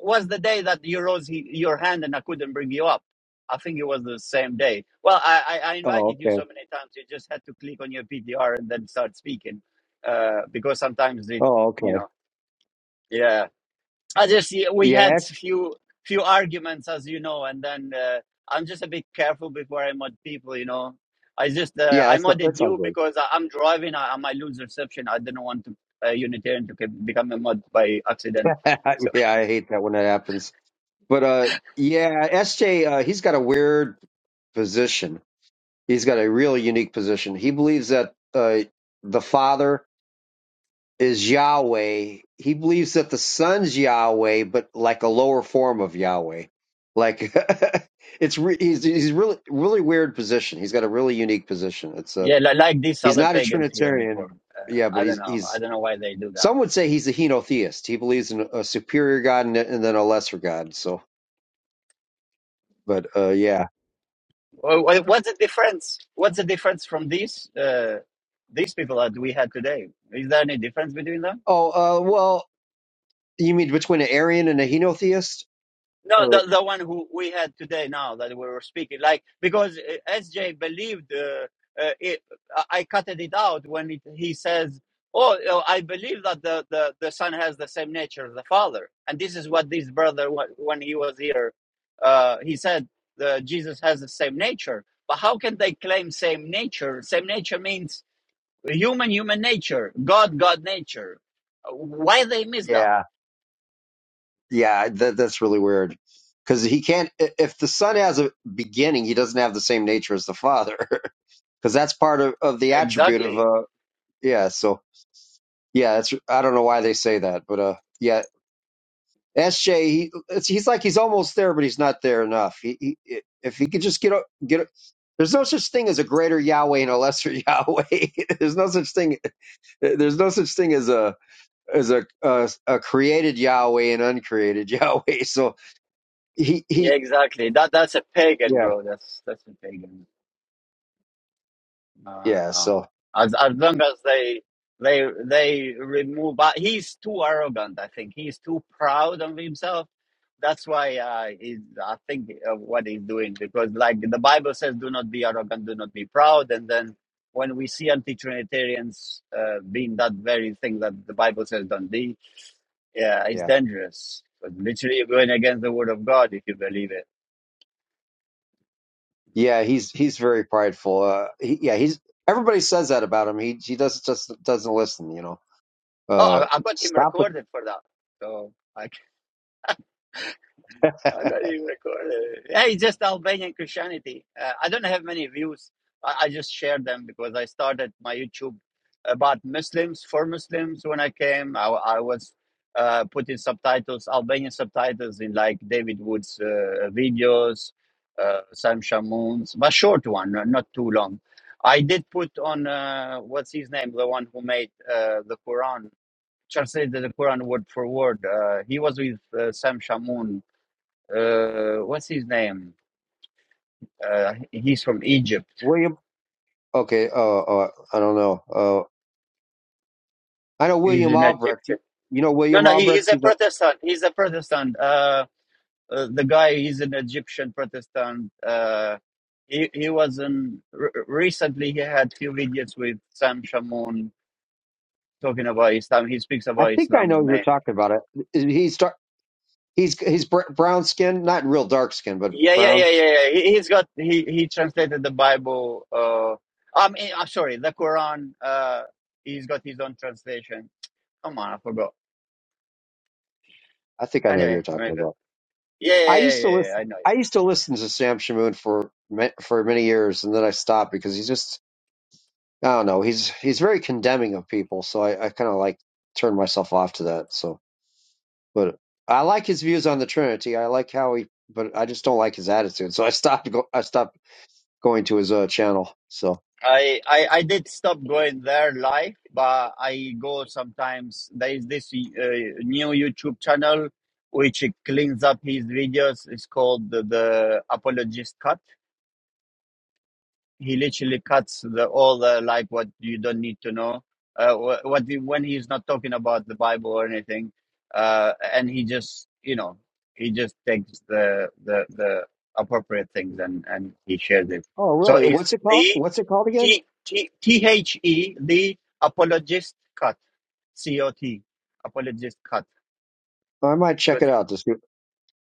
Speaker 1: was the day that you rose he, your hand and I couldn't bring you up. I think it was the same day. Well, I, I, I
Speaker 4: Oh,
Speaker 1: invited you
Speaker 4: okay.
Speaker 1: so many times. You just had to click on your PTR and then start speaking, uh, because sometimes it,
Speaker 4: Oh,
Speaker 1: you
Speaker 4: okay.
Speaker 1: know, yeah. I just yeah, we had
Speaker 4: Yeah,
Speaker 1: few few arguments, as you know, and then uh, I'm just a bit careful before I mod people. You know, I just uh,
Speaker 4: yeah.
Speaker 1: I
Speaker 4: That's not,
Speaker 1: modded
Speaker 4: that sounds
Speaker 1: you
Speaker 4: good.
Speaker 1: because I, I'm driving. I, I might lose reception. I didn't want to uh, Unitarian to get- become a mod by accident. So
Speaker 4: yeah, I hate that when that happens. But uh, yeah, SJ, uh, he's got a weird position. He's got a real unique position. He believes that uh, the Father is Yahweh. He believes that the Son's Yahweh, but like a lower form of Yahweh. Like it's re- he's he's really really weird position. He's got a really unique position. It's a
Speaker 1: yeah, li- like these
Speaker 4: he's
Speaker 1: other
Speaker 4: not a
Speaker 1: pagans here
Speaker 4: Trinitarian,
Speaker 1: before. Uh,
Speaker 4: yeah, but
Speaker 1: I don't
Speaker 4: he's
Speaker 1: know. I
Speaker 4: he's
Speaker 1: don't know why they do that.
Speaker 4: some would say he's a henotheist. He believes in a superior God and, and then a lesser God. So, but uh, yeah.
Speaker 1: Wha- wha- What's the difference? What's the difference from these uh, these people that we had today? Is there any difference between them?
Speaker 4: Oh, uh, well, you mean between an Arian and a henotheist,
Speaker 1: No,
Speaker 4: or
Speaker 1: the, the one who we had today now that we were speaking, like because uh, SJ believed uh, uh, it. I cutted it out when it, he says, "Oh, you I believe that the, the the son has the same nature as the father," and this is what this brother wa- when he was here, uh, he said, the, "Jesus has the same nature." But how can they claim same nature? Same nature means human, human nature, God, God nature. Why they miss that?
Speaker 4: yeah? Yeah, that that's really weird. Because he can't, i- if the son has a beginning, he doesn't have the same nature as the father. Because that's part of, of the attribute
Speaker 1: Exactly.
Speaker 4: of, uh, yeah, so, yeah, that's, I don't know why they say that, but, uh, yeah, SJ, he, it's, he's like, he's almost there, but he's not there enough. He, he, if he could just get, o- get, o- there's no such thing as a greater Yahweh and a lesser Yahweh. there's no such thing, uh, there's no such thing as a, as a, a, a created Yahweh and uncreated Yahweh. So he,
Speaker 1: Yeah,
Speaker 4: he,
Speaker 1: exactly. That that's a pagan,
Speaker 4: yeah
Speaker 1: bro. That's that's a pagan. No,
Speaker 4: Yeah,
Speaker 1: no.
Speaker 4: so
Speaker 1: As as long as they they they remove, but he's too arrogant. I think he's too proud of himself. That's why uh, he's, I think uh, what he's doing because like the Bible says, do not be arrogant, do not be proud. And then when we see anti-Trinitarians uh, being that very thing that the Bible says don't be, yeah, it's
Speaker 4: yeah,
Speaker 1: dangerous. But literally, you're going against the word of God if you believe it.
Speaker 4: yeah, he's he's very prideful. Uh, he, yeah, he's everybody says that about him. He he does just doesn't listen. You know,
Speaker 1: Oh,
Speaker 4: uh,
Speaker 1: I, I got him
Speaker 4: stop with
Speaker 1: recorded for that. So I, I got him recorded. Yeah, it's just Albanian Christianity. Uh, I don't have many views. I, I just share them because I started my YouTube about Muslims for Muslims when I came. I, I was uh, putting subtitles, Albanian subtitles, in like David Wood's uh, videos, uh, Sam Shamoun's, but short one, not not too long. I did put on uh, what's his name, the one who made uh, the Quran translated the Quran word for word. Uh, he was with uh, Sam Shamoun. Uh, what's his name? Uh, he's from Egypt.
Speaker 4: William. Okay, uh, uh I don't know. Uh, I know
Speaker 1: He's
Speaker 4: William
Speaker 1: an
Speaker 4: Albrecht. You,
Speaker 1: Egyptian.
Speaker 4: you know
Speaker 1: No,
Speaker 4: William
Speaker 1: no, he, he's
Speaker 4: Albrecht.
Speaker 1: a
Speaker 4: He's a.
Speaker 1: Protestant. He's a Protestant. Uh, uh, the guy, he's an Egyptian Protestant. Uh, he he was in re- recently. He had few videos with Sam Shamoun talking about Islam. He speaks
Speaker 4: I
Speaker 1: about
Speaker 4: think I
Speaker 1: Islam
Speaker 4: know who you're
Speaker 1: mainly.
Speaker 4: talking about. It. He's dar- he's he's br- brown skin, not real dark skin, but
Speaker 1: Yeah, yeah,
Speaker 4: brown.
Speaker 1: yeah, yeah, yeah. He, he's got he he translated the Bible. Uh, I'm I'm sorry, the Quran. Uh, he's got his own translation. Come on, I forgot.
Speaker 4: I think I know who you're
Speaker 1: Anyway,
Speaker 4: talking
Speaker 1: maybe.
Speaker 4: about.
Speaker 1: Yeah,
Speaker 4: I
Speaker 1: yeah, yeah,
Speaker 4: used to
Speaker 1: yeah, yeah.
Speaker 4: listen.
Speaker 1: I know.
Speaker 4: I
Speaker 1: Yeah.
Speaker 4: used to listen to Sam Shamoon for ma- for many years, and then I stopped because he's just I don't know. He's he's very condemning of people, so I, I kind of like turn myself off to that. So, but I like his views on the Trinity. I like how he, but I just don't like his attitude. So I stopped go, I stopped going to his uh, channel. So,
Speaker 1: I, I I did stop going there live, but I go sometimes. There is this uh, new YouTube channel which it cleans up his videos. It's called the, the Apologist Cut he literally cuts the all the like what you don't need to know uh wh- what he, when he's not talking about the bible or anything uh and he just you know he just takes the the the appropriate things and and he shares it
Speaker 4: oh
Speaker 1: so
Speaker 4: really?
Speaker 1: it's
Speaker 4: What's it called?
Speaker 1: the
Speaker 4: What's it called again?
Speaker 1: t t t h e the apologist cut c o t apologist cut
Speaker 4: I might check it out. This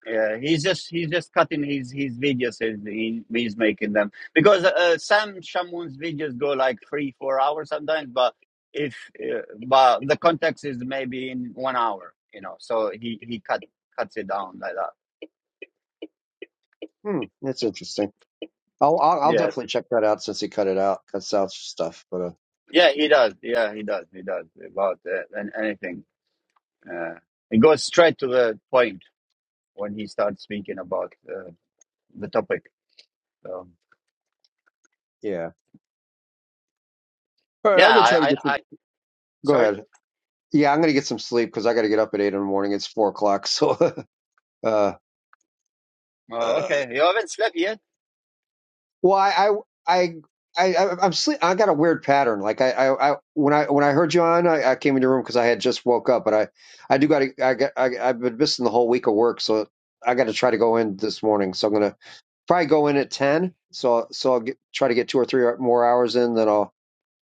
Speaker 1: yeah, he's just he's just cutting his his videos and he, he's making them because uh, some Shamun's videos go like three four hours sometimes, but if uh, but the context is maybe in one hour, you know, so he he cut cuts it down like that.
Speaker 4: hmm, that's interesting. I'll, I'll I'll
Speaker 1: Yeah,
Speaker 4: definitely check that out since he cut it out, cuts out stuff. But uh,
Speaker 1: yeah, he does. Yeah, he does. He does about uh, an- anything. Uh, it goes straight to the point when he starts speaking about uh, the topic. So
Speaker 4: yeah. All right,
Speaker 1: yeah,
Speaker 4: I'm gonna
Speaker 1: I
Speaker 4: try to
Speaker 1: I,
Speaker 4: get
Speaker 1: I
Speaker 4: some. Go
Speaker 1: sorry.
Speaker 4: ahead. Yeah, I'm gonna get some sleep because I got to get up at eight in the morning. It's four o'clock, so uh,
Speaker 1: Oh,
Speaker 4: uh,
Speaker 1: okay. You haven't slept yet.
Speaker 4: Well, I, I, I, I, I- am sleep. I got a weird pattern. Like I, I, I when I when I heard you on, I, I came in your room because I had just woke up, but I, I do got to. I got. I, I've been missing the whole week of work, so I got to try to go in this morning. So I'm gonna probably go in at ten. So so I'll get, try to get two or three more hours in. Then I'll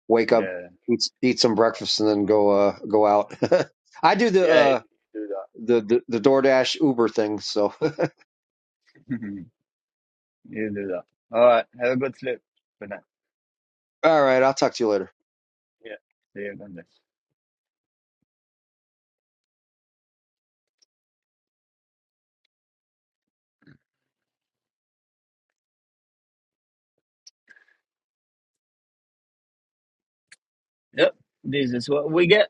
Speaker 4: wake up,
Speaker 1: Yeah.
Speaker 4: eat eat some breakfast, and then go uh go out. I do the
Speaker 1: Yeah, you
Speaker 4: uh
Speaker 1: do that.
Speaker 4: the the, the DoorDash Uber thing. So
Speaker 1: you do that. All right. Have a good sleep for now.
Speaker 4: all right, I'll talk to you later.
Speaker 1: Yeah. See you on this. Yep. This is what we get.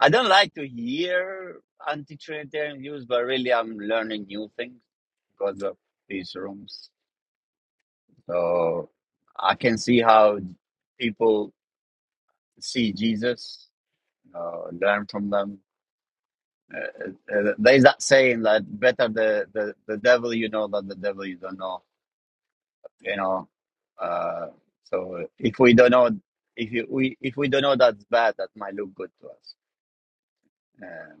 Speaker 1: I don't like to hear anti-Trinitarian views, but really I'm learning new things because of these rooms. So I can see how people see Jesus, uh, learn from them. Uh, uh, there's that saying that better the, the, the devil you know than the devil you don't know you know. Uh, so if we don't know, if you, we if we don't know that's bad, that might look good to us. Um,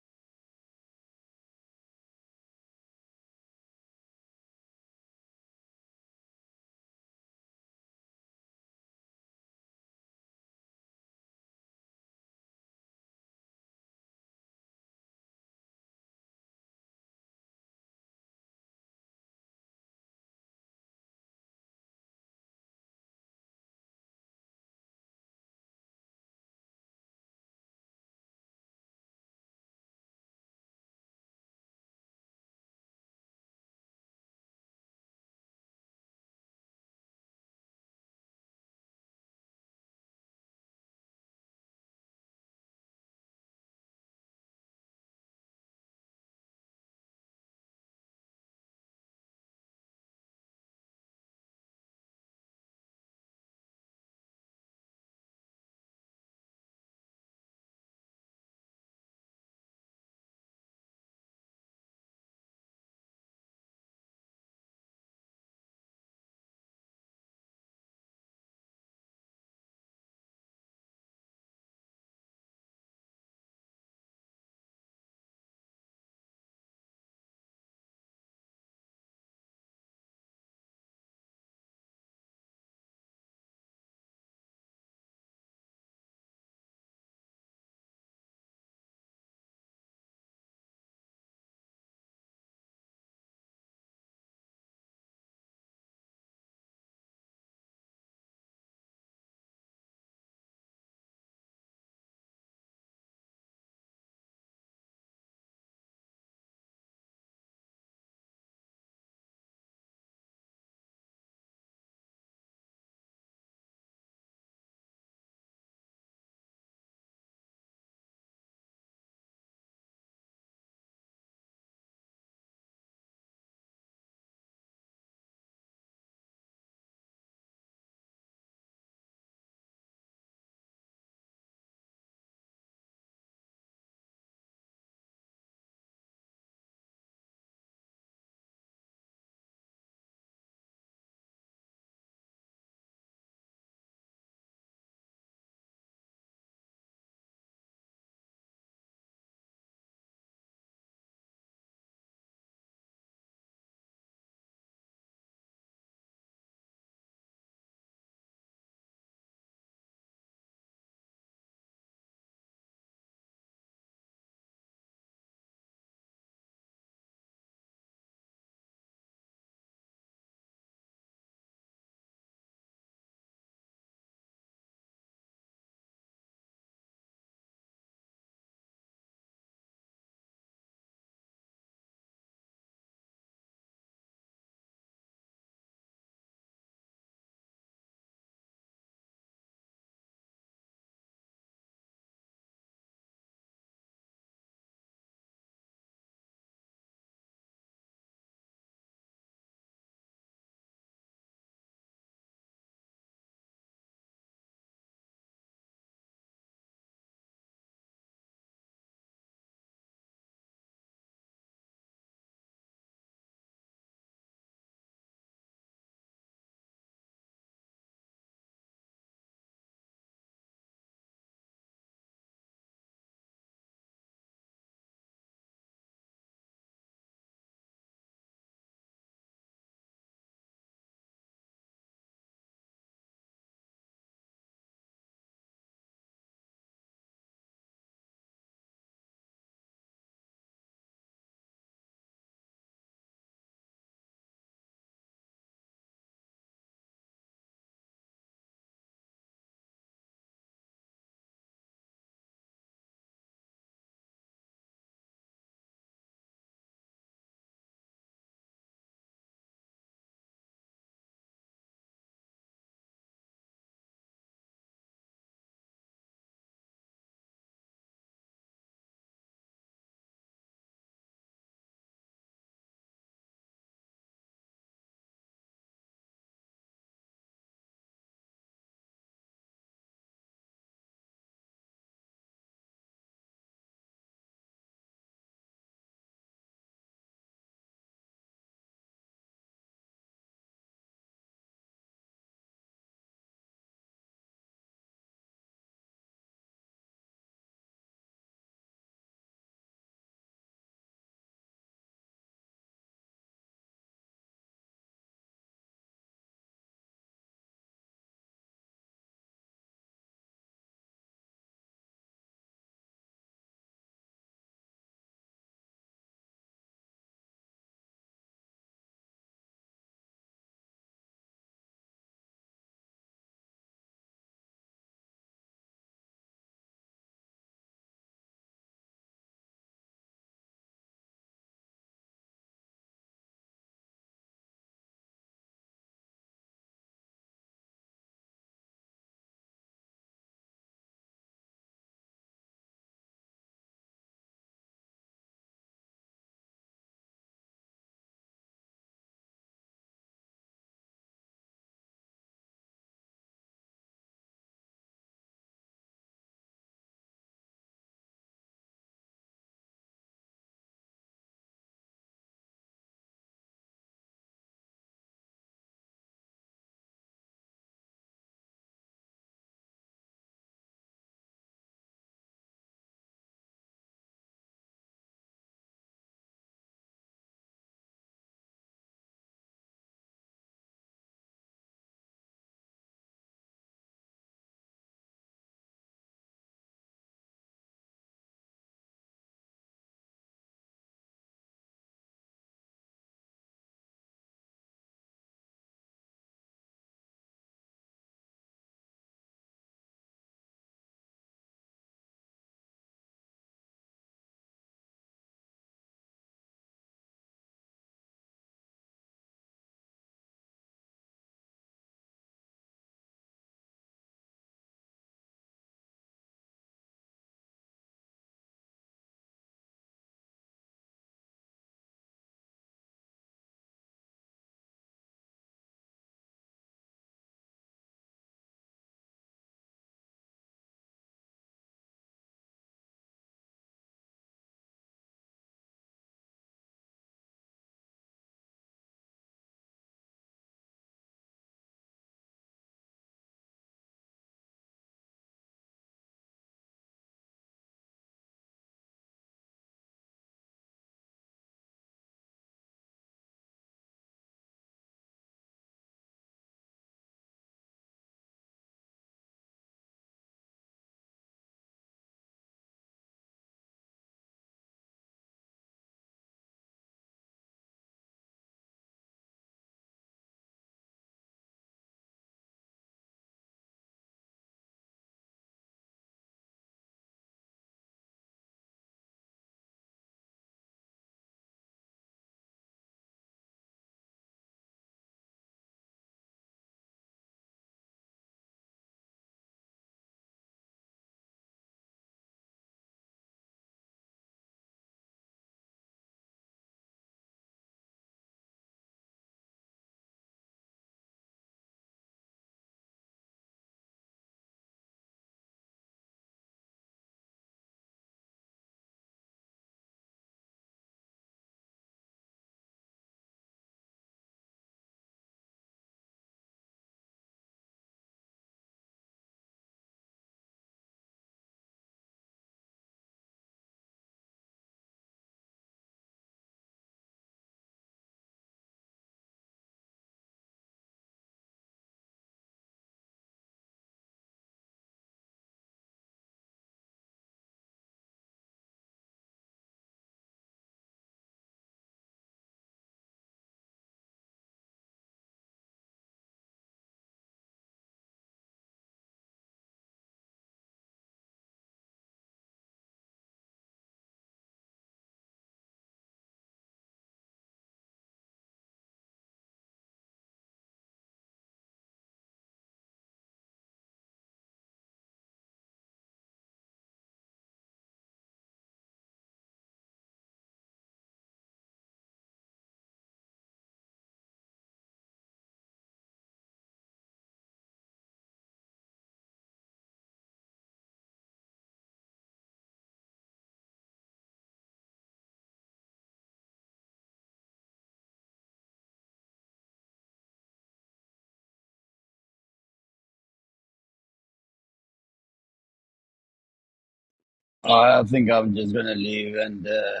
Speaker 1: I think I'm just gonna leave and uh,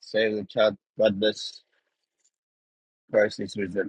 Speaker 1: save the chat. God bless. Christ is risen.